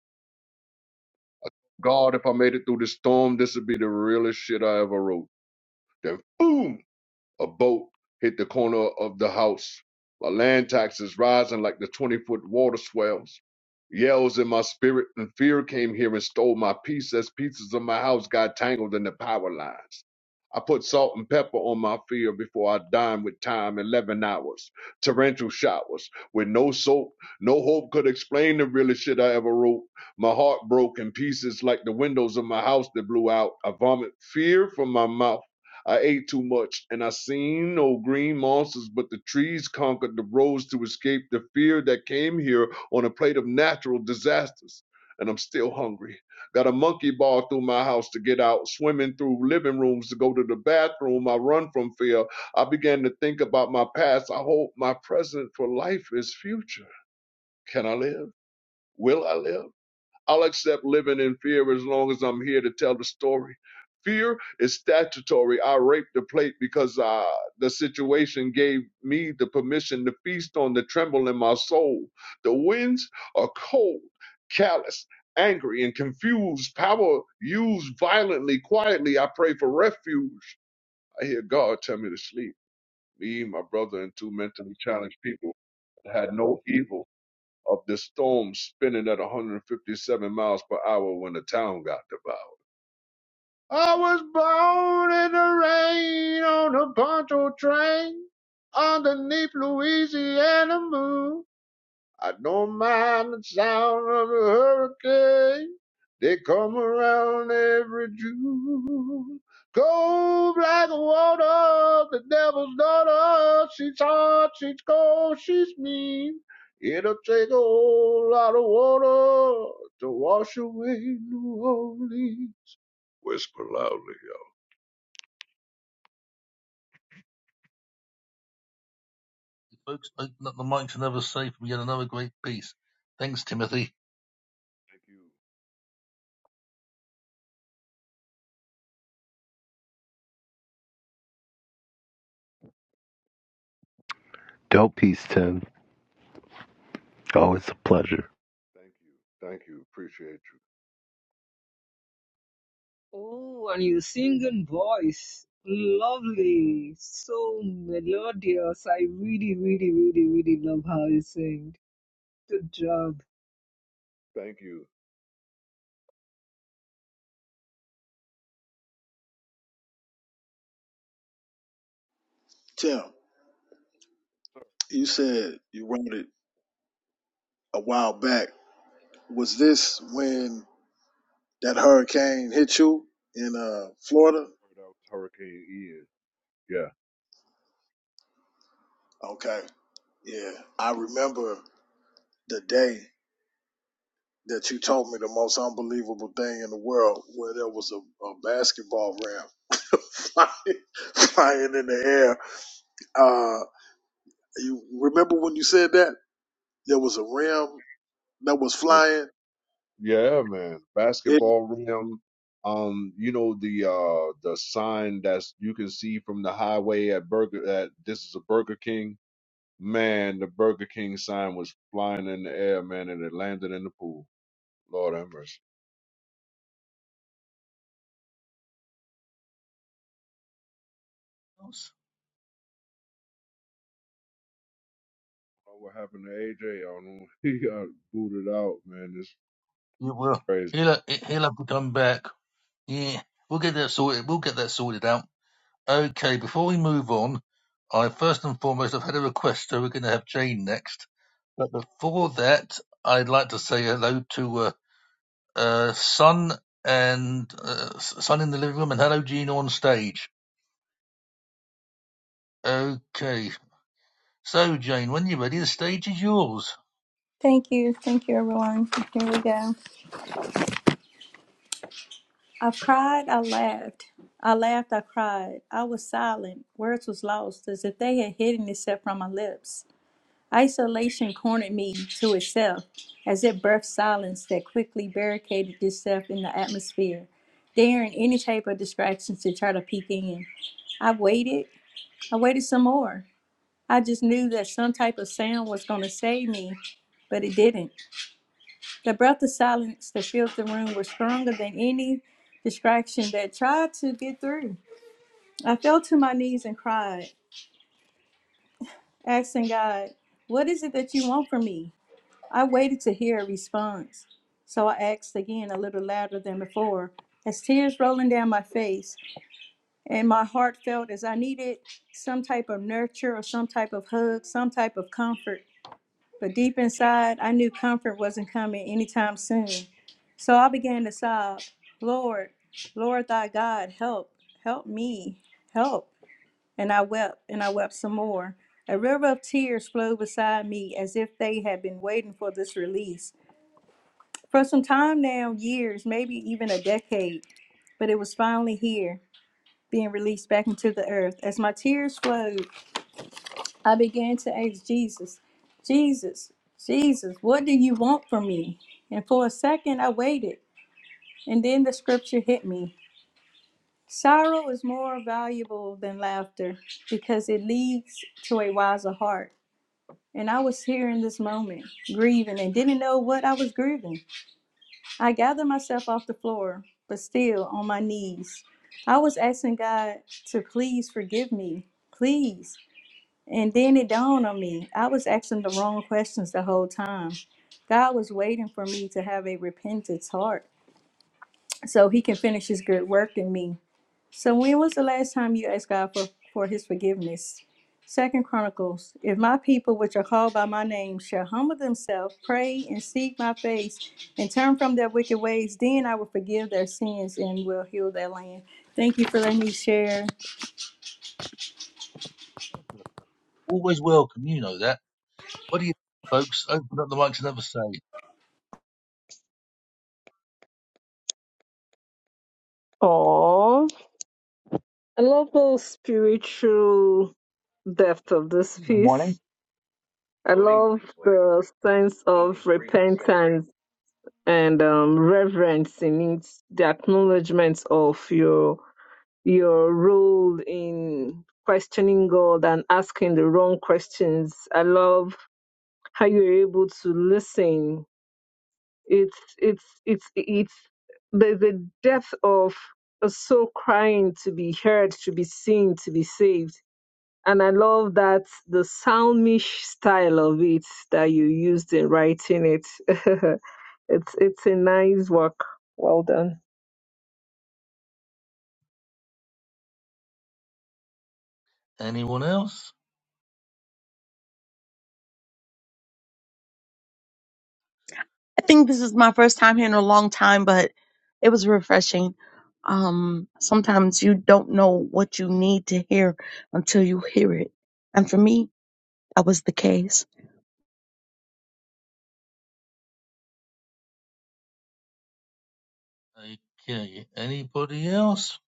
Speaker 14: God, if I made it through this storm, this would be the realest shit I ever wrote. Then boom! A boat hit the corner of the house. My land taxes rising like the 20 foot water swells. Yells in my spirit and fear came here and stole my peace as pieces of my house got tangled in the power lines. I put salt and pepper on my fear before I dine with time 11 hours. Torrential showers with no soap, no hope could explain the realest shit I ever wrote. My heart broke in pieces like the windows of my house that blew out. I vomit fear from my mouth. I ate too much, and I seen no green monsters, but the trees conquered the roads to escape the fear that came here on a plate of natural disasters. And I'm still hungry. Got a monkey bar through my house to get out, swimming through living rooms to go to the bathroom. I run from fear. I began to think about my past. I hope my present for life is future. Can I live? Will I live? I'll accept living in fear as long as I'm here to tell the story. Fear is statutory. I raped the plate because uh, the situation gave me the permission to feast on the tremble in my soul. The winds are cold, callous, angry, and confused. Power used violently, quietly. I pray for refuge. I hear God tell me to sleep. Me, my brother, and two mentally challenged people had no evil of the storm spinning at 157 miles per hour when the town got devoured. I was born in the rain on a poncho train underneath Louisiana moon. I don't mind the sound of a hurricane. They come around every June. Cold black water, the devil's daughter. She's hot, she's cold, she's mean. It'll take a whole lot of water to wash away New Orleans. Whisper loudly.
Speaker 2: Folks, open up the mic to another safe. We get another great piece. Thanks, Timothy.
Speaker 14: Thank you.
Speaker 10: Dope piece, Tim. Always a pleasure.
Speaker 14: Thank you. Thank you. Appreciate you.
Speaker 1: Oh, and your singing voice. Lovely. So melodious. I really, really, really, really love how you sing. Good job.
Speaker 14: Thank you.
Speaker 4: Tim, you said you wrote it a while back Was this when that hurricane hit you in uh, Florida?
Speaker 14: That was Hurricane Ian. Yeah.
Speaker 4: Okay. Yeah. I remember the day that you told me the most unbelievable thing in the world where there was a, a basketball ramp *laughs* flying, flying in the air. Uh, you remember when you said that? There was a rim that was flying.
Speaker 14: Yeah, man.
Speaker 4: It,
Speaker 14: Basketball rim. Um, you know the uh the sign that's you can see from the highway at Burger at this is a Burger King. Man, the Burger King sign was flying in the air, man, and it landed in the pool. Lord have mercy.
Speaker 2: Yes.
Speaker 14: I What happened to AJ? don't know. *laughs* He got booted out, man. It's
Speaker 2: You will.
Speaker 14: crazy.
Speaker 2: He'll, he'll have to come back. Yeah, we'll get that sorted. We'll get that sorted out. Okay, before we move on, I first and foremost, I've had a request, so we're going to have Jane next. But before that, I'd like to say hello to uh, uh, Son and uh, Son in the living room, and hello, Gene, on stage. Okay, so Jane, when you're ready, the stage is yours.
Speaker 13: Thank you. Thank you, everyone. Here we go. I cried, I laughed. I laughed, I cried. I was silent. Words was lost, as if they had hidden itself from my lips. Isolation cornered me to itself, as it birthed silence that quickly barricaded itself in the atmosphere, daring any type of distractions to try to peek in. I waited. I waited some more. I just knew that some type of sound was going to save me, but it didn't. The breath of silence that filled the room was stronger than any distraction that tried to get through. I fell to my knees and cried, asking God, What is it that you want from me? I waited to hear a response, so I asked again a little louder than before, as tears rolling down my face, and my heart felt as I needed some type of nurture or some type of hug, some type of comfort. But deep inside, I knew comfort wasn't coming anytime soon. So I began to sob, Lord, Lord thy God, help, help me, help. And I wept, and I wept some more. A river of tears flowed beside me as if they had been waiting for this release. For some time now, years, maybe even a decade, but it was finally here, being released back into the earth. As my tears flowed, I began to ask Jesus, Jesus, Jesus, what do you want from me? And for a second, I waited. And then the scripture hit me. Sorrow is more valuable than laughter because it leads to a wiser heart. And I was here in this moment, grieving and didn't know what I was grieving. I gathered myself off the floor, but still on my knees. I was asking God to please forgive me. Please. And then it dawned on me. I was asking the wrong questions the whole time. God was waiting for me to have a repentance heart so he can finish his good work in me. So when was the last time you asked God for, for his forgiveness? Second Chronicles, if my people which are called by my name shall humble themselves, pray and seek my face, and turn from their wicked ways, then I will forgive their sins and will heal their land. Thank you for letting me share.
Speaker 2: Always welcome, you know that. What do you folks open up the mics and have a say?
Speaker 1: Oh, I love the spiritual depth of this
Speaker 15: Good morning.
Speaker 1: piece. I love the sense of repentance and um, reverence in it, the acknowledgement of your your role in questioning God and asking the wrong questions. I love how you're able to listen. It's it's it's it's there's a depth of a soul crying to be heard, to be seen, to be saved and I love that the psalmish style of it that you used in writing it. *laughs* it's it's a nice work. Well done.
Speaker 2: Anyone else?
Speaker 16: I think this is my first time here in a long time, but it was refreshing. Um, sometimes you don't know what you need to hear until you hear it. And for me, that was the case.
Speaker 2: Okay. Anybody else?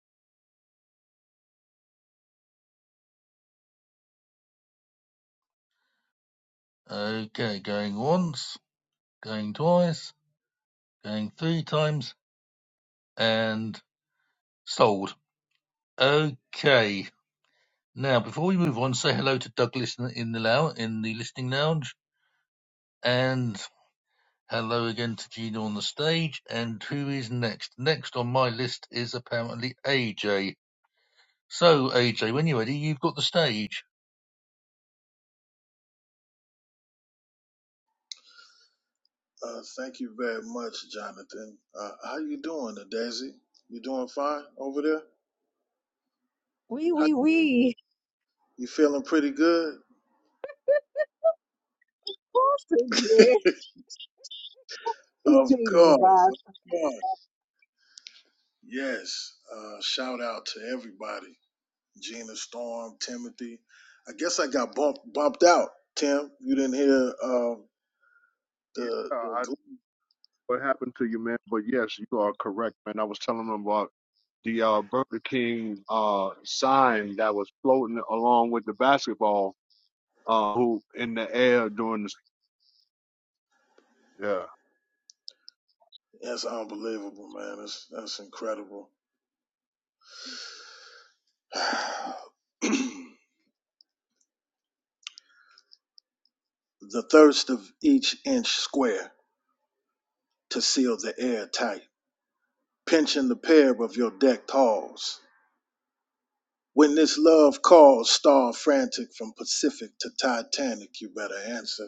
Speaker 2: Okay. Going once, going twice, going three times, and sold. Okay. Now, before we move on, say hello to Douglas in in the lou- in the listening lounge, and hello again to Gina on the stage. And who is next? Next on my list is apparently AJ. So, AJ, when you're ready, you've got the stage.
Speaker 4: uh, thank you very much, Jonathan. Uh, how you doing, Daisy? You doing fine over there?
Speaker 1: Wee
Speaker 4: How,
Speaker 1: wee wee.
Speaker 4: you feeling pretty good?
Speaker 1: Oh, AJ.
Speaker 4: Of
Speaker 1: AJ is
Speaker 4: course.
Speaker 1: back.
Speaker 4: Of course. Yes. Uh, shout out to everybody. Gina Storm, Timothy. I guess I got bumped bumped out, Tim. You didn't hear um, the
Speaker 14: Yeah,
Speaker 4: the
Speaker 14: I
Speaker 4: gl-
Speaker 14: what happened to you, man? But yes, you are correct, man. I was telling them about the uh, Burger King uh, sign that was floating along with the basketball uh, who in the air during the Yeah.
Speaker 4: that's unbelievable, man. That's that's incredible. *sighs* the thirst of each inch square to seal the air tight, pinching the pair of your decked halls. When this love calls, star frantic from Pacific to Titanic, you better answer.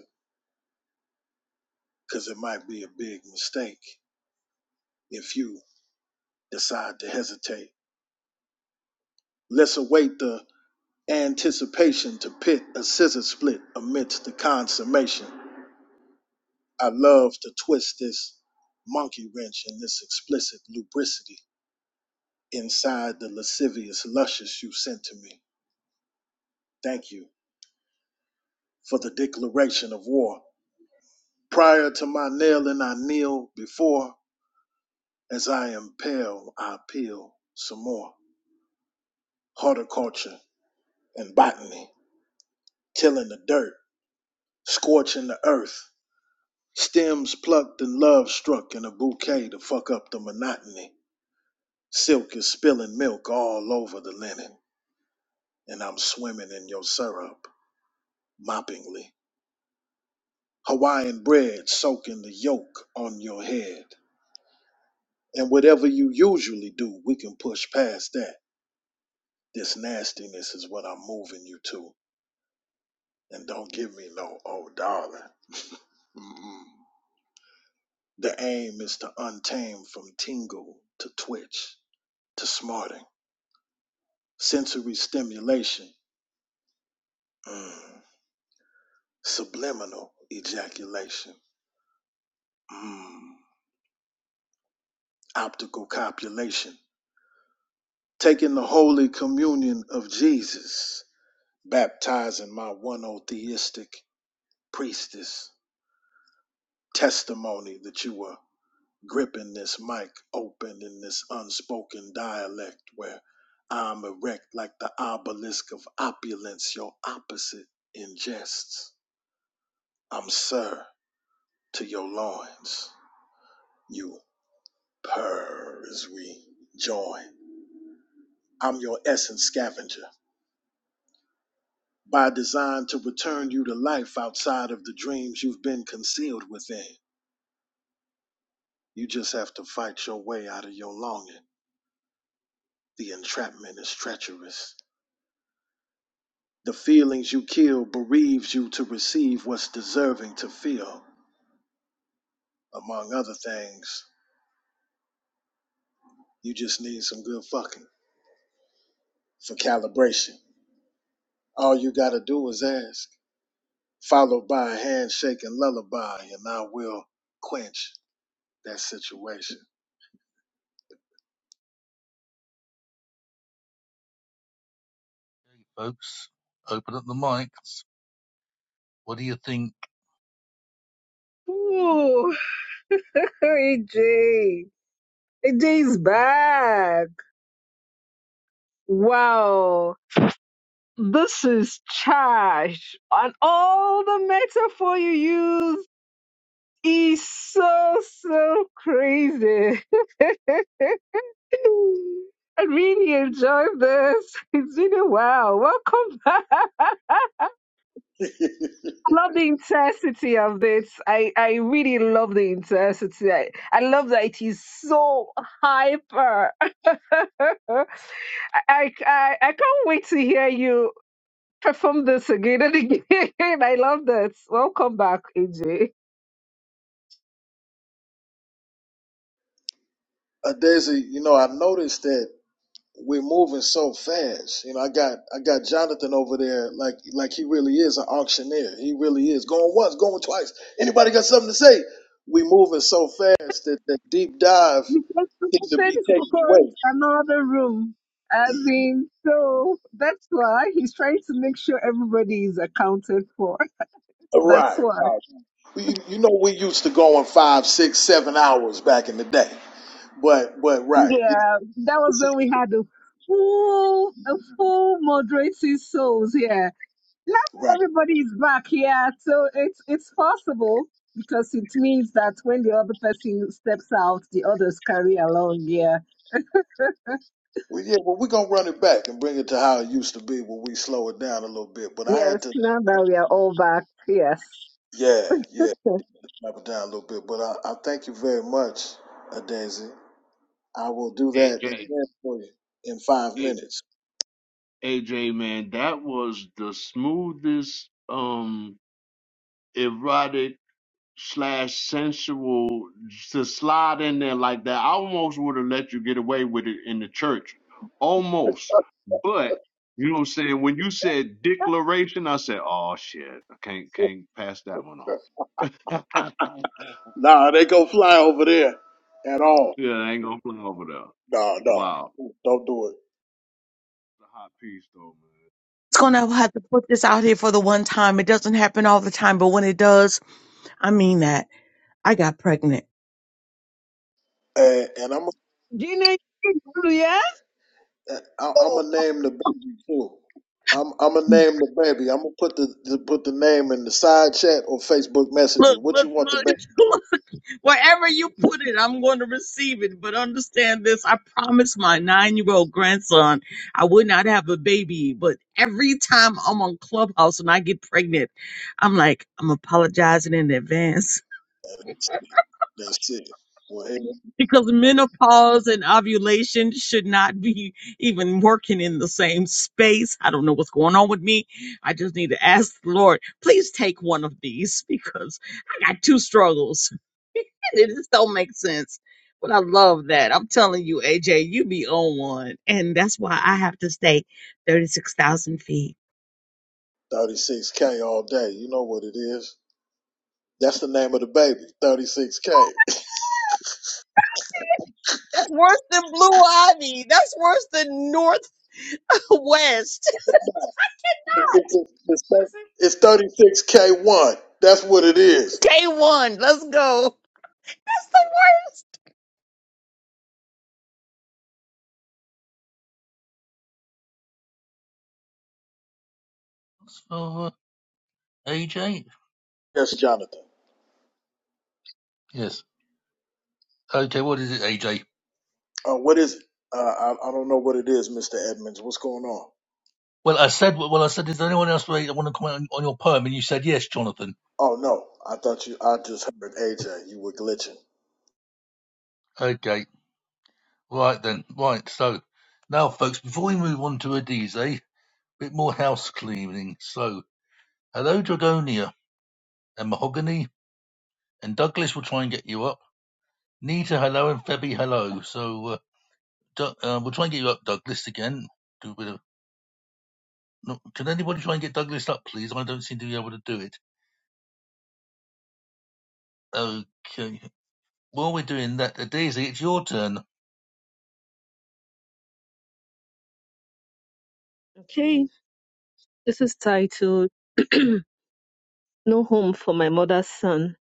Speaker 4: because it might be a big mistake if you decide to hesitate. Let's await the anticipation to pit a scissor split amidst the consummation. I love to twist this monkey wrench and this explicit lubricity inside the lascivious luscious you sent to me. Thank you for the declaration of war. Prior to my nailing, I kneel before. As I impale, I peel some more. Horticulture and botany tilling the dirt, scorching the earth. Stems plucked and love struck in a bouquet to fuck up the monotony. Silk is spilling milk all over the linen, and I'm swimming in your syrup, moppingly. Hawaiian bread soaking the yolk on your head. And whatever you usually do, we can push past that. This nastiness is what I'm moving you to. And don't give me no, oh darling. Mm-mm. The aim is to untame from tingle to twitch. to smarting, sensory stimulation, mm. subliminal ejaculation, mm. optical copulation, taking the holy communion of Jesus, baptizing my one theistic priestess, testimony that you were gripping this mic open in this unspoken dialect where I'm erect like the obelisk of opulence, your opposite ingests. I'm Sir. to your loins. You purr as we join. I'm your essence scavenger, by design to return you to life outside of the dreams you've been concealed within. You just have to fight your way out of your longing. The entrapment is treacherous. The feelings you kill bereaves you to receive what's deserving to feel. Among other things, you just need some good fucking for calibration. All you gotta do is ask. followed by a handshake and lullaby, and I will quench that situation.
Speaker 2: folks. Open up the mics. What do you think
Speaker 1: Ooh, *laughs* AJ. AJ is back. Wow. This is charged. And all the metaphor you use is so so crazy. *laughs* I really enjoyed this. *laughs* It's been a while. Welcome back. *laughs*
Speaker 4: *laughs* uh,
Speaker 1: love the intensity of this. I, I really love the intensity. I, I love that it is so hyper. *laughs* I, I, I can't wait to hear you perform this again and again. *laughs* I love this. Welcome back, AJ.
Speaker 4: Daisy, you know, I noticed that we're moving so fast. You know, I got I got Jonathan over there, like like he really is an auctioneer. He really is going once, going twice. Anybody got something to say? We moving so fast that the deep dive
Speaker 1: we just
Speaker 4: seemed to
Speaker 1: posted
Speaker 4: be taken
Speaker 1: for
Speaker 4: away.
Speaker 1: another room. I mean, so that's why he's trying to make sure everybody is accounted for. That's
Speaker 4: Right.
Speaker 1: why.
Speaker 4: You, you know, we used to go going five, six, seven hours back in the day. But but right,
Speaker 1: Yeah, that was
Speaker 4: this
Speaker 1: when we had a full, a full moderating souls. Yeah, now
Speaker 4: Right.
Speaker 1: everybody is back. Yeah, so it's it's possible because it means that when the other person steps out, the others carry along. Yeah.
Speaker 4: Well, yeah, well, we're going to run it back and bring it to how it used to be when we slow it down a little bit. But I had
Speaker 1: Yes.
Speaker 4: to,
Speaker 1: Now that we are all back. Yes.
Speaker 4: yeah, yeah, slow it down a little bit. But I, I thank you very much, uh, Daisy. I will do that
Speaker 14: AJ,
Speaker 4: again for you in five minutes.
Speaker 14: AJ, man, that was the smoothest, um, erotic slash sensual to slide in there like that. I almost would have let you get away with it in the church, almost. But you know what I'm saying? When you said
Speaker 1: *laughs*
Speaker 14: declaration, I said, "Oh shit, I can't can't pass that one off."
Speaker 4: *laughs*
Speaker 14: *laughs*
Speaker 4: nah, they go fly over there at all.
Speaker 14: yeah, I ain't gonna play over there.
Speaker 4: Nah, nah,
Speaker 14: Wow,
Speaker 4: don't do it.
Speaker 14: it's a hot piece though,
Speaker 16: It's gonna have to put this out here for the one time. It doesn't happen all the time, but when it does, I mean that. I got pregnant.
Speaker 4: And, and I'm
Speaker 1: Gina, yeah?
Speaker 4: i I'm
Speaker 16: Oh,
Speaker 4: gonna name the baby too. I'm I'm gonna name the baby. I'm gonna put the, the put the name in the side chat or Facebook Messenger.
Speaker 16: look,
Speaker 4: What you
Speaker 16: look,
Speaker 4: want the baby?
Speaker 16: look. *laughs* Wherever you put it, I'm going to receive it. But understand this I promised my nine year old grandson I would not have a baby. But every time I'm on Clubhouse and I get pregnant, I'm like, I'm apologizing in advance.
Speaker 4: That's it. Well, hey,
Speaker 16: because menopause and ovulation should not be even working in the same space. I don't know what's going on with me. I just need to ask the Lord, please take one of these because I got two struggles. *laughs* and it just don't make sense. But I love that. I'm telling you, AJ, you be on one. And that's why I have to stay 36,000 feet.
Speaker 4: 36K all day. You know what it is. That's the name of the baby, 36K.
Speaker 16: That's worse than Blue Ivy. That's worse than Northwest. *laughs*
Speaker 4: *laughs* It's 36K1. That's what it is.
Speaker 16: Day one let's go. That's the worst.
Speaker 2: of uh, AJ?
Speaker 4: Yes, Jonathan.
Speaker 2: Yes. Okay. what is it, AJ?
Speaker 4: Uh, what is it? Uh, I, I don't know what it is, Mr. Edmonds. What's going on?
Speaker 2: Well, I said, well, I said, is there anyone else that want to comment on, on your poem? And you said, yes, Jonathan.
Speaker 4: Oh, no. I thought you, I just heard AJ. You were glitching.
Speaker 2: Okay. Right then. Right. So now, folks, before we move on to Adize, a bit more house cleaning. So hello, Dragonia and Mahogany and Douglas will try and get you up. Nita, hello, and Febby, hello. So uh, Doug uh, we'll try and get you up, Douglas, again. do a bit of. No, can anybody try and get Douglas up, please? I don't seem to be able to do it. Okay. While we're doing that, uh, Daisy, it's your turn.
Speaker 1: Okay, this is titled *clears throat* No Home for My Mother's Son.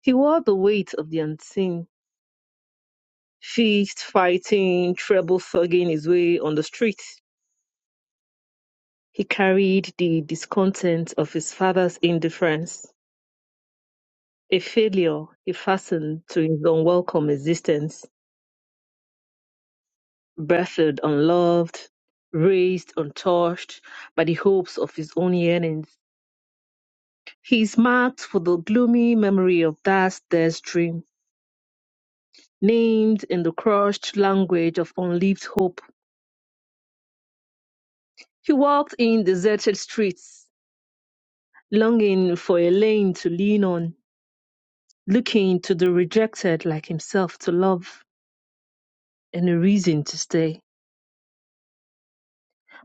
Speaker 1: He wore the weight of the unseen, fist fighting, treble thugging his way on the streets. He carried the discontent of his father's indifference, a failure he fastened to his unwelcome existence, birthed unloved, raised untouched by the hopes of his own yearnings. He is marked for the gloomy memory of that death dream, named in the crushed language of unlived hope. He walked in deserted streets, longing for a lane to lean on, looking to the rejected like himself to love and a reason to stay.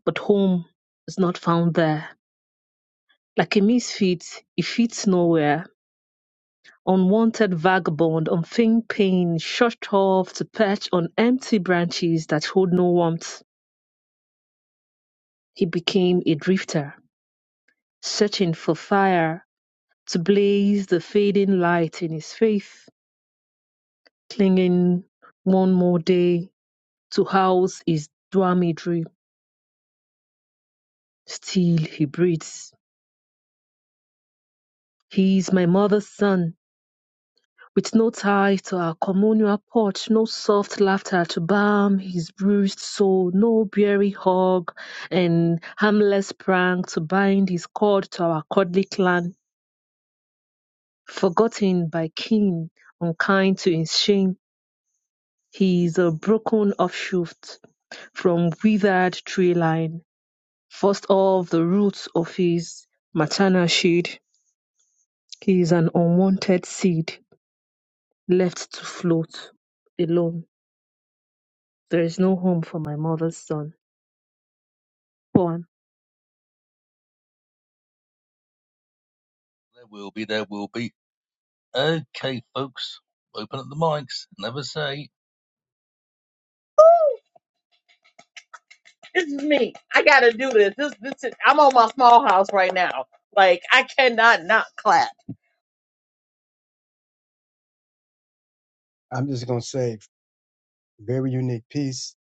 Speaker 1: But home is not found there. Like a misfit, he fits nowhere. Unwanted vagabond, unfeigned pain, shut off to perch on empty branches that hold no warmth. He became a drifter, searching for fire to blaze the fading light in his faith, clinging one more day to house his dwarmidry. Still he breathes. He is my mother's son, with no tie to our communal porch, no soft laughter to balm his bruised soul, no beery hug and harmless prank to bind his cord to our cuddly clan, forgotten by kin, unkind to his shame He is a broken offshoot from withered tree line, first of the roots of his maternal shade. He is an unwanted seed left to float alone. There is no home for my mother's son. Poem.
Speaker 2: There will be, there will be. Okay, folks, open up the mics. Never say.
Speaker 16: this is me. I gotta do this. This this is, I'm on my small house right now. Like I cannot not clap.
Speaker 17: I'm just going to say, very unique piece,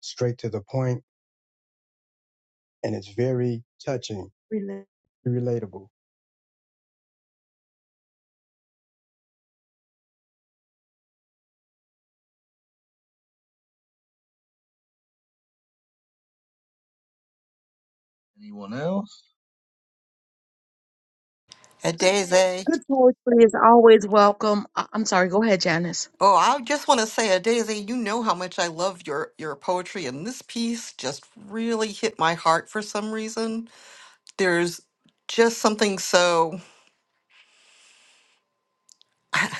Speaker 17: straight to the point, and it's very touching, Rela- relatable.
Speaker 2: Anyone else?
Speaker 5: A daisy.
Speaker 16: Good poetry is always welcome. I- I'm sorry. Go ahead, Janice.
Speaker 5: Oh, I just want to say, a daisy. You know how much I love your your poetry, and this piece just really hit my heart for some reason. There's just something so *laughs* I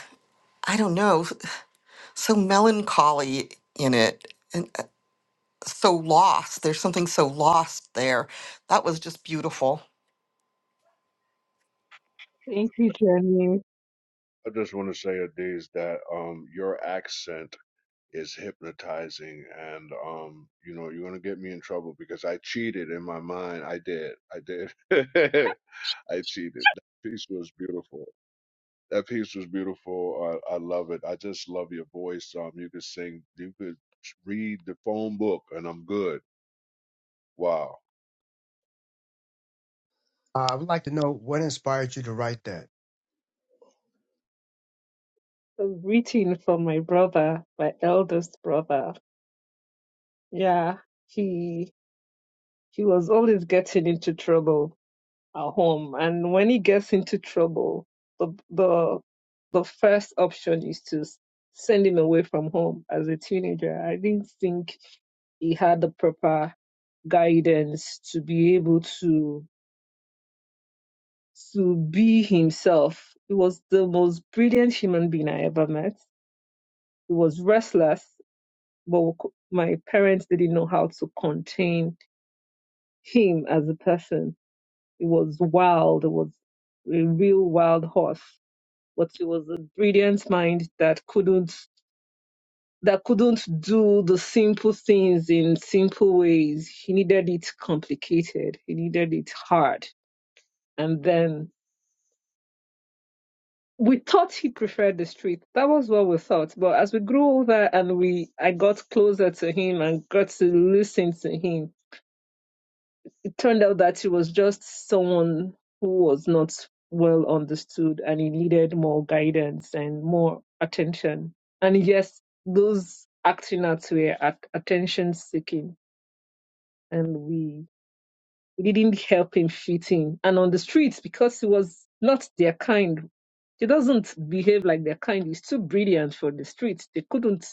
Speaker 5: I don't know, so melancholy in it, and uh, so lost. There's something so lost there. That was just beautiful.
Speaker 1: Thank
Speaker 14: man.
Speaker 1: you, Jenny.
Speaker 14: I just want to say, Adiz, that um, your accent is hypnotizing, and um, you know, you're gonna get me in trouble because I cheated in my mind. I did, I did, *laughs* I cheated. That piece was beautiful. That piece was beautiful. I, I love it. I just love your voice. Um, you could sing, you could read the phone book, and I'm good. Wow.
Speaker 17: Uh, I would like to know what inspired you to write that.
Speaker 1: A greeting from my brother, my eldest brother. Yeah, he he was always getting into trouble at home. And when he gets into trouble, the the the first option is to s- send him away from home as a teenager. I didn't think he had the proper guidance to be able to to be himself. He was the most brilliant human being I ever met. He was restless, but we cou- my parents didn't know how to contain him as a person. He was wild. He was a real wild horse but he was a brilliant mind that couldn't that couldn't do the simple things in simple ways. He needed it complicated. He needed it hard. And then we thought he preferred the street. That was what we thought. But as we grew older and we I got closer to him and got to listen to him, turned out that she was just someone who was not well understood and he needed more guidance and more attention. And yes, those acting out were at- attention seeking and we we didn't help him fit in. And on the streets, because he was not their kind, he doesn't behave like their kind. He's too brilliant for the streets. They couldn't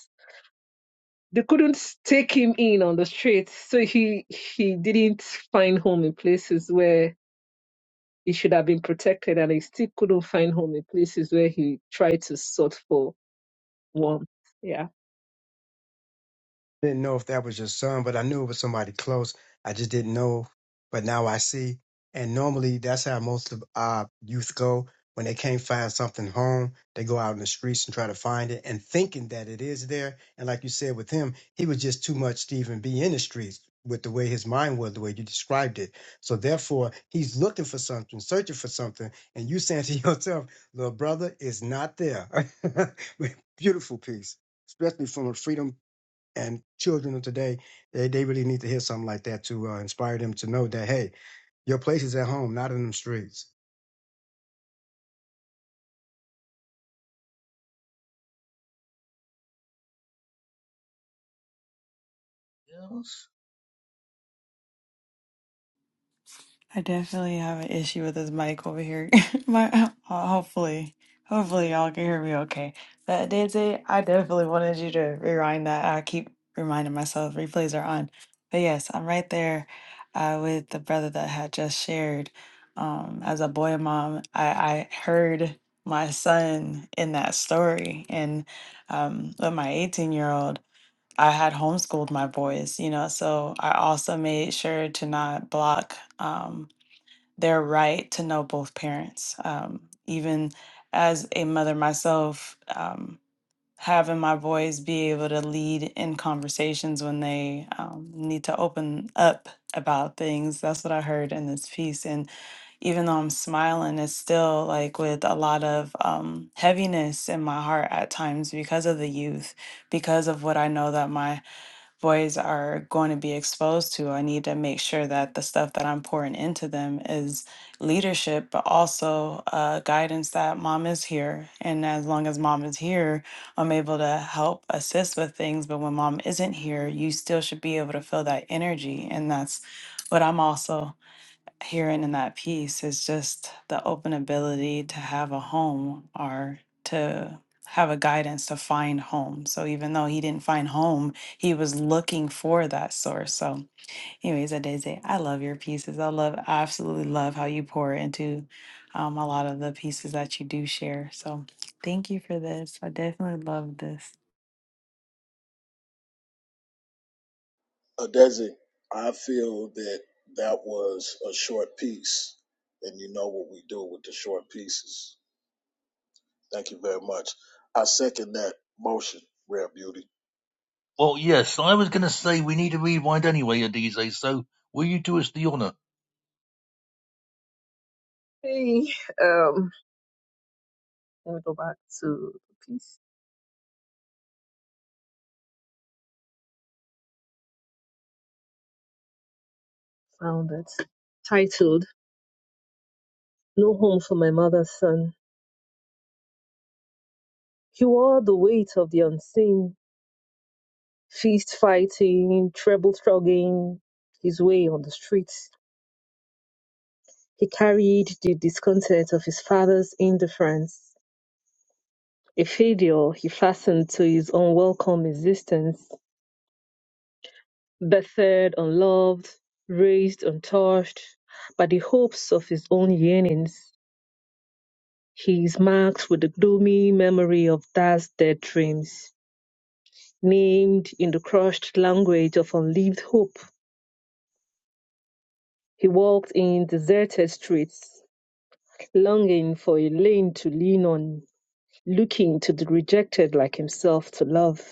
Speaker 1: they couldn't take him in on the streets. So he he didn't find home in places where He should have been protected, and he still couldn't find home in places where he tried to sort for warmth. Yeah.
Speaker 17: Didn't know if that was your son, but I knew it was somebody close. I just didn't know. But now I see. And normally that's how most of our youth go. When they can't find something home, they go out in the streets and try to find it and thinking that it is there. And like you said with him, he was just too much to even be in the streets with the way his mind was, the way you described it. So therefore, he's looking for something, searching for something. And you saying *laughs* to yourself, little brother, it's not there. *laughs* Beautiful piece, especially from a freedom and children of today, they, they really need to hear something like that to uh, inspire them to know that, hey, your place is at home, not in them streets.
Speaker 2: Else?
Speaker 12: I definitely have an issue with this mic over here. *laughs* My, ho- hopefully, hopefully y'all can hear me okay. But Daisy, I definitely wanted you to rewind that. I keep reminding myself replays are on. But yes, I'm right there uh, with the brother that had just shared. Um, as a boy mom, I, I heard my son in that story, and um, with my 18 year old. I had homeschooled my boys, you know, so I also made sure to not block um, their right to know both parents. Um, even as a mother myself, um, having my boys be able to lead in conversations when they um, need to open up about things. That's what I heard in this piece. And even though I'm smiling, it's still like with a lot of um, heaviness in my heart at times because of the youth, because of what I know that my boys are going to be exposed to. I need to make sure that the stuff that I'm pouring into them is leadership, but also uh, guidance that mom is here. And as long as mom is here, I'm able to help assist with things. But when mom isn't here, you still should be able to feel that energy. And that's what I'm also hearing in that piece is just the open ability to have a home or to have a guidance to find home. So even though he didn't find home, he was looking for that source. So anyways, Adeze, I love your pieces. I love I absolutely love how you pour into um, a lot of the pieces that you do share. So thank you for this. I definitely love this.
Speaker 4: Uh, Desi, I feel that that was a short piece. And you know what we do with the short pieces. Thank you very much. I second that motion, Rare Beauty.
Speaker 2: Well, yes, I was going to say we need a rewind anyway, Daisy. So will you do us the honour?
Speaker 1: Hey, um, let me go back to the piece. Found it. Titled No Home for My Mother's Son. He wore the weight of the unseen, feast fighting, treble struggling his way on the streets. He carried the discontent of his father's indifference, a failure he fastened to his unwelcome existence Bettered, unloved, raised untouched by the hopes of his own yearnings, he is marked with the gloomy memory of past dead dreams. Named in the crushed language of unlived hope, he walked in deserted streets, longing for a lane to lean on, looking to the rejected like himself to love,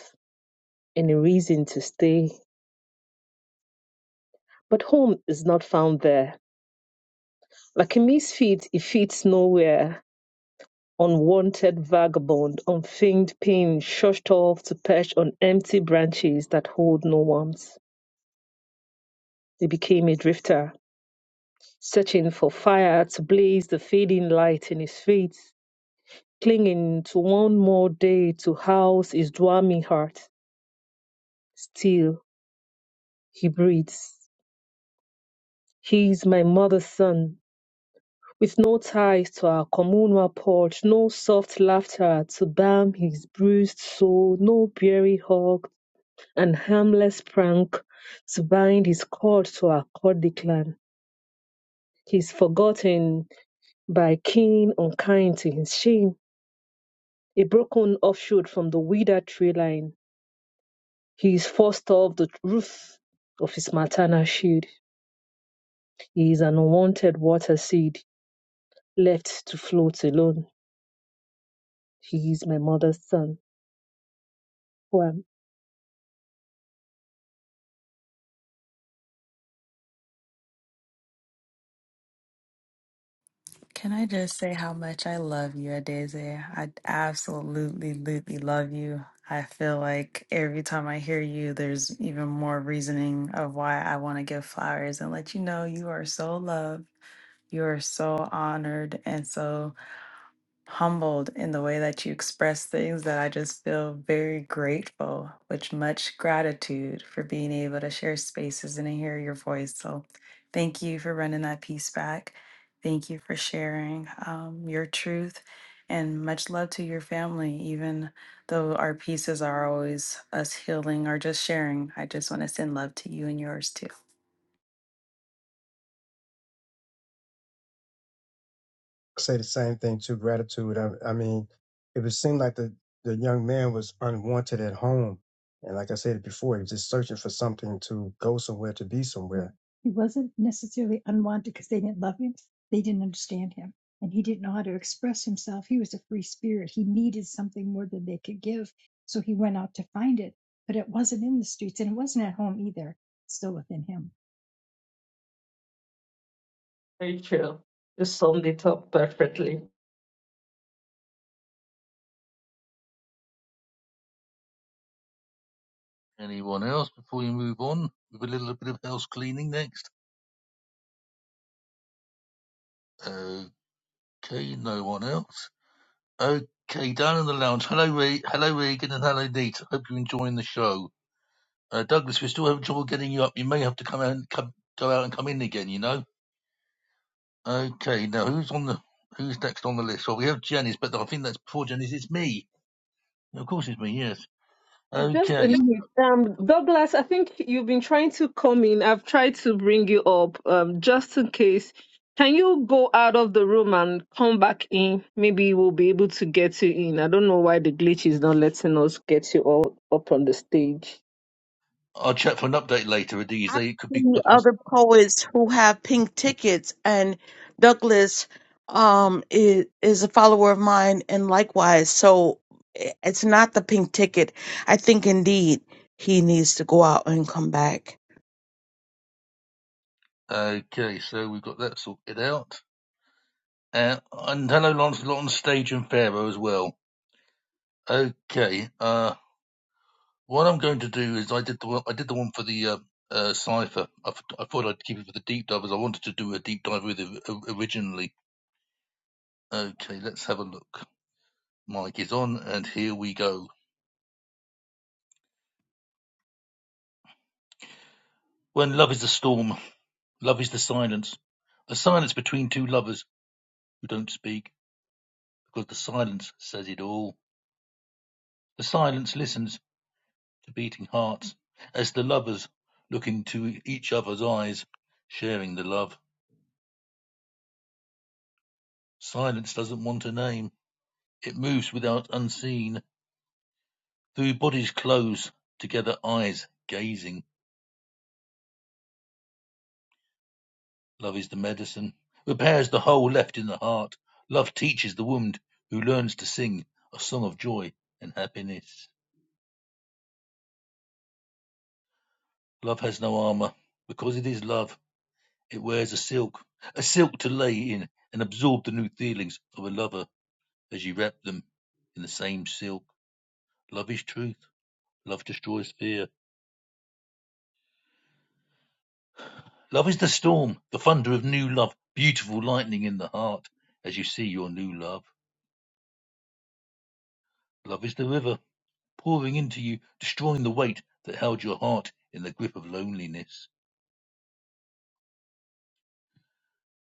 Speaker 1: and a reason to stay. But home is not found there. Like a misfit, it fits nowhere unwanted vagabond, unfeigned pain shushed off to perch on empty branches that hold no warmth. He became a drifter, searching for fire to blaze the fading light in his feet, clinging to one more day to house his dwarming heart. Still, he breathes. He is my mother's son, with no ties to our communal porch, no soft laughter to balm his bruised soul, no beery hug and harmless prank to bind his cord to a Kurdic clan. He's forgotten by keen unkind to his shame, a broken offshoot from the withered tree line. He is forced off the roof of his maternal shield. He is an unwanted water seed left to float alone. He is my mother's son. Poem.
Speaker 12: Can I just say how much I love you, Adeze? I absolutely, absolutely love you. I feel like every time I hear you, there's even more reasoning of why I want to give flowers and let you know you are so loved, you are so honored, and so humbled in the way that you express things that I just feel very grateful, with much gratitude for being able to share spaces and to hear your voice. So thank you for running that piece back. Thank you for sharing um, your truth and much love to your family, even though our pieces are always us healing or just sharing. I just want to send love to you and yours too.
Speaker 17: say the same thing too. Gratitude. I, I mean, it would seem like the the young man was unwanted at home, and like I said before, he was just searching for something to go somewhere to be somewhere. He wasn't necessarily unwanted because they didn't love him. They didn't understand him. And he didn't know how to express himself. He was a free spirit. He needed something more than they could give. So he went out to find it. But it wasn't in the streets and it wasn't at home either. It's Still within him.
Speaker 1: Rachel, you summed it up perfectly.
Speaker 2: Anyone else before we move on with a little bit of house cleaning next? Okay, no one else. Okay, down in the lounge. Hello, Re- hello, Regan, and hello, Nita. Hope you're enjoying the show. Uh, Douglas, we still having trouble getting you up. You may have to come out and come, go out and come in again. You know. Okay. Now, who's on the who's next on the list? Well, we have Janice, but I think that's before Janice. It's me. Of course, it's me. Yes.
Speaker 1: Just a
Speaker 2: Okay.
Speaker 1: minute. Um, Douglas, I think you've been trying to come in. I've tried to bring you up, um, just in case. Can you go out of the room and come back in? Maybe we'll be able to get you in. I don't know why the glitch is not letting us get you all up on the stage.
Speaker 2: I'll check for an update later. With
Speaker 16: I
Speaker 2: they could be
Speaker 16: see
Speaker 2: past.
Speaker 16: other poets who have pink tickets, and Douglas um is is a follower of mine, and likewise. So i- it's not the pink ticket. I think indeed he needs to go out and come back.
Speaker 2: Okay. So we've got that sorted out. Uh, and hello, Lancelot on stage and Pharaoh as well. Okay. Uh. What I'm going to do is I did the one, I did the one for the uh, uh, cipher. I, th- I thought I'd keep it for the deep dive as I wanted to do a deep dive with it o- originally. Okay, let's have a look. Mike is on, and here we go. When love is a storm, love is the silence, a silence between two lovers who don't speak because the silence says it all. The silence listens to beating hearts as the lovers look into each other's eyes, sharing the love. Silence doesn't want a name. It moves without unseen Through bodies close together eyes gazing, love is the medicine, repairs the hole left in the heart. Love teaches the wound who learns to sing a song of joy and happiness. Love has no armor because it is love. It wears a silk, a silk to lay in and absorb the new feelings of a lover as you wrap them in the same silk. Love is truth. Love destroys fear. Love is the storm, the thunder of new love, beautiful lightning in the heart as you see your new love. Love is the river, pouring into you, destroying the weight that held your heart in the grip of loneliness.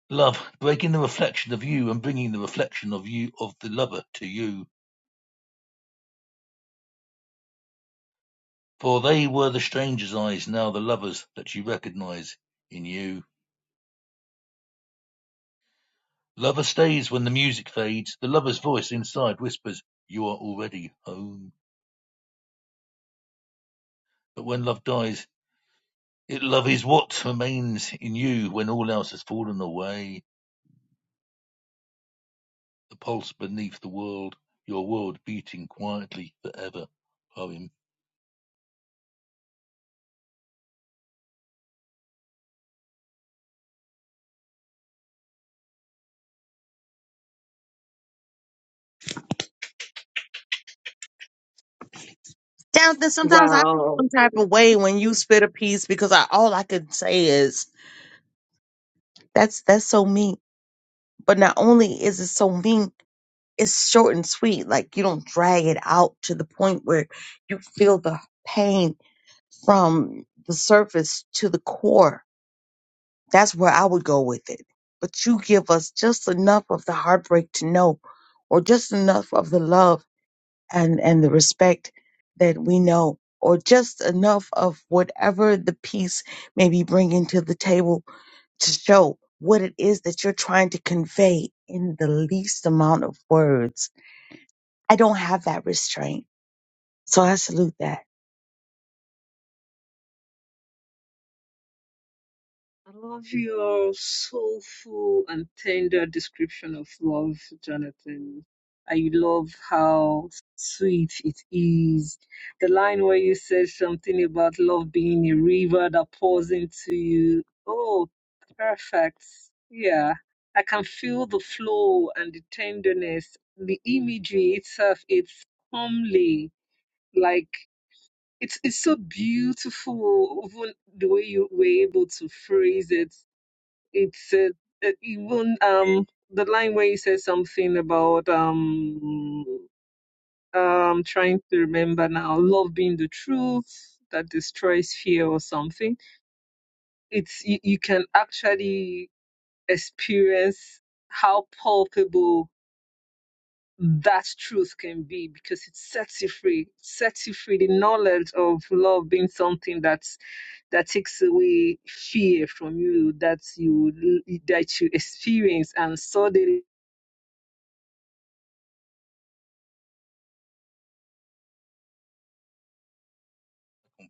Speaker 2: Love, breaking the reflection of you and bringing the reflection of you, of the lover, to you. For they were the stranger's eyes, now the lover's that you recognize in you. Lover stays when the music fades. The lover's voice inside whispers, You are already home. But when love dies, it love is what remains in you when all else has fallen away. The pulse beneath the world, your world beating quietly forever. Poem
Speaker 16: Jonathan, sometimes I feel
Speaker 1: Wow.
Speaker 16: some type of way when you spit a piece because I all I could say is That's that's so mean. But not only is it so mean, it's short and sweet. Like you don't drag it out to the point where you feel the pain from the surface to the core. That's where I would go with it. But you give us just enough of the heartbreak to know, or just enough of the love and, and the respect that we know, or just enough of whatever the piece may be bringing to the table to show what it is that you're trying to convey in the least amount of words. I don't have that restraint. So I salute that.
Speaker 1: I love your soulful and tender description of love, Jonathan. I love how sweet it is. The line where you said something about love being a river that pours into you. Oh, perfect. Yeah. I can feel the flow and the tenderness. The imagery itself, it's homely. Like it's it's so beautiful, even the way you were able to phrase it it's uh, uh, even um the line where you said something about um um trying to remember now love being the truth that destroys fear or something it's you, you can actually experience how palpable that truth can be because it sets you free sets you free the knowledge of love being something that's that takes away fear from you that you that you experience and suddenly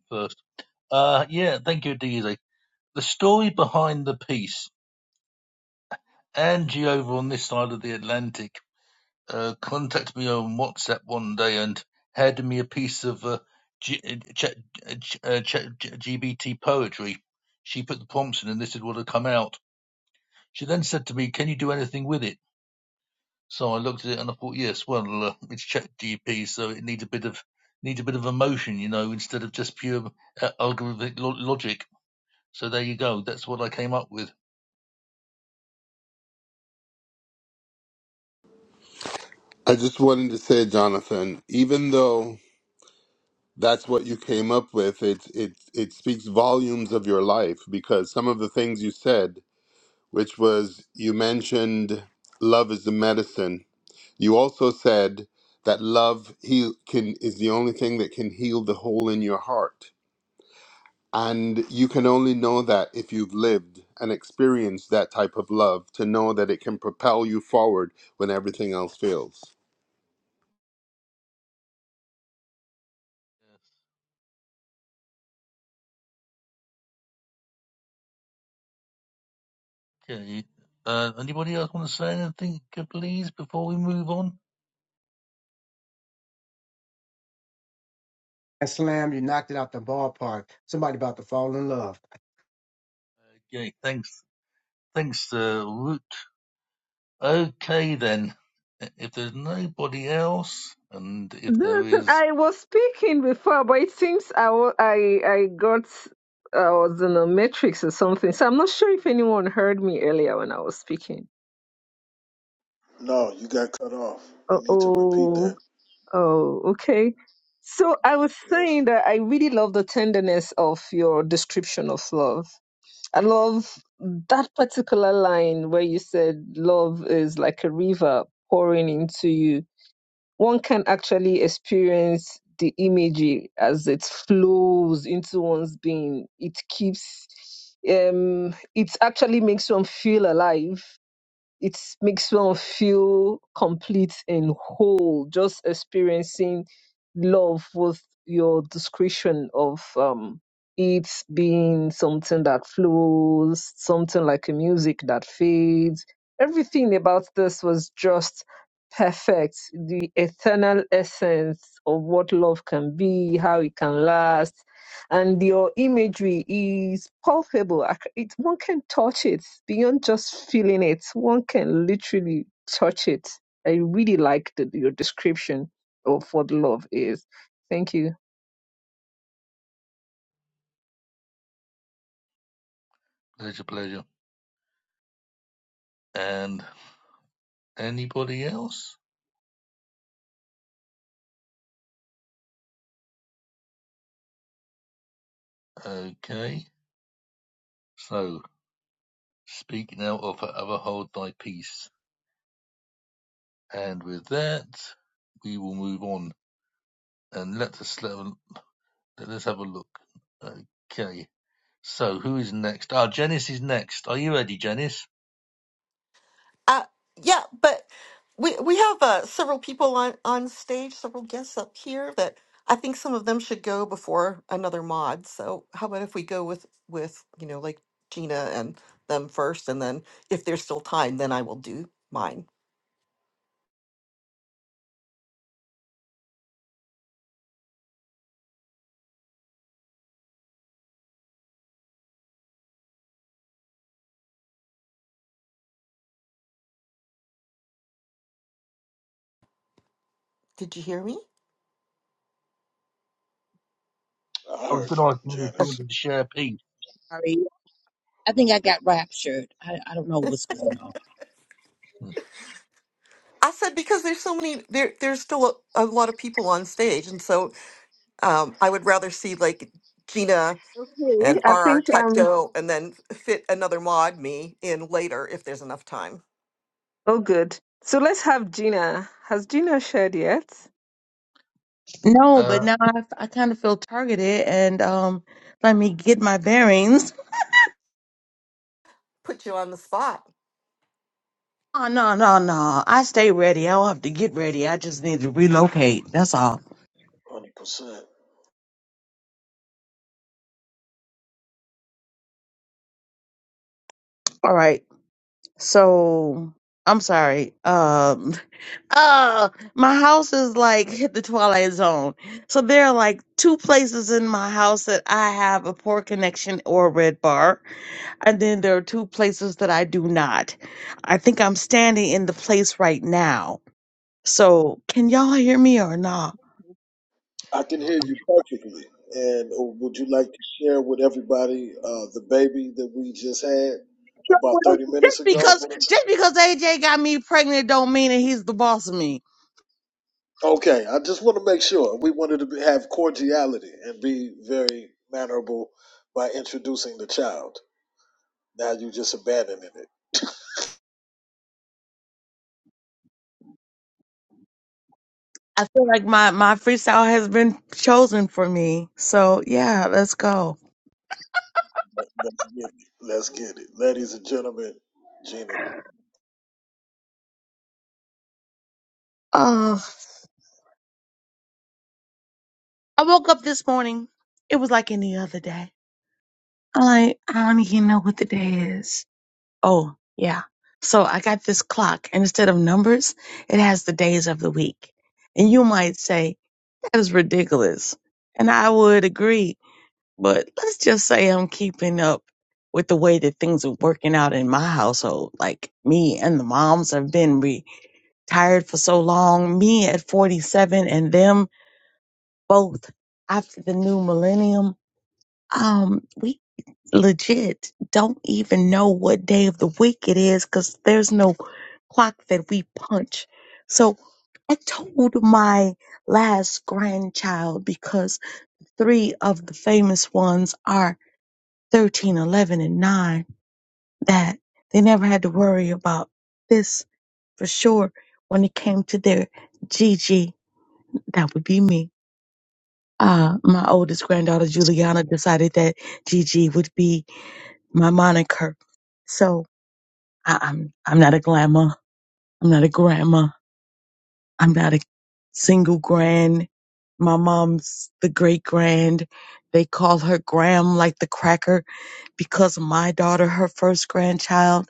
Speaker 2: first. Uh, yeah, thank you, Daisy. The story behind the piece. Angie over on this side of the Atlantic uh, contacted me on WhatsApp one day and handed me a piece of uh, G- uh, uh, G- uh, Chat- GBT poetry. She put the prompts in and this is what had come out. She then said to me, Can you do anything with it? So I looked at it and I thought, yes, well, uh, it's ChatGP, so it needs a bit of needs a bit of emotion, you know, instead of just pure uh, algorithmic lo- logic. So there you go. That's what I came up with.
Speaker 18: I just wanted to say, Jonathan, even though that's what you came up with, it it it speaks volumes of your life because some of the things you said, which was you mentioned love is the medicine. You also said that love heal can is the only thing that can heal the hole in your heart. And you can only know that if you've lived and experienced that type of love to know that it can propel you forward when everything else fails
Speaker 2: Okay. Uh, anybody else want to say anything, uh, please, before we move on?
Speaker 17: And slam, you knocked it out the ballpark. Somebody about to fall in love.
Speaker 2: Okay. Thanks. Thanks, uh, Root. Okay, then. If there's nobody else, and if there
Speaker 1: Jonathan,
Speaker 2: is,
Speaker 1: I was speaking before, but it seems I wa- I I got I was in a matrix or something, so I'm not sure if anyone heard me earlier when I was speaking.
Speaker 4: No, you got cut off. You
Speaker 1: Oh,
Speaker 4: need to repeat that.
Speaker 1: oh, oh, okay. So I was
Speaker 4: Yes,
Speaker 1: saying that I really love the tenderness of your description of love. I love that particular line where you said love is like a river pouring into you one can actually experience the imagery as it flows into one's being. It keeps, um, it actually makes one feel alive it makes one feel complete and whole just experiencing love with your description of um it being something that flows something like a music that fades everything about this was just perfect the eternal essence of what love can be how it can last and your imagery is palpable. I c- It, one can touch it beyond just feeling it. One can literally touch it. I really like the, your description of what love is. Thank you.
Speaker 2: pleasure, pleasure. And anybody else? Okay. So. Speak now or forever hold thy peace. And with that, we will move on and let us let, us have a look. Okay. So who is next? Ah, Janice is next. Are you ready, Janice?
Speaker 5: Uh, yeah, but we we have uh, several people on on stage, several guests up here that I think some of them should go before another mod. So how about if we go with with you know like Gina and them first, and then if there's still time, then I will do mine. Did you hear me?
Speaker 4: I
Speaker 2: I was
Speaker 4: heard
Speaker 2: going to
Speaker 4: you,
Speaker 2: ask you if you
Speaker 4: Janice.
Speaker 5: Okay.
Speaker 2: wanted to share a piece.
Speaker 16: Sorry. I think I got raptured. I, I don't know what's going on.
Speaker 5: I said because there's so many there there's still a, a lot of people on stage, and so um, I would rather see like Gina
Speaker 1: Okay,
Speaker 5: and
Speaker 1: I
Speaker 5: RR
Speaker 1: think
Speaker 5: type
Speaker 1: um.
Speaker 5: go and then fit another mod me in later if there's enough time.
Speaker 1: Oh, good. So let's have Gina. Has Gina shared yet?
Speaker 16: No, but
Speaker 2: Uh,
Speaker 16: now I, I kind of feel targeted and um, let me get my bearings.
Speaker 5: Put you on the spot.
Speaker 16: Oh, no, no, no. I stay ready. I don't have to get ready. I just need to relocate. That's all.
Speaker 4: 100%.
Speaker 16: All right. So I'm sorry. Um *laughs* uh my house is like hit the twilight zone. So there are like two places in my house that I have a poor connection or a red bar. And then there are two places that I do not. I think I'm standing in the place right now. So can y'all hear me or not?
Speaker 4: I can hear you perfectly. And uh, would you like to share with everybody uh, the baby that we just had about 30 minutes
Speaker 16: Just
Speaker 4: ago?
Speaker 16: because just because AJ got me pregnant don't mean that he's the boss of me.
Speaker 4: Okay, I just want to make sure. We wanted to be, have cordiality and be very mannerable by introducing the child. Now you just abandoning it.
Speaker 16: I feel like my my freestyle has been chosen for me. So yeah, let's go.
Speaker 4: Let's get it. Let's get it. Ladies and gentlemen, Gina. *laughs*
Speaker 16: Uh, I woke up this morning. It was like any other day. I'm like, I don't even know what the day is. Oh yeah. So I got this clock, and instead of numbers, it has the days of the week. And you might say that is ridiculous, and I would agree. But let's just say I'm keeping up with the way that things are working out in my household. Like me and the moms have been re tired for so long. Me at 47 and them both after the new millennium. Um, we legit don't even know what day of the week it is because there's no clock that we punch. So I told my last grandchild because three of the famous ones are 13, 11, and 9 that they never had to worry about this for sure when it came to their Gigi That would be me. Uh, my oldest granddaughter, Juliana, decided that Gigi would be my moniker. So I, I'm, I'm not a glamour. I'm not a grandma. I'm not a single grand. My mom's the great grand. They call her Gram like the cracker because my daughter, her first grandchild,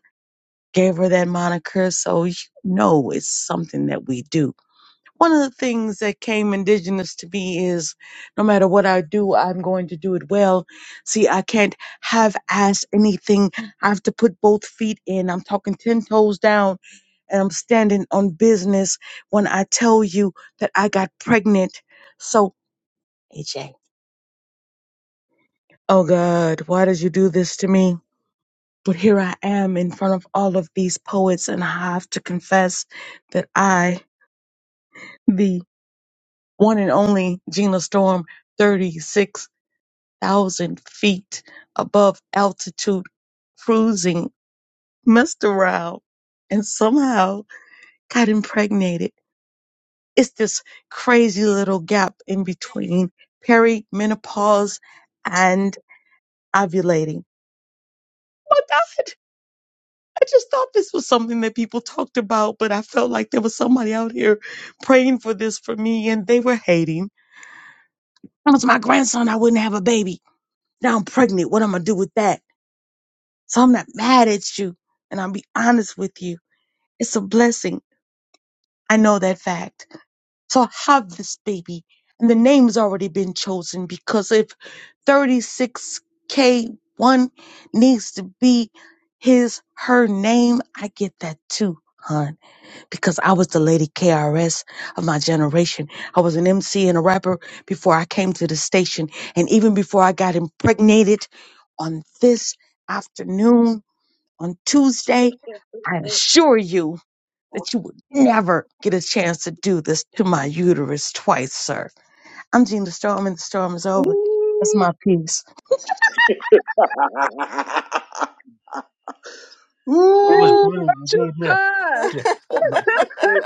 Speaker 16: gave her that moniker. So you know it's something that we do one of the things that came indigenous to me is no matter what I do, I'm going to do it well. See, I can't have ass anything. I have to put both feet in. I'm talking 10 toes down and I'm standing on business when I tell you that I got pregnant. So, AJ, oh God, why did you do this to me? But here I am in front of all of these poets, and I have to confess that I, the one and only Gina Storm, 36 thousand feet above altitude cruising, messed around, and somehow got impregnated. It's this crazy little gap in between perimenopause and ovulating. Oh my God, I just thought this was something that people talked about, but I felt like there was somebody out here praying for this for me and they were hating. If it was my grandson, I wouldn't have a baby. Now I'm pregnant. What am I gonna do with that? So I'm not mad at you. And I'll be honest with you. It's a blessing. I know that fact. So I have this baby. And the name's already been chosen because if 36K1 needs to be his, her name, I get that too, hon. Because I was the lady KRS of my generation. I was an MC and a rapper before I came to the station. And even before I got impregnated on this afternoon, on Tuesday, I
Speaker 1: *laughs*
Speaker 16: assure you that you would never get a chance to do this to my uterus twice, sir. I'm Gina Storm, and the storm is over. That's
Speaker 1: Mm,
Speaker 16: my piece.
Speaker 2: that
Speaker 1: Gina,
Speaker 2: was
Speaker 1: Of
Speaker 4: Ooh,
Speaker 2: brilliant. Yeah, yeah.
Speaker 1: course.
Speaker 2: yeah.
Speaker 1: *laughs*
Speaker 4: that's
Speaker 2: But
Speaker 4: it.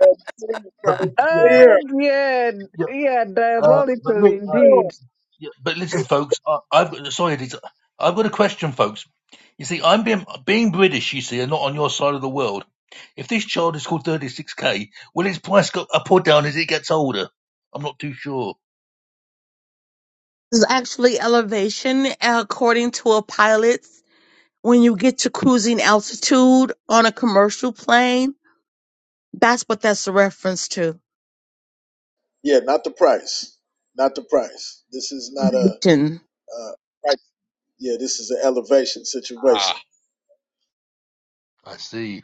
Speaker 4: That's it
Speaker 2: but
Speaker 4: right
Speaker 2: yeah, but-
Speaker 4: there.
Speaker 1: Oh, yeah,
Speaker 2: yeah.
Speaker 1: yeah,
Speaker 2: Uh,
Speaker 4: Come
Speaker 2: but
Speaker 1: diabolical
Speaker 2: look, uh,
Speaker 4: on.
Speaker 1: indeed.
Speaker 2: Yeah, but listen, folks, I, I've got sorry, Lisa, I've got a question, folks. You see, I'm being being British. You see, and not on your side of the world. If this child is called 36k, will its price go up or down as it gets older? I'm not too sure.
Speaker 16: This is actually elevation, according to a pilot. When you get to cruising altitude on a commercial plane, that's what that's a reference to.
Speaker 4: Yeah, not the price. Not the price. This is not a,
Speaker 16: Elevation.
Speaker 4: uh price. Yeah, this is an elevation
Speaker 2: Ah,
Speaker 4: situation.
Speaker 2: I see.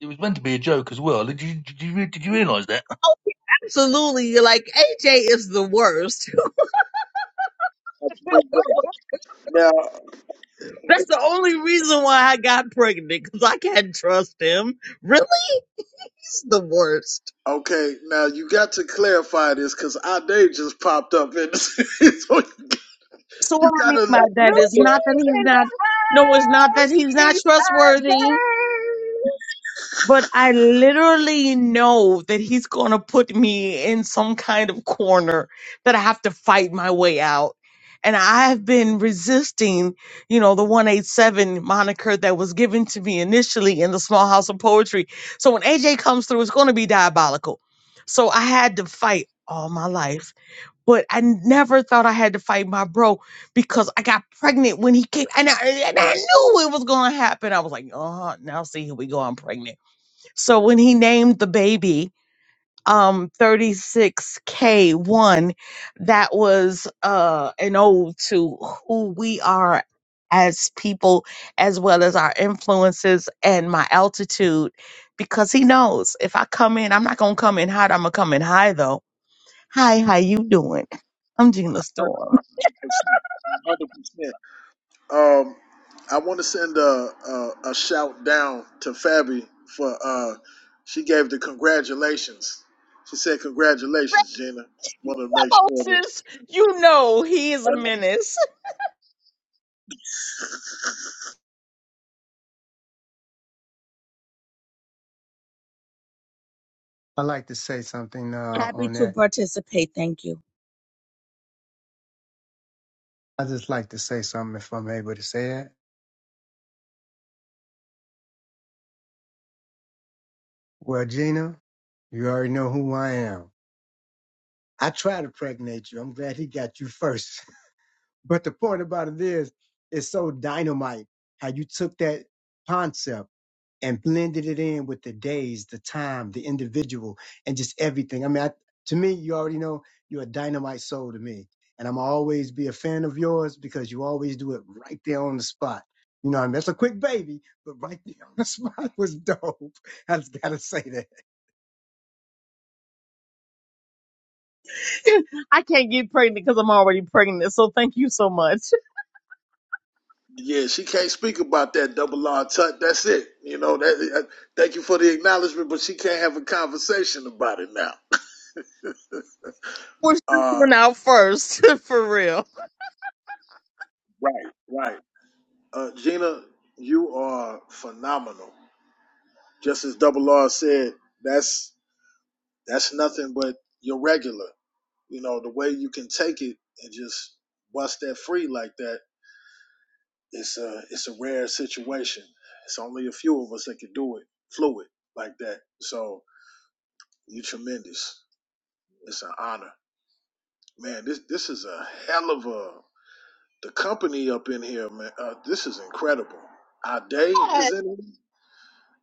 Speaker 2: It was meant to be a joke as well. Did you did you, re- did you realise that?
Speaker 16: Oh, absolutely. like, AJ is the worst. *laughs*
Speaker 4: Absolute
Speaker 1: *laughs*
Speaker 4: worth. Now,
Speaker 16: That's the only reason why I got pregnant because I can't trust him. Really? *laughs* He's the worst.
Speaker 4: okay, now you got to clarify this because our day just popped up, and *laughs* so you
Speaker 16: So what I
Speaker 4: got
Speaker 16: mean
Speaker 4: to.
Speaker 16: by
Speaker 1: You
Speaker 16: that is not that he's
Speaker 1: queen in
Speaker 16: not. No, it's not that he's
Speaker 1: the house,
Speaker 16: not
Speaker 1: each
Speaker 16: trustworthy.
Speaker 1: day.
Speaker 16: But I literally know that he's going to put me in some kind of corner that I have to fight my way out. And I've been resisting, you know, the 187 moniker that was given to me initially in the small house of poetry. So when AJ comes through, it's going to be diabolical. So I had to fight all my life. But I never thought I had to fight my bro because I got pregnant when he came. And I, and I knew it was going to happen. I was like, oh, now see, here we go. I'm pregnant so when he named the baby um 36K1, that was uh an ode to who we are as people as well as our influences and my altitude because he knows if I come in, I'm not going to come in hot, I'm going to come in high though. Hi, how you doing? I'm Gina Storm.
Speaker 4: 100%. Um, I want to send a, a a shout down to Fabi for uh, she gave the congratulations. She said congratulations, Gina. Wanted to make
Speaker 16: *laughs*
Speaker 4: sure that.
Speaker 16: sis, you know he is a menace.
Speaker 17: I'd like to say something uh,
Speaker 16: Happy
Speaker 17: on
Speaker 16: to
Speaker 17: that.
Speaker 16: participate. Thank you.
Speaker 17: I just like to say something if I'm able to say it. Well, Gina, you already know who I am. I try to pregnate you. I'm glad he got you first. But the point about it is, it's so dynamite how you took that concept and blended it in with the days, the time, the individual, and just everything. I mean, I, to me, you already know you're a dynamite soul to me. And I'm always be a fan of yours because you always do it right there on the spot. You know, what I mean, that's a quick baby, but right *laughs* there on the *laughs* spot was dope. I just gotta say that.
Speaker 16: *laughs* I can't get pregnant because I'm already pregnant. So thank you so much.
Speaker 4: Yeah, she can't speak about that double R tut. That's it. You know that. Uh, thank you for the acknowledgement, but she can't have a conversation about it now.
Speaker 16: *laughs* We're
Speaker 4: Uh,
Speaker 16: one out first, *laughs* for real.
Speaker 4: right, right. Uh, Gina, you are phenomenal. Just as double R said, that's that's nothing but your regular. You know, the way you can take it and just bust that free like that, it's a it's a rare situation. It's only a few of us that can do it fluid like that. So you are tremendous. It's an honor, man. This this is a hell of a the company up in here, man. Uh, this is incredible. Our day is in it.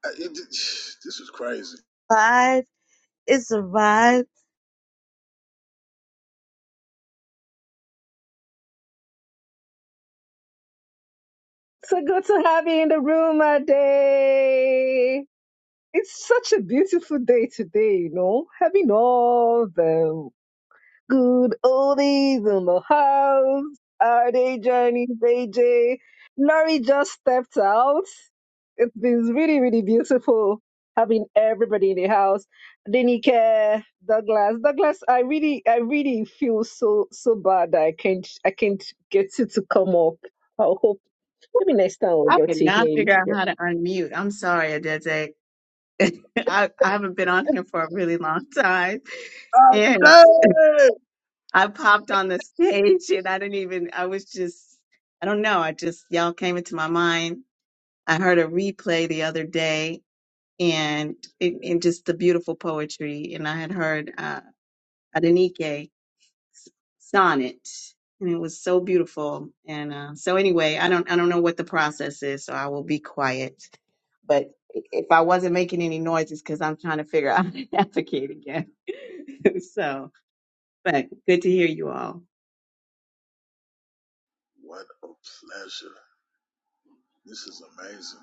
Speaker 4: Uh, it- *sighs* This is crazy.
Speaker 16: Vibe. It's a vibe.
Speaker 1: So good to have you in the room, a day. It's such a beautiful day today, you know, having all the Good oldies in the house. Are they Johnny AJ? Nori just stepped out. It's been really, really beautiful having everybody in the house. Denike, Douglas, Douglas. I really, I really feel so, so bad that I can't, I can't get you to come up. I hope maybe next time we'll
Speaker 19: I
Speaker 1: get
Speaker 19: could
Speaker 1: to hear
Speaker 19: not
Speaker 1: you.
Speaker 19: figure out
Speaker 1: Yeah.
Speaker 19: how to unmute. I'm sorry, Adeze. *laughs* I, I haven't been on here for a really long time.
Speaker 4: Our
Speaker 19: And
Speaker 4: day.
Speaker 19: I popped on the stage and I didn't even, I was just, I don't know. I just, y'all came into my mind. I heard a replay the other day and, and, and just the beautiful poetry. And I had heard uh, Adenike. sonnet and it was so beautiful and uh, so anyway i don't i don't know what the process is so i will be quiet but i- if i wasn't making any noises because i'm trying to figure out *laughs* how to navigate again *laughs* so but good to hear you all
Speaker 4: What a pleasure. This is amazing.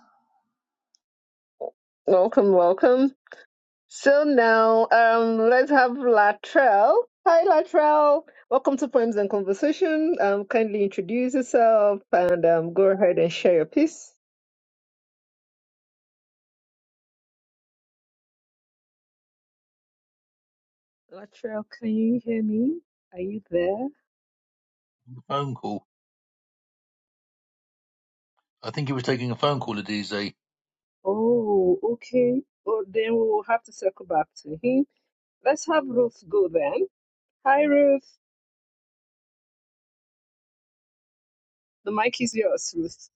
Speaker 1: Welcome, welcome. So now, um, let's have Latrell. Hi, Latrell. Welcome to Poems and Conversation. Um, kindly introduce yourself and um, go ahead and share your piece. Latrell, can you hear me? Are you there?
Speaker 2: A phone call. I think he was taking a phone call, Adize. Are
Speaker 1: Oh, okay. Well, then we will have to circle back to him. Let's have Ruth go then. Hi, Ruth. The mic is yours, Ruth.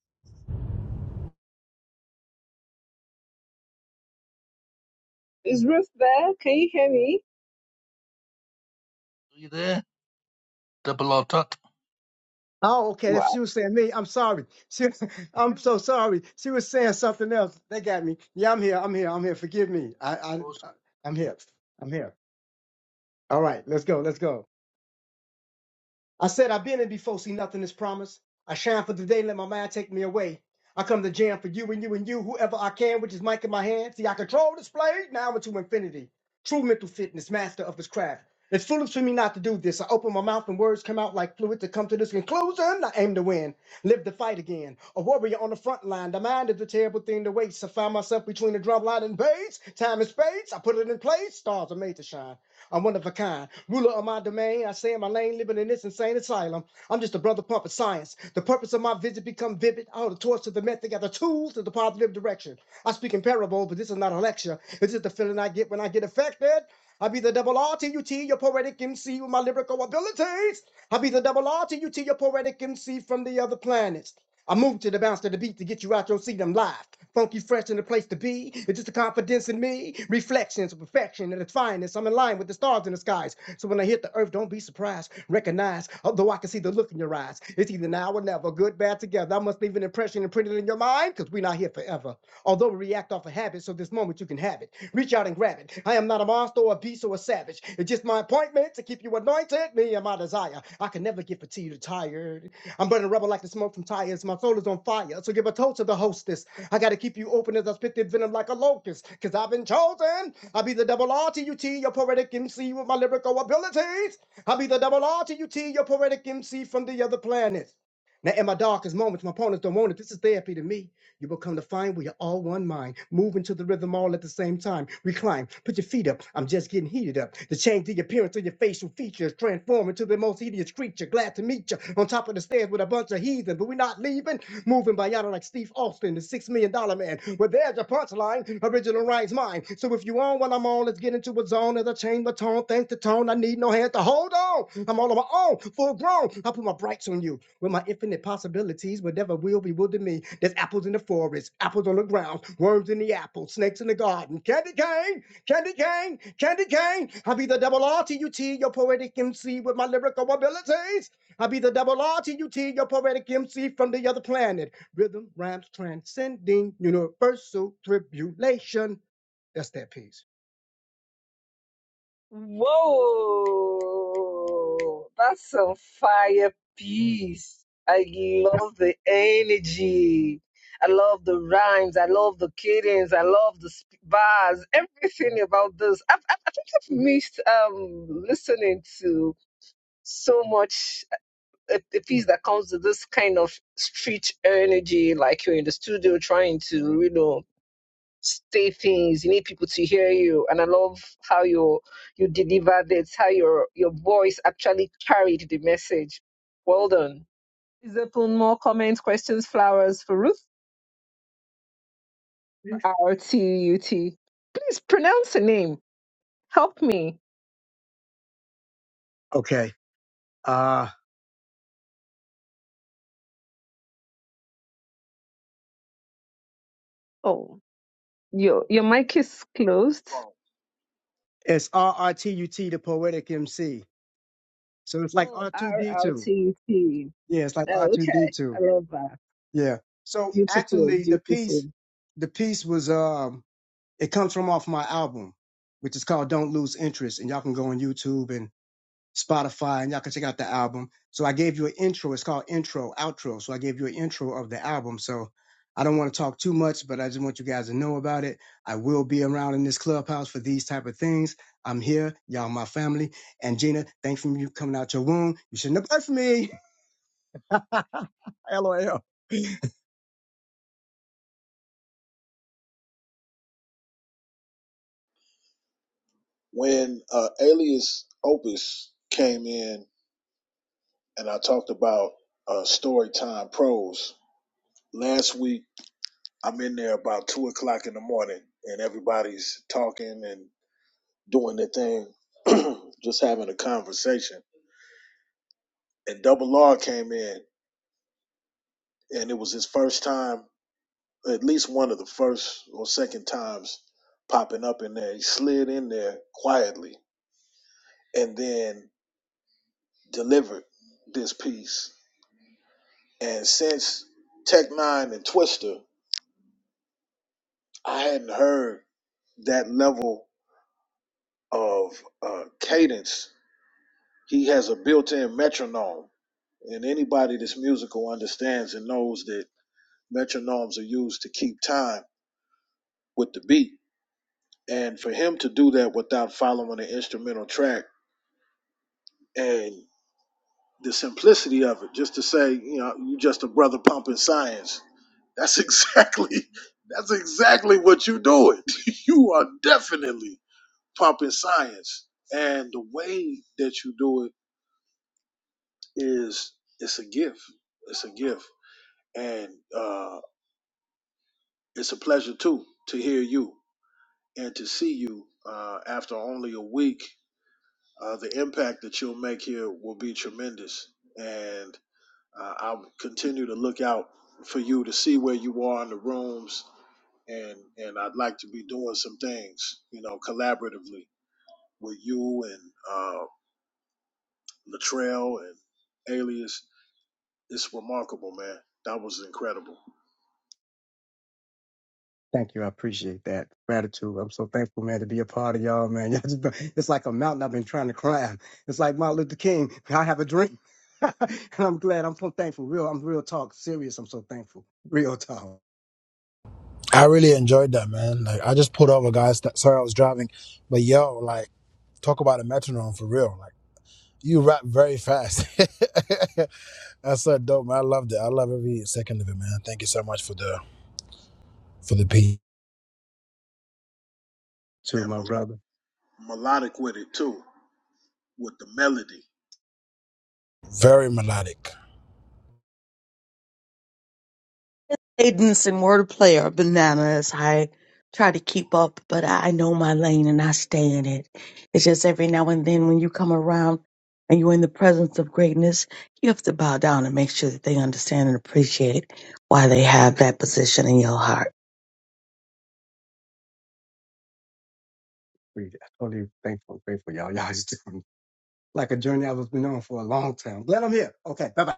Speaker 1: Is Ruth there? Can you hear me?
Speaker 2: you there? Double R tut.
Speaker 17: Oh, okay.
Speaker 1: Wow.
Speaker 17: If she was saying me, I'm sorry. She, *laughs* I'm so sorry. She was saying something else. They got me. Yeah, I'm here. I'm here. I'm here. Forgive me. I, I, I- I'm here. I'm here. All right. Let's go. Let's go. I said I've been in before, see nothing is promised. I shine for the day, let my mind take me away. I come to jam for you and you and you, whoever I can, with this mic in my hand. See, I control display, now into infinity. True mental fitness, master of his craft. It's foolish for me not to do this. I open my mouth and words come out like fluid to come to this conclusion. I aim to win, live the fight again. A warrior on the front line. The mind is a terrible thing to waste. I find myself between the drum line and bass. Time and space, I put it in place. Stars are made to shine. I'm one of a kind, ruler of my domain. I stay in my lane, living in this insane asylum. I'm just a brother pump of science. The purpose of my visit become vivid. I hold the torch to the method, got the tools to the positive direction. I speak in parables, but this is not a lecture. It's just the feeling I get when I get affected. I be the double R T U T, your poetic MC with my lyrical abilities. I be the double R T U T, your poetic MC from the other planets. I move to the bounce to the beat to get you out your seat. I'm live, funky, fresh, and the place to be. It's just a confidence in me. Reflections of perfection and its finest. I'm in line with the stars in the skies. So when I hit the earth, don't be surprised. Recognize, although I can see the look in your eyes. It's either now or never, good, bad, together. I must leave an impression imprinted in your mind, because we're not here forever. Although we react off a habit, so this moment you can have it. Reach out and grab it. I am not a monster or a beast or a savage. It's just my appointment to keep you anointed, me and my desire. I can never get fatigued or tired. I'm burning rubber like the smoke from tires. My soul is on fire. So give a toast to the hostess. I gotta keep you open as I spit this venom like a locust. Cause I've been chosen. I'll be the double R T U T, your poetic MC with my lyrical abilities. I'll be the double R T U T, your poetic MC from the other planet. Now in my darkest moments, my opponents don't want it. This is therapy to me. You will come to find we are all one mind, moving to the rhythm all at the same time. Recline, put your feet up. I'm just getting heated up. to change the appearance of your facial features, transform into the most hideous creature. Glad to meet you on top of the stairs with a bunch of heathen, but we're not leaving. Moving by yada like Steve Austin, the six million dollar man. Well, there's your punchline line, original rights mine. So if you on while I'm on, let's get into a zone as I change my tone. Thanks to tone, I need no hand to hold on. I'm all on my own, full grown. I put my brights on you with my infinite possibilities. Whatever will bewilder me. There's apples in the forest, apples on the ground, worms in the apple, snakes in the garden. Candy cane, candy cane, candy cane. I'll be the double R T U T, your poetic MC with my lyrical abilities. I'll be the double R T U T, your poetic MC from the other planet. Rhythm rhymes transcending universal tribulation. That's that piece.
Speaker 1: Whoa, that's some fire piece. I love the energy. I love the rhymes. I love the cadence. I love the sp- bars. Everything about this. I've, I've, I think I've missed um, listening to so much uh, a, a piece that comes to this kind of street energy, like you're in the studio trying to, you know say things. You need people to hear you. And I love how you you delivered it, how your your voice actually carried the message. Well done. Is open more comments, questions, flowers for Ruth R T U T. Please pronounce the name. Help me.
Speaker 17: Okay. Uh
Speaker 1: Oh, your your mic is closed.
Speaker 17: it's RRTUT the poetic MC. So it's like
Speaker 1: Oh, R L
Speaker 17: R2D2.
Speaker 1: T U T.
Speaker 17: Yeah, it's like
Speaker 1: Oh, okay.
Speaker 17: R2D2.
Speaker 1: I love that.
Speaker 17: Yeah. So
Speaker 1: Beautiful,
Speaker 17: actually the
Speaker 1: beautiful.
Speaker 17: piece the piece was um it comes from off my album, which is called Don't Lose Interest. And y'all can go on YouTube and. Spotify, and y'all can check out the album. So I gave you an intro. It's called intro, outro. So I gave you an intro of the album. So I don't want to talk too much, but I just want you guys to know about it. I will be around in this clubhouse for these type of things. I'm here, y'all, my family, and Gina. Thanks for you coming out your womb. You shouldn't have left me. *laughs* LOL.
Speaker 4: when uh, Alias Opus came in and I talked about uh, Storytime Pros last week, I'm in there about two o'clock in the morning and everybody's talking and doing their thing, *clears throat* just having a conversation. And Double R came in and it was his first time, at least one of the first or second times popping up in there. He slid in there quietly and then delivered this piece And since Tech Nine and Twister, I hadn't heard that level of uh, cadence. He has a built-in metronome, and anybody that's musical understands and knows that metronomes are used to keep time with the beat. And for him to do that without following an instrumental track and the simplicity of it, just to say, you know, you just a brother pumping science. That's exactly *laughs* that's exactly what you're doing. *laughs* you are definitely pumping science. And the way that you do it is it's a gift. It's a gift. And uh, it's a pleasure too to hear you and to see you uh, after only a week. Uh, the impact that you'll make here will be tremendous. And uh, I'll continue to look out for you to see where you are in the rooms. And, and I'd like to be doing some things, you know, collaboratively with you and uh, Latrell and Alias It's remarkable, man. That was incredible.
Speaker 17: Thank you. I appreciate that gratitude. I'm so thankful, man, to be a part of y'all, man. *laughs* Y'all just been- It's like a mountain I've been trying to climb. It's like Martin Luther King. *laughs* I have a dream. *laughs* and I'm glad. I'm so thankful. Real. I'm real talk. Serious. I'm so thankful. Real talk
Speaker 20: I really enjoyed that, man. Like, I just pulled over, guys. Th- Sorry, I was driving, but yo, like, talk about a metronome for real. Like, you rap very fast. *laughs* That's so dope, man. I loved it. I love every second of it, man. Thank you so much for the for the beat.
Speaker 17: to
Speaker 4: And mel-
Speaker 17: my brother.
Speaker 4: melodic with it, too, with the melody.
Speaker 20: Very melodic.
Speaker 16: Cadence and wordplay are bananas. I try to keep up, but I know my lane and I stay in it. It's just every now and then when you come around and you're in the presence of greatness, you have to bow down and make sure that they understand and appreciate why they have that position in your heart.
Speaker 17: We- I'm Totally thankful. Grateful, y'all. Y'all just *laughs* doing like a journey I was been on for a long time. Glad I'm here. Okay. Bye bye.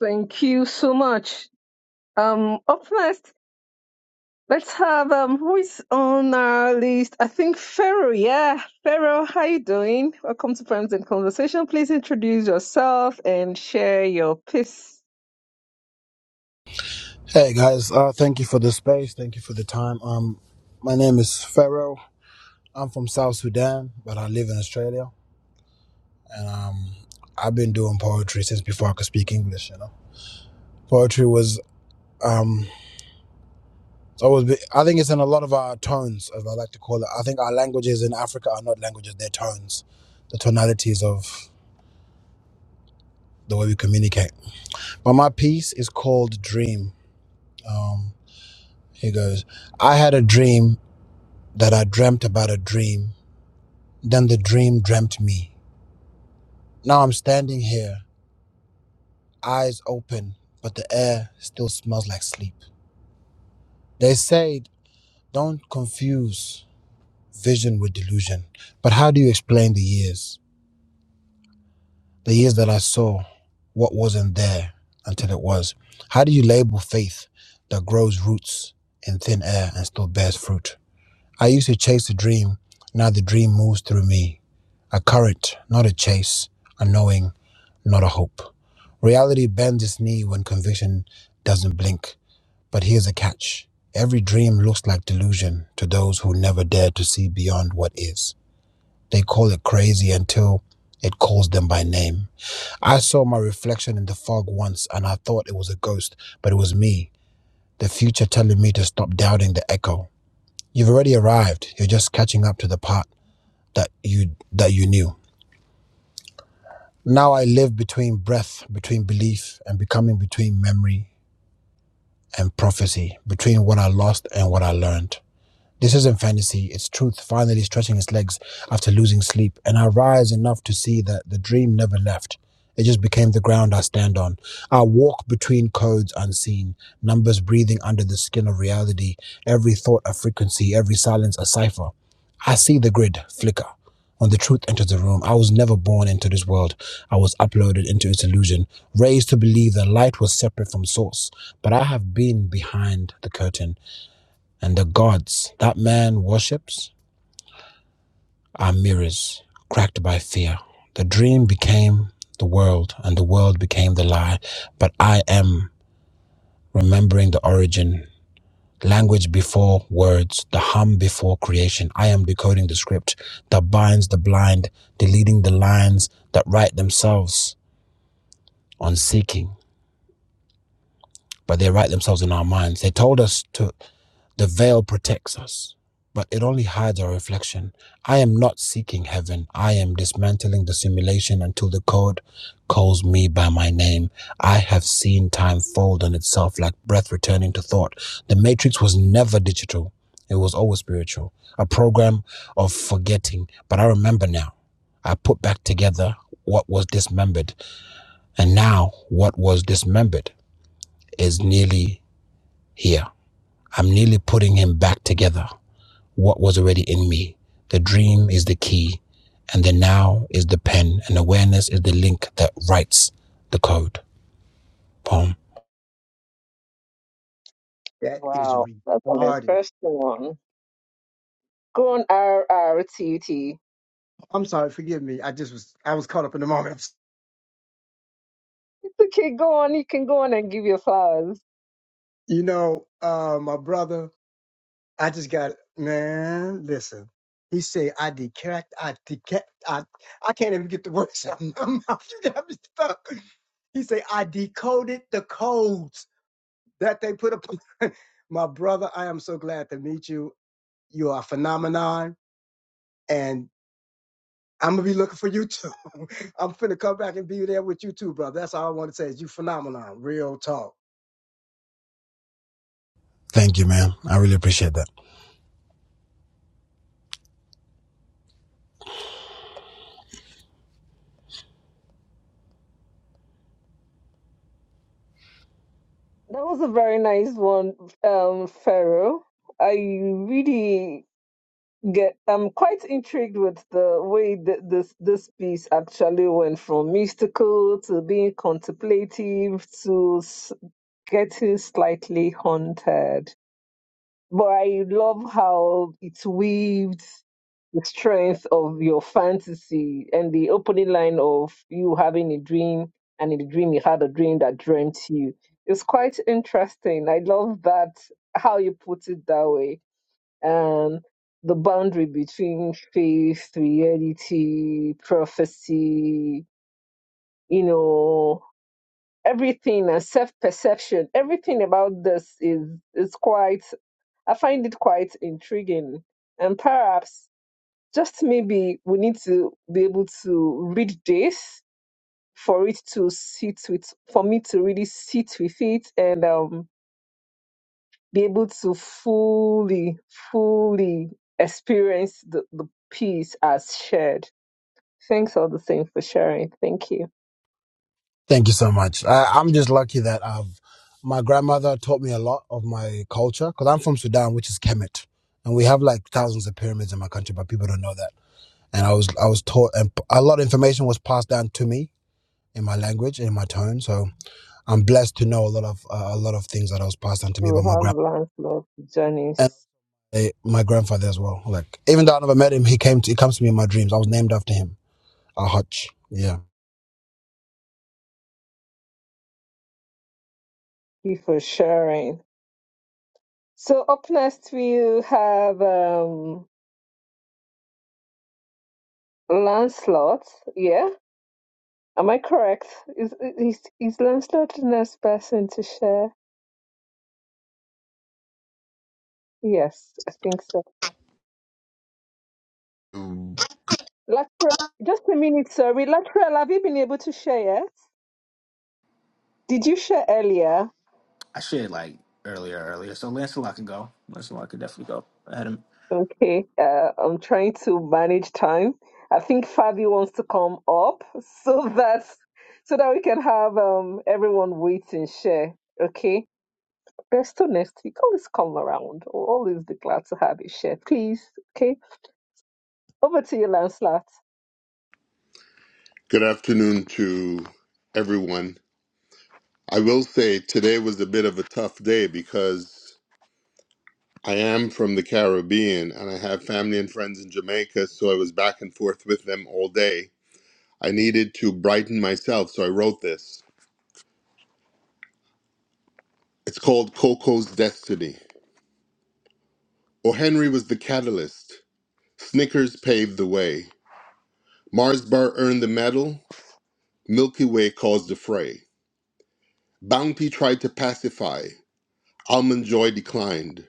Speaker 1: Thank you so much. Um, up next Let's have um who is on our list? I think Pharaoh, yeah. Pharaoh, how you doing? Welcome to Friends in Conversation. Please introduce yourself and share your piece.
Speaker 20: Hey guys, uh, thank you for the space. Thank you for the time. Um, my name is Pharaoh. I'm from South Sudan, but I live in Australia, and um, I've been doing poetry since before I could speak English. You know, poetry was um So it was, I think it's in a lot of our tones, as I like to call it. I think our languages in Africa are not languages, they're tones, the tonalities of the way we communicate. But my piece is called Dream. Um, here goes I had a dream that I dreamt about a dream, then the dream dreamt me. Now I'm standing here, eyes open, but the air still smells like sleep. They say don't confuse vision with delusion, but how do you explain the years? the years that I saw what wasn't there until it was. How do you label faith that grows roots in thin air and still bears fruit? I used to chase a dream, now the dream moves through me. A current, not a chase, a knowing, not a hope. Reality bends its knee when conviction doesn't blink. But here's a catch every dream looks like delusion to those who never dared to see beyond what is. They call it crazy until it calls them by name. I saw my reflection in the fog once and I thought it was a ghost, but it was me, the future telling me to stop doubting the echo. You've already arrived. You're just catching up to the part that you that you knew. Now I live between breath, between belief and becoming between memory and prophecy, between what I lost and what I learned. This isn't fantasy, it's truth finally stretching its legs after losing sleep, and I rise enough to see that the dream never left. It just became the ground I stand on. I walk between codes unseen, numbers breathing under the skin of reality, every thought a frequency, every silence a cipher. I see the grid flicker. When the truth enters the room, I was never born into this world. I was uploaded into its illusion, raised to believe that light was separate from source. But I have been behind the curtain and the gods that man worships are mirrors cracked by fear. The dream became the world, and the world became the lie. But I am remembering the origin. Language before words, the hum before creation. I am decoding the script that binds the blind, deleting the lines that write themselves on seeking. but they write themselves in our minds. They told us to, the veil protects us, but it only hides our reflection. I am not seeking heaven. I am dismantling the simulation until the code calls me by my name. I have seen time fold on itself like breath returning to thought. The matrix was never digital. It was always spiritual, a program of forgetting. But I remember now. I put back together what was dismembered. And now what was dismembered is nearly here, I'm nearly putting him back together. What was already in me. The dream is the key, and the now is the pen, and awareness is the link that writes the code. Poem.
Speaker 17: That is
Speaker 1: Wow, that's an
Speaker 17: retarded.
Speaker 1: interesting one. Go on RRTT.
Speaker 17: I'm sorry. Forgive me. I just was, I was caught up in the moment. *laughs*
Speaker 1: It's okay, go on, you can go on and give your flowers.
Speaker 17: You know, uh, my brother. I just got man. Listen, he said I decact, I decact, I I can't even get the *laughs* words out of my mouth. *laughs* You got me stuck. He said I decoded the codes that they put up. *laughs* my brother, I am so glad to meet you. You are a phenomenon, and I'm gonna be looking for you too. *laughs* I'm finna come back and be there with you too, brother. That's all I want to say is you phenomenon. Real talk.
Speaker 20: Thank you, man. I really appreciate that.
Speaker 1: That was a very nice one, um, Pharaoh. I really Get, I'm quite intrigued with the way th- this this piece actually went from mystical to being contemplative to s- getting slightly haunted. But I love how it weaved the strength of your fantasy and the opening line of you having a dream and in the dream you had a dream that dreamt you. It's quite interesting. I love that how you put it that way um, the boundary between faith, reality, prophecy, you know, everything and self perception, everything about this is is quite I find it quite intriguing. And perhaps just maybe we need to be able to read this for it to sit with for me to really sit with it and um be able to fully, fully experience the, the peace as shared. Thanks all the same for sharing. Thank you.
Speaker 20: Thank you so much. I, I'm just lucky that I've my grandmother taught me a lot of my culture because I'm from Sudan, which is Kemet, and we have like thousands of pyramids in my country, but people don't know that. And I was I was taught, and a lot of information was passed down to me in my language, in my tone. So I'm blessed to know a lot of uh, a lot of things that was passed on to me
Speaker 1: We
Speaker 20: by my
Speaker 1: have
Speaker 20: grand
Speaker 1: Lancelot,
Speaker 20: and
Speaker 1: Janice,
Speaker 20: uh, my grandfather as well. Like even though I never met him, he came to he comes to me in my dreams. I was named after him, a Hutch. Yeah,
Speaker 1: you for sharing. So up next we have um, Lancelot. Yeah, am I correct? Is is is Lancelot the next person to share? Yes, I think so. Latrell, just a minute, sorry. Latrell, have you been able to share yet? Did you share earlier?
Speaker 9: I shared like earlier, earlier. So Lancelot can go. Lancelot could definitely go. I had him.
Speaker 1: Okay, uh, I'm trying to manage time. I think Fabi wants to come up *laughs* so that so that we can have um everyone wait and share. Okay, there's still next week. Always come around. Always be glad to have you share, please. Okay, over to you, Lancelot.
Speaker 18: Good afternoon to everyone. I will say today was a bit of a tough day because I am from the Caribbean and I have family and friends in Jamaica, so I was back and forth with them all day. I needed to brighten myself, so I wrote this. It's called Coco's Destiny. O. Henry was the catalyst. Snickers paved the way. Mars Bar earned the medal. Milky Way caused the fray. Bounty tried to pacify. Almond Joy declined.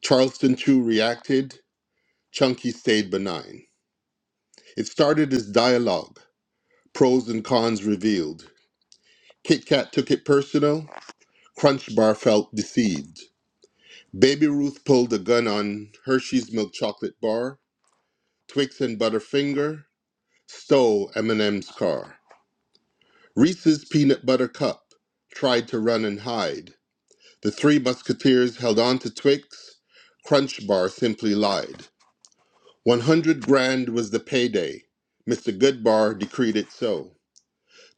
Speaker 18: Charleston Chew reacted, Chunky stayed benign. It started as dialogue, pros and cons revealed. Kit Kat took it personal, Crunch Bar felt deceived. Baby Ruth pulled a gun on Hershey's milk chocolate bar, Twix and Butterfinger stole Eminem's car. Reese's peanut butter cup tried to run and hide. The three musketeers held on to Twix, Crunch Bar simply lied. 100 grand was the payday. Mr. Goodbar decreed it so.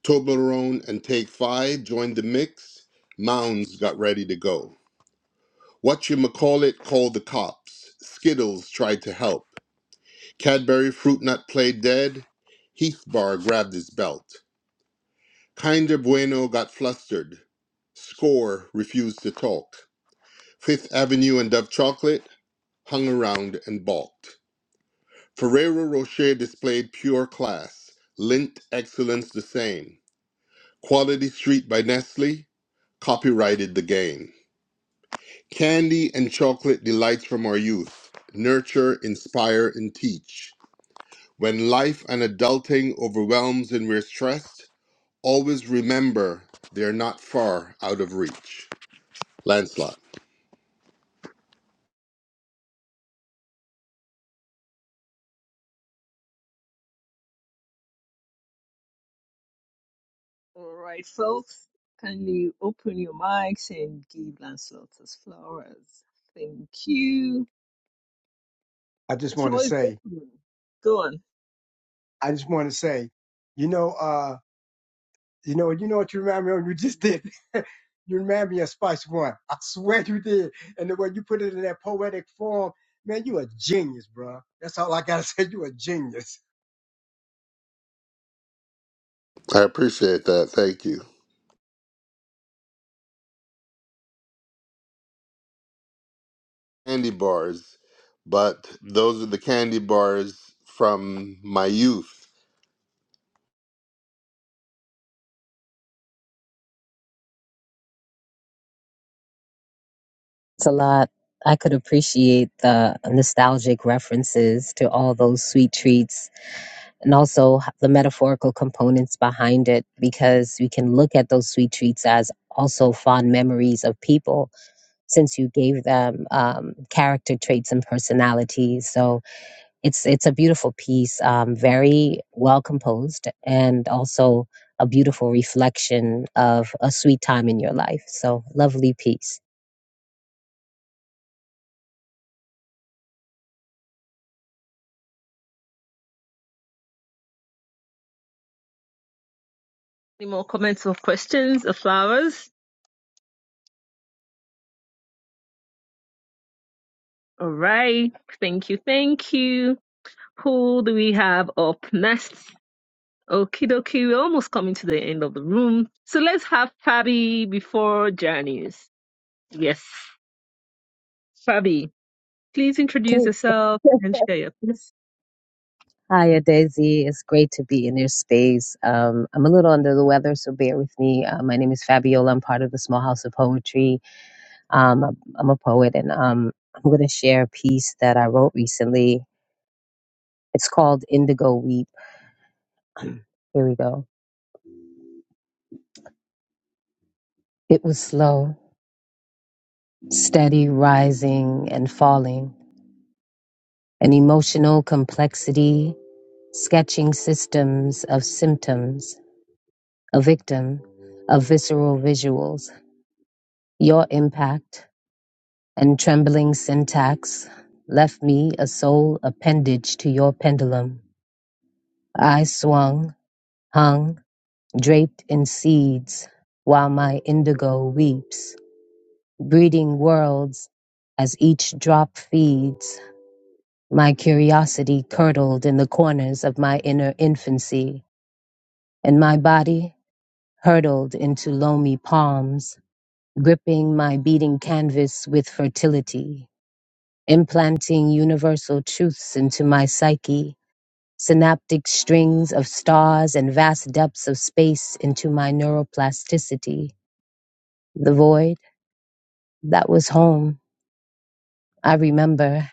Speaker 18: Toblerone and Take Five joined the mix. Mounds got ready to go. What you call it called the cops. Skittles tried to help. Cadbury Fruit Nut played dead. Heath Bar grabbed his belt. Kinder Bueno got flustered. Score refused to talk. Fifth Avenue and Dove Chocolate hung around and balked. Ferrero Rocher displayed pure class, linked excellence the same. Quality Street by Nestle copyrighted the game. Candy and chocolate delights from our youth nurture, inspire, and teach. When life and adulting overwhelms and we're stressed, always remember they're not far out of reach. Lancelot.
Speaker 1: All right, folks, kindly open your mics and give Lancelot his flowers. Thank you.
Speaker 17: I
Speaker 1: The
Speaker 17: just want to
Speaker 1: floor is
Speaker 17: say.
Speaker 1: open. Go on.
Speaker 17: I just want to say. You know. uh You know, you know what you remind me of? You just did. *laughs* you remind me of Spice One. I swear you did. And the way you put it in that poetic form, man, you a genius, bro. That's all I gotta *laughs* say. You a genius.
Speaker 18: I appreciate that. Thank you. Candy bars, but those are the candy bars from my youth
Speaker 21: It's a lot. I could appreciate the nostalgic references to all those sweet treats and also the metaphorical components behind it because we can look at those sweet treats as also fond memories of people since you gave them um, character traits and personalities. So it's it's a beautiful piece, um, very well composed, and also a beautiful reflection of a sweet time in your life. So lovely piece.
Speaker 1: Any more comments or questions or flowers? All right. Thank you. Thank you. Who do we have up next? Okie dokie. We're almost coming to the end of the room. So let's have Fabi before Janice. Yes. Fabi, please introduce
Speaker 21: Okay.
Speaker 1: yourself and share your thoughts.
Speaker 21: Hiya, Daisy. It's great to be in your space. Um, I'm a little under the weather, so bear with me. Uh, my name is Fabiola. I'm part of the Small House of Poetry. Um, I'm I'm a poet, and um, I'm going to share a piece that I wrote recently. It's called Indigo Weep. Here we go. It was slow, steady rising and falling, an emotional complexity, sketching systems of symptoms, a victim, of visceral visuals, your impact and trembling syntax left me a sole appendage to your pendulum. I swung, hung, draped in seeds, while my indigo weeps, breeding worlds as each drop feeds. My curiosity curdled in the corners of my inner infancy, and my body hurtled into loamy palms, gripping my beating canvas with fertility. implanting universal truths into my psyche, synaptic strings of stars and vast depths of space into my neuroplasticity. The void, that was home. I remember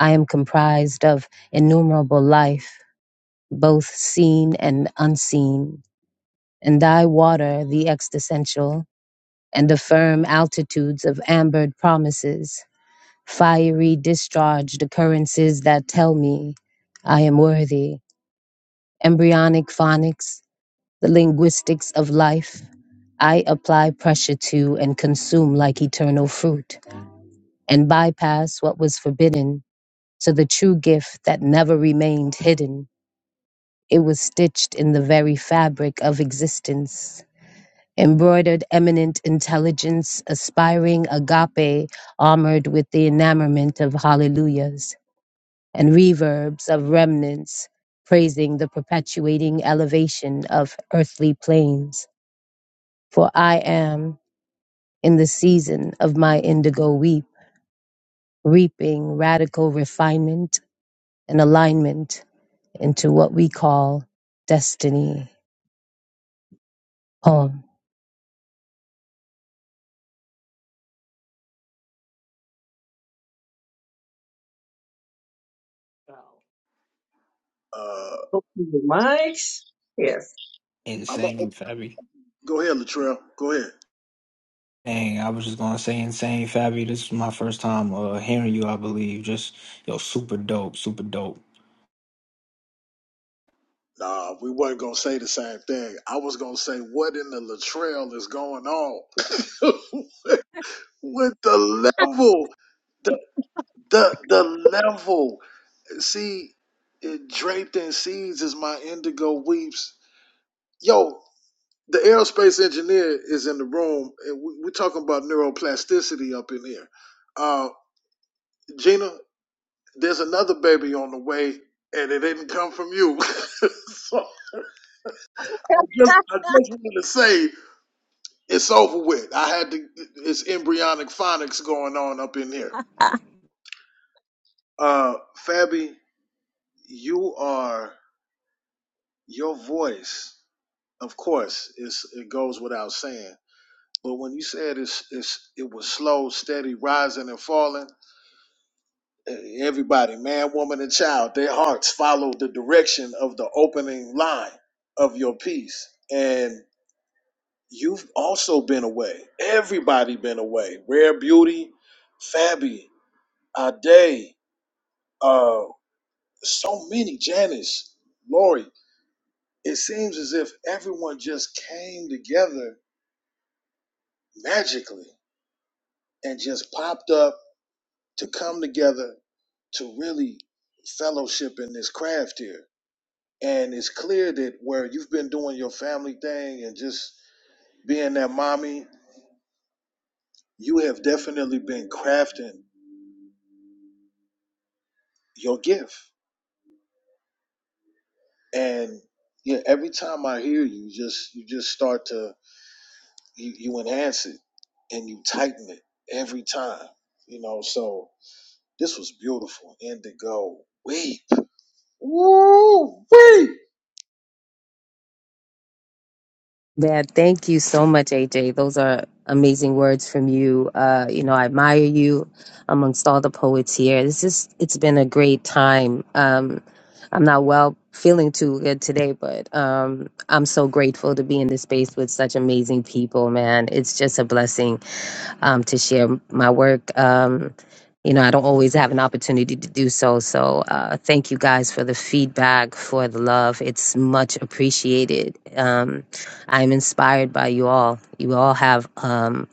Speaker 21: I am comprised of innumerable life, both seen and unseen, and I water the existential and affirm altitudes of ambered promises, fiery discharged occurrences that tell me I am worthy. embryonic phonics, the linguistics of life. I apply pressure to and consume like eternal fruit, and bypass what was forbidden to the true gift that never remained hidden. It was stitched in the very fabric of existence. Embroidered eminent intelligence, aspiring agape, armored with the enamorment of hallelujahs. and reverbs of remnants praising the perpetuating elevation of earthly plains. For I am in the season of my indigo weep, reaping radical refinement and alignment into what we call destiny. Poem.
Speaker 1: Wow.
Speaker 4: Uh,
Speaker 1: Open the mics. Yes.
Speaker 4: I'm a,
Speaker 9: Insane, Fabi.
Speaker 4: Go ahead, Latrell. Go ahead.
Speaker 9: Dang, I was just gonna say insane, Fabi. This is my first time uh, hearing you, I believe. Just yo, super dope, super dope.
Speaker 4: Nah, we weren't going to say the same thing. I was going to say, what in the Latrell is going on? *laughs* with the level, the, the, the level. See, it, draped in seeds is my indigo weeps. Yo, the aerospace engineer is in the room, and we, we're talking about neuroplasticity up in here. Uh, Gina, there's another baby on the way, and it didn't come from you. *laughs* so I just, I just wanted to say it's over with. I had to. It's embryonic phonics going on up in here. Uh, Fabi, you are your voice. Of course, it's, it goes without saying. But when you said it's, it's, it was slow, steady rising and falling everybody, man, woman, and child, their hearts follow the direction of the opening line of your piece. And you've also been away. Everybody been away. Rare Beauty, Fabi, Ade, uh, so many, Janice, Lori. It seems as if everyone just came together magically and just popped up to come together to really fellowship in this craft here And it's clear that where you've been doing your family thing and just being that mommy, you have definitely been crafting your gift. And yeah, every time I hear you, just you just start to you, you enhance it and you tighten it every time. You know, so this was beautiful. Indigo, weep, woo, weep.
Speaker 21: Yeah, thank you so much, AJ. Those are amazing words from you. Uh, you know, I admire you amongst all the poets here. This is it's been a great time. Um, I'm not well feeling too good today, but um, I'm so grateful to be in this space with such amazing people, man. It's just a blessing um, to share my work. Um, you know, I don't always have an opportunity to do so. So uh, thank you guys for the feedback, for the love. It's much appreciated. Um, I'm inspired by you all. You all have um,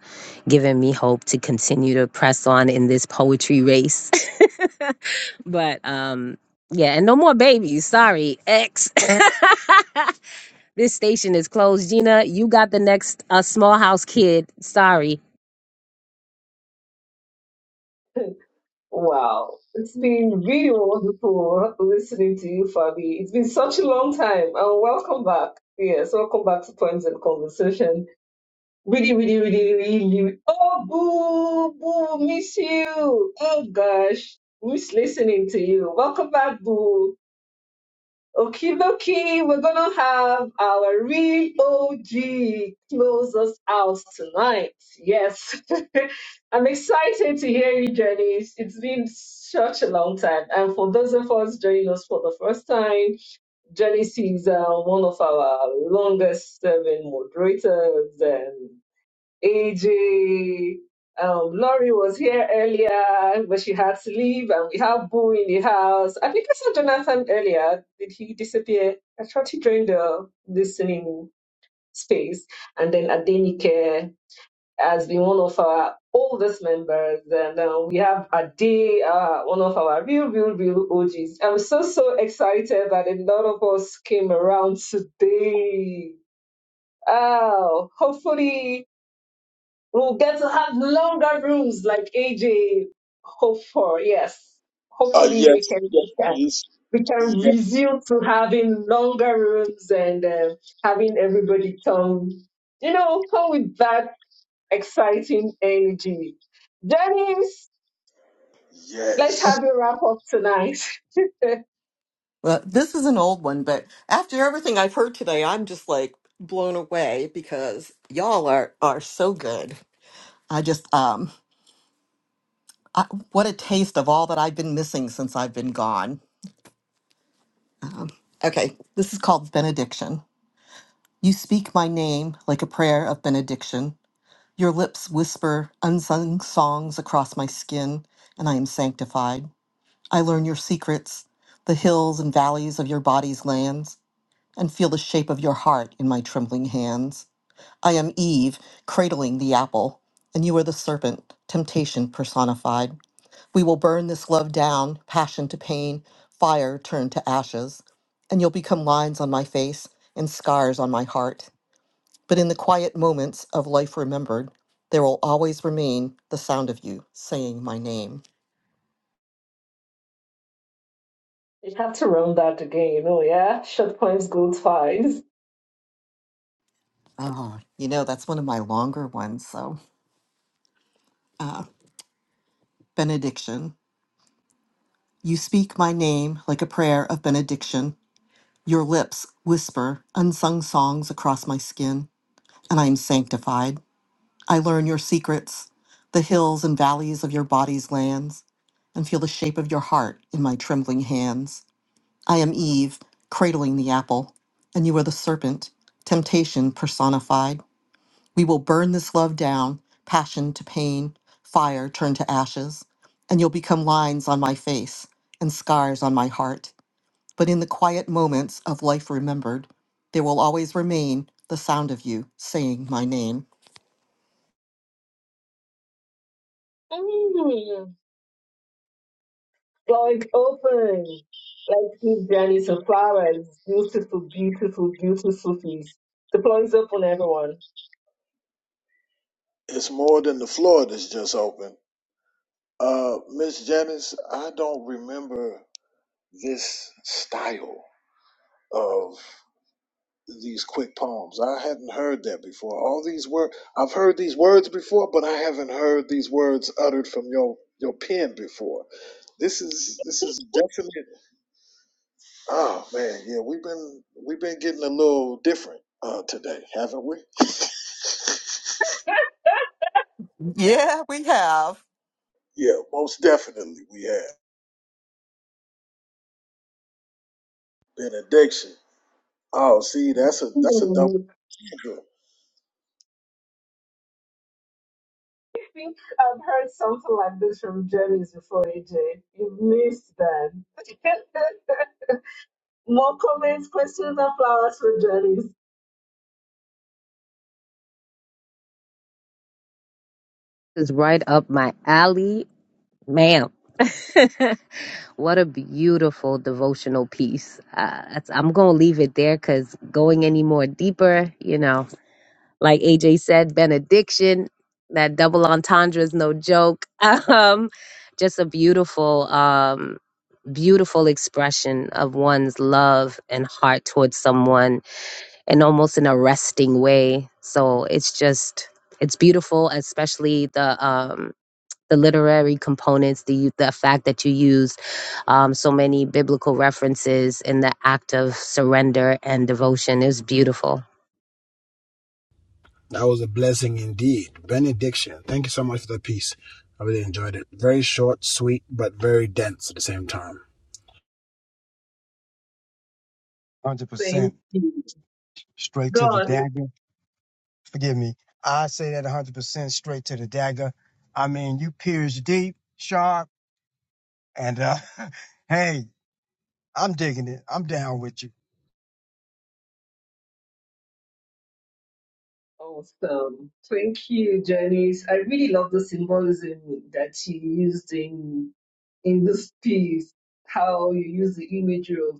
Speaker 21: given me hope to continue to press on in this poetry race. *laughs* but um, yeah, and no more babies. Sorry, ex. *laughs* this station is closed. Gina, you got the next uh, small house kid. Sorry.
Speaker 1: *laughs* Wow. It's been really wonderful listening to you, Fabi. It's been such a long time. And welcome back. Yes, welcome back to Points and Conversation. Really, really, really, really. Oh, boo, boo, miss you. Oh, gosh, miss listening to you. Welcome back, boo. Okie dokie, we're gonna have our real OG close us out tonight. Yes, *laughs* I'm excited to hear you, Jenny. it's been such a long time. And for those of us joining us for the first time, Jenny is uh, one of our longest serving moderators. and. AJ. Um, Laurie was here earlier, but she had to leave, and we have Boo in the house. I think I saw Jonathan earlier. Did he disappear? I thought he joined the listening space. And then Adenike has been one of our oldest members, and uh, we have Ade, uh, one of our real, real, real OGs. I'm so, so excited that a lot of us came around today. Oh, hopefully We'll get to have longer rooms like AJ hoped for. Yes.
Speaker 4: Uh,
Speaker 1: Hopefully we
Speaker 4: yes,
Speaker 1: can
Speaker 4: yes,
Speaker 1: do that.
Speaker 4: please,
Speaker 1: We can
Speaker 4: yes,
Speaker 1: resume to having longer rooms and uh, having everybody come, you know, come with that exciting energy. Dennis, let's have
Speaker 4: yes.
Speaker 1: a wrap up tonight. *laughs* you
Speaker 5: Well, this is an old one, but after everything I've heard today, I'm just like blown away because y'all are are so good. I just um I, what a taste of all that I've been missing since I've been gone. Okay, this is called benediction. You speak my name like a prayer of benediction. Your lips whisper unsung songs across my skin, and I am sanctified. I learn your secrets, the hills and valleys of your body's lands, and feel the shape of your heart in my trembling hands. I am Eve, cradling the apple, and you are the serpent, temptation personified. We will burn this love down, passion to pain, fire turned to ashes, and you'll become lines on my face and scars on my heart. But in the quiet moments of life remembered, there will always remain the sound of you saying my name.
Speaker 1: have to run that again, you know? yeah? Short points, gold twice.
Speaker 5: Oh, you know, that's one of my longer ones, so. uh, benediction. You speak my name like a prayer of benediction. Your lips whisper unsung songs across my skin, and I am sanctified. I learn your secrets, the hills and valleys of your body's lands, and feel the shape of your heart in my trembling hands. I am Eve, cradling the apple, and you are the serpent, temptation personified. We will burn this love down, passion to pain, fire turned to ashes, and you'll become lines on my face and scars on my heart. But in the quiet moments of life remembered, there will always remain the sound of you saying my name.
Speaker 1: like open, like Steve Danny Safaras, beautiful, beautiful, beautiful piece. The floor is open, everyone.
Speaker 4: It's more than the floor that's just open. Uh, Miss Janice, I don't remember this style of these quick poems. I hadn't heard that before. All these words, I've heard these words before, but I haven't heard these words uttered from your your pen before. This is this is definite. Oh man, yeah, we've been we've been getting a little different uh, today, haven't we?
Speaker 5: Yeah, we have.
Speaker 4: Yeah, most definitely we have benediction. Oh, see, that's a that's a double.
Speaker 1: Hmm.
Speaker 4: kicker.
Speaker 1: I think I've heard something like this from Janice before, AJ. You've missed that. *laughs* More comments, questions, and flowers for Janice.
Speaker 21: is right up my alley, ma'am. *laughs* what a beautiful devotional piece. Uh, that's- I'm going to leave it there because going any more deeper, you know, like AJ said, benediction, that double entendre is no joke. *laughs* Um, just a beautiful, um, beautiful expression of one's love and heart towards someone and almost an arresting way. So it's just, it's beautiful, especially the, um the literary components, the the fact that you used um, so many biblical references in the act of surrender and devotion is beautiful.
Speaker 20: That was a blessing indeed. Benediction. Thank you so much for the piece. I really enjoyed it. Very short, sweet, but very dense at the same time.
Speaker 17: Hundred
Speaker 1: Thank
Speaker 17: percent
Speaker 1: you.
Speaker 17: straight to the
Speaker 1: Gone.
Speaker 17: dagger. Forgive me. I say that hundred percent straight to the dagger. I mean, you pierce deep, sharp, and uh, *laughs* hey, I'm digging it. I'm down with you.
Speaker 1: Awesome. Thank you, Janice. I really love the symbolism that you used in in this piece, how you use the imagery of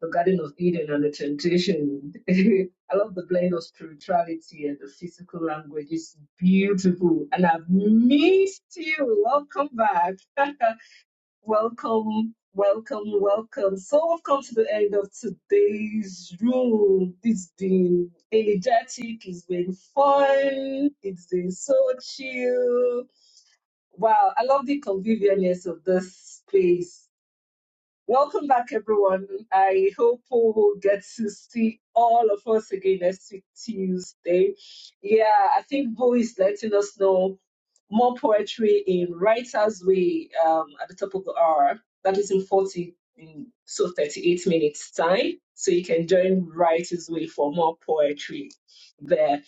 Speaker 1: the Garden of Eden and the temptation. *laughs* I love the blend of spirituality and the physical language. It's beautiful. And I've missed you. Welcome back. *laughs* welcome, welcome, welcome. So we've come to the end of today's room. It's been energetic, it's been fun, it's been so chill. Wow, I love the convivialness of this space. Welcome back, everyone. I hope we will get to see all of us again next week, Tuesday. Yeah, I think Bo is letting us know more poetry in Writer's Way um, at the top of the hour. That is in 40, in, so 38 minutes time. So you can join Writer's Way for more poetry there.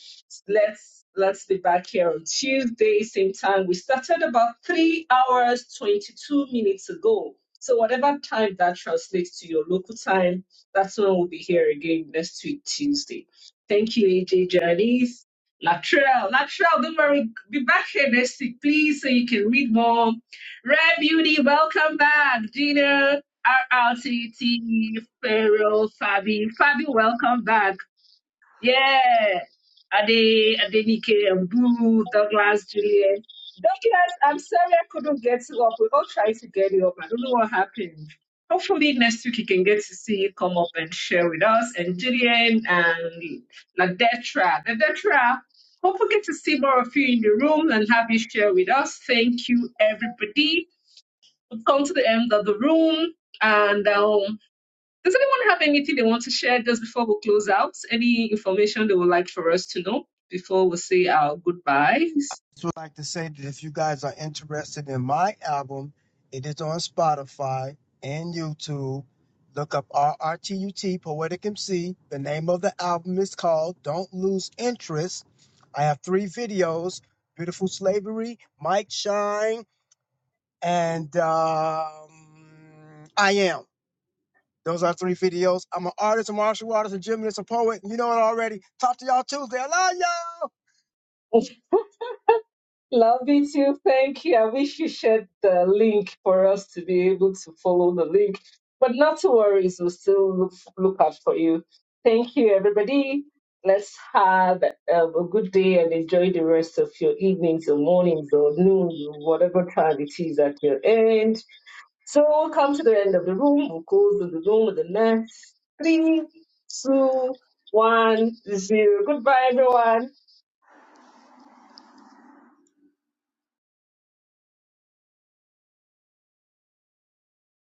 Speaker 1: Let's let's be back here on Tuesday, same time. We started about three hours, 22 minutes ago. So whatever time that translates to your local time, that's when we'll be here again next week Tuesday. Thank you, AJ Janice. Latrell, Latrell, don't worry, be back here next week, please, so you can read more. Rare Beauty, welcome back. Gina, RRTT, Pharaoh, Fabi. Fabi, welcome back. Yeah. Ade, Adenike, Mburu, Douglas, Julian. Douglas, I'm sorry I couldn't get you up. We all tried to get you up. I don't know what happened. Hopefully next week you can get to see you come up and share with us. And Julian and Ladetra. Ladetra, hope we get to see more of you in the room and have you share with us. Thank you, everybody. We've come to the end of the room. And um, does anyone have anything they want to share just before we close out? Any information they would like for us to know before we say our goodbyes?
Speaker 17: just would like to say that if you guys are interested in my album, it is on Spotify and YouTube. Look up RRTUT Poetic MC. The name of the album is called Don't Lose Interest. I have three videos Beautiful Slavery, Mike Shine, and um, I Am. Those are three videos. I'm an artist, a martial artist, a gymnast, a poet. You know it already. Talk to y'all Tuesday. I love y'all.
Speaker 1: Love you too. Thank you. I wish you shared the link for us to be able to follow the link. But not to worry, we'll still look, look out for you. Thank you, everybody. Let's have um, a good day and enjoy the rest of your evenings or mornings or noon, whatever time it is at your end. So we'll come to the end of the room. We'll close the room with the next three, two, one, zero. Goodbye, everyone.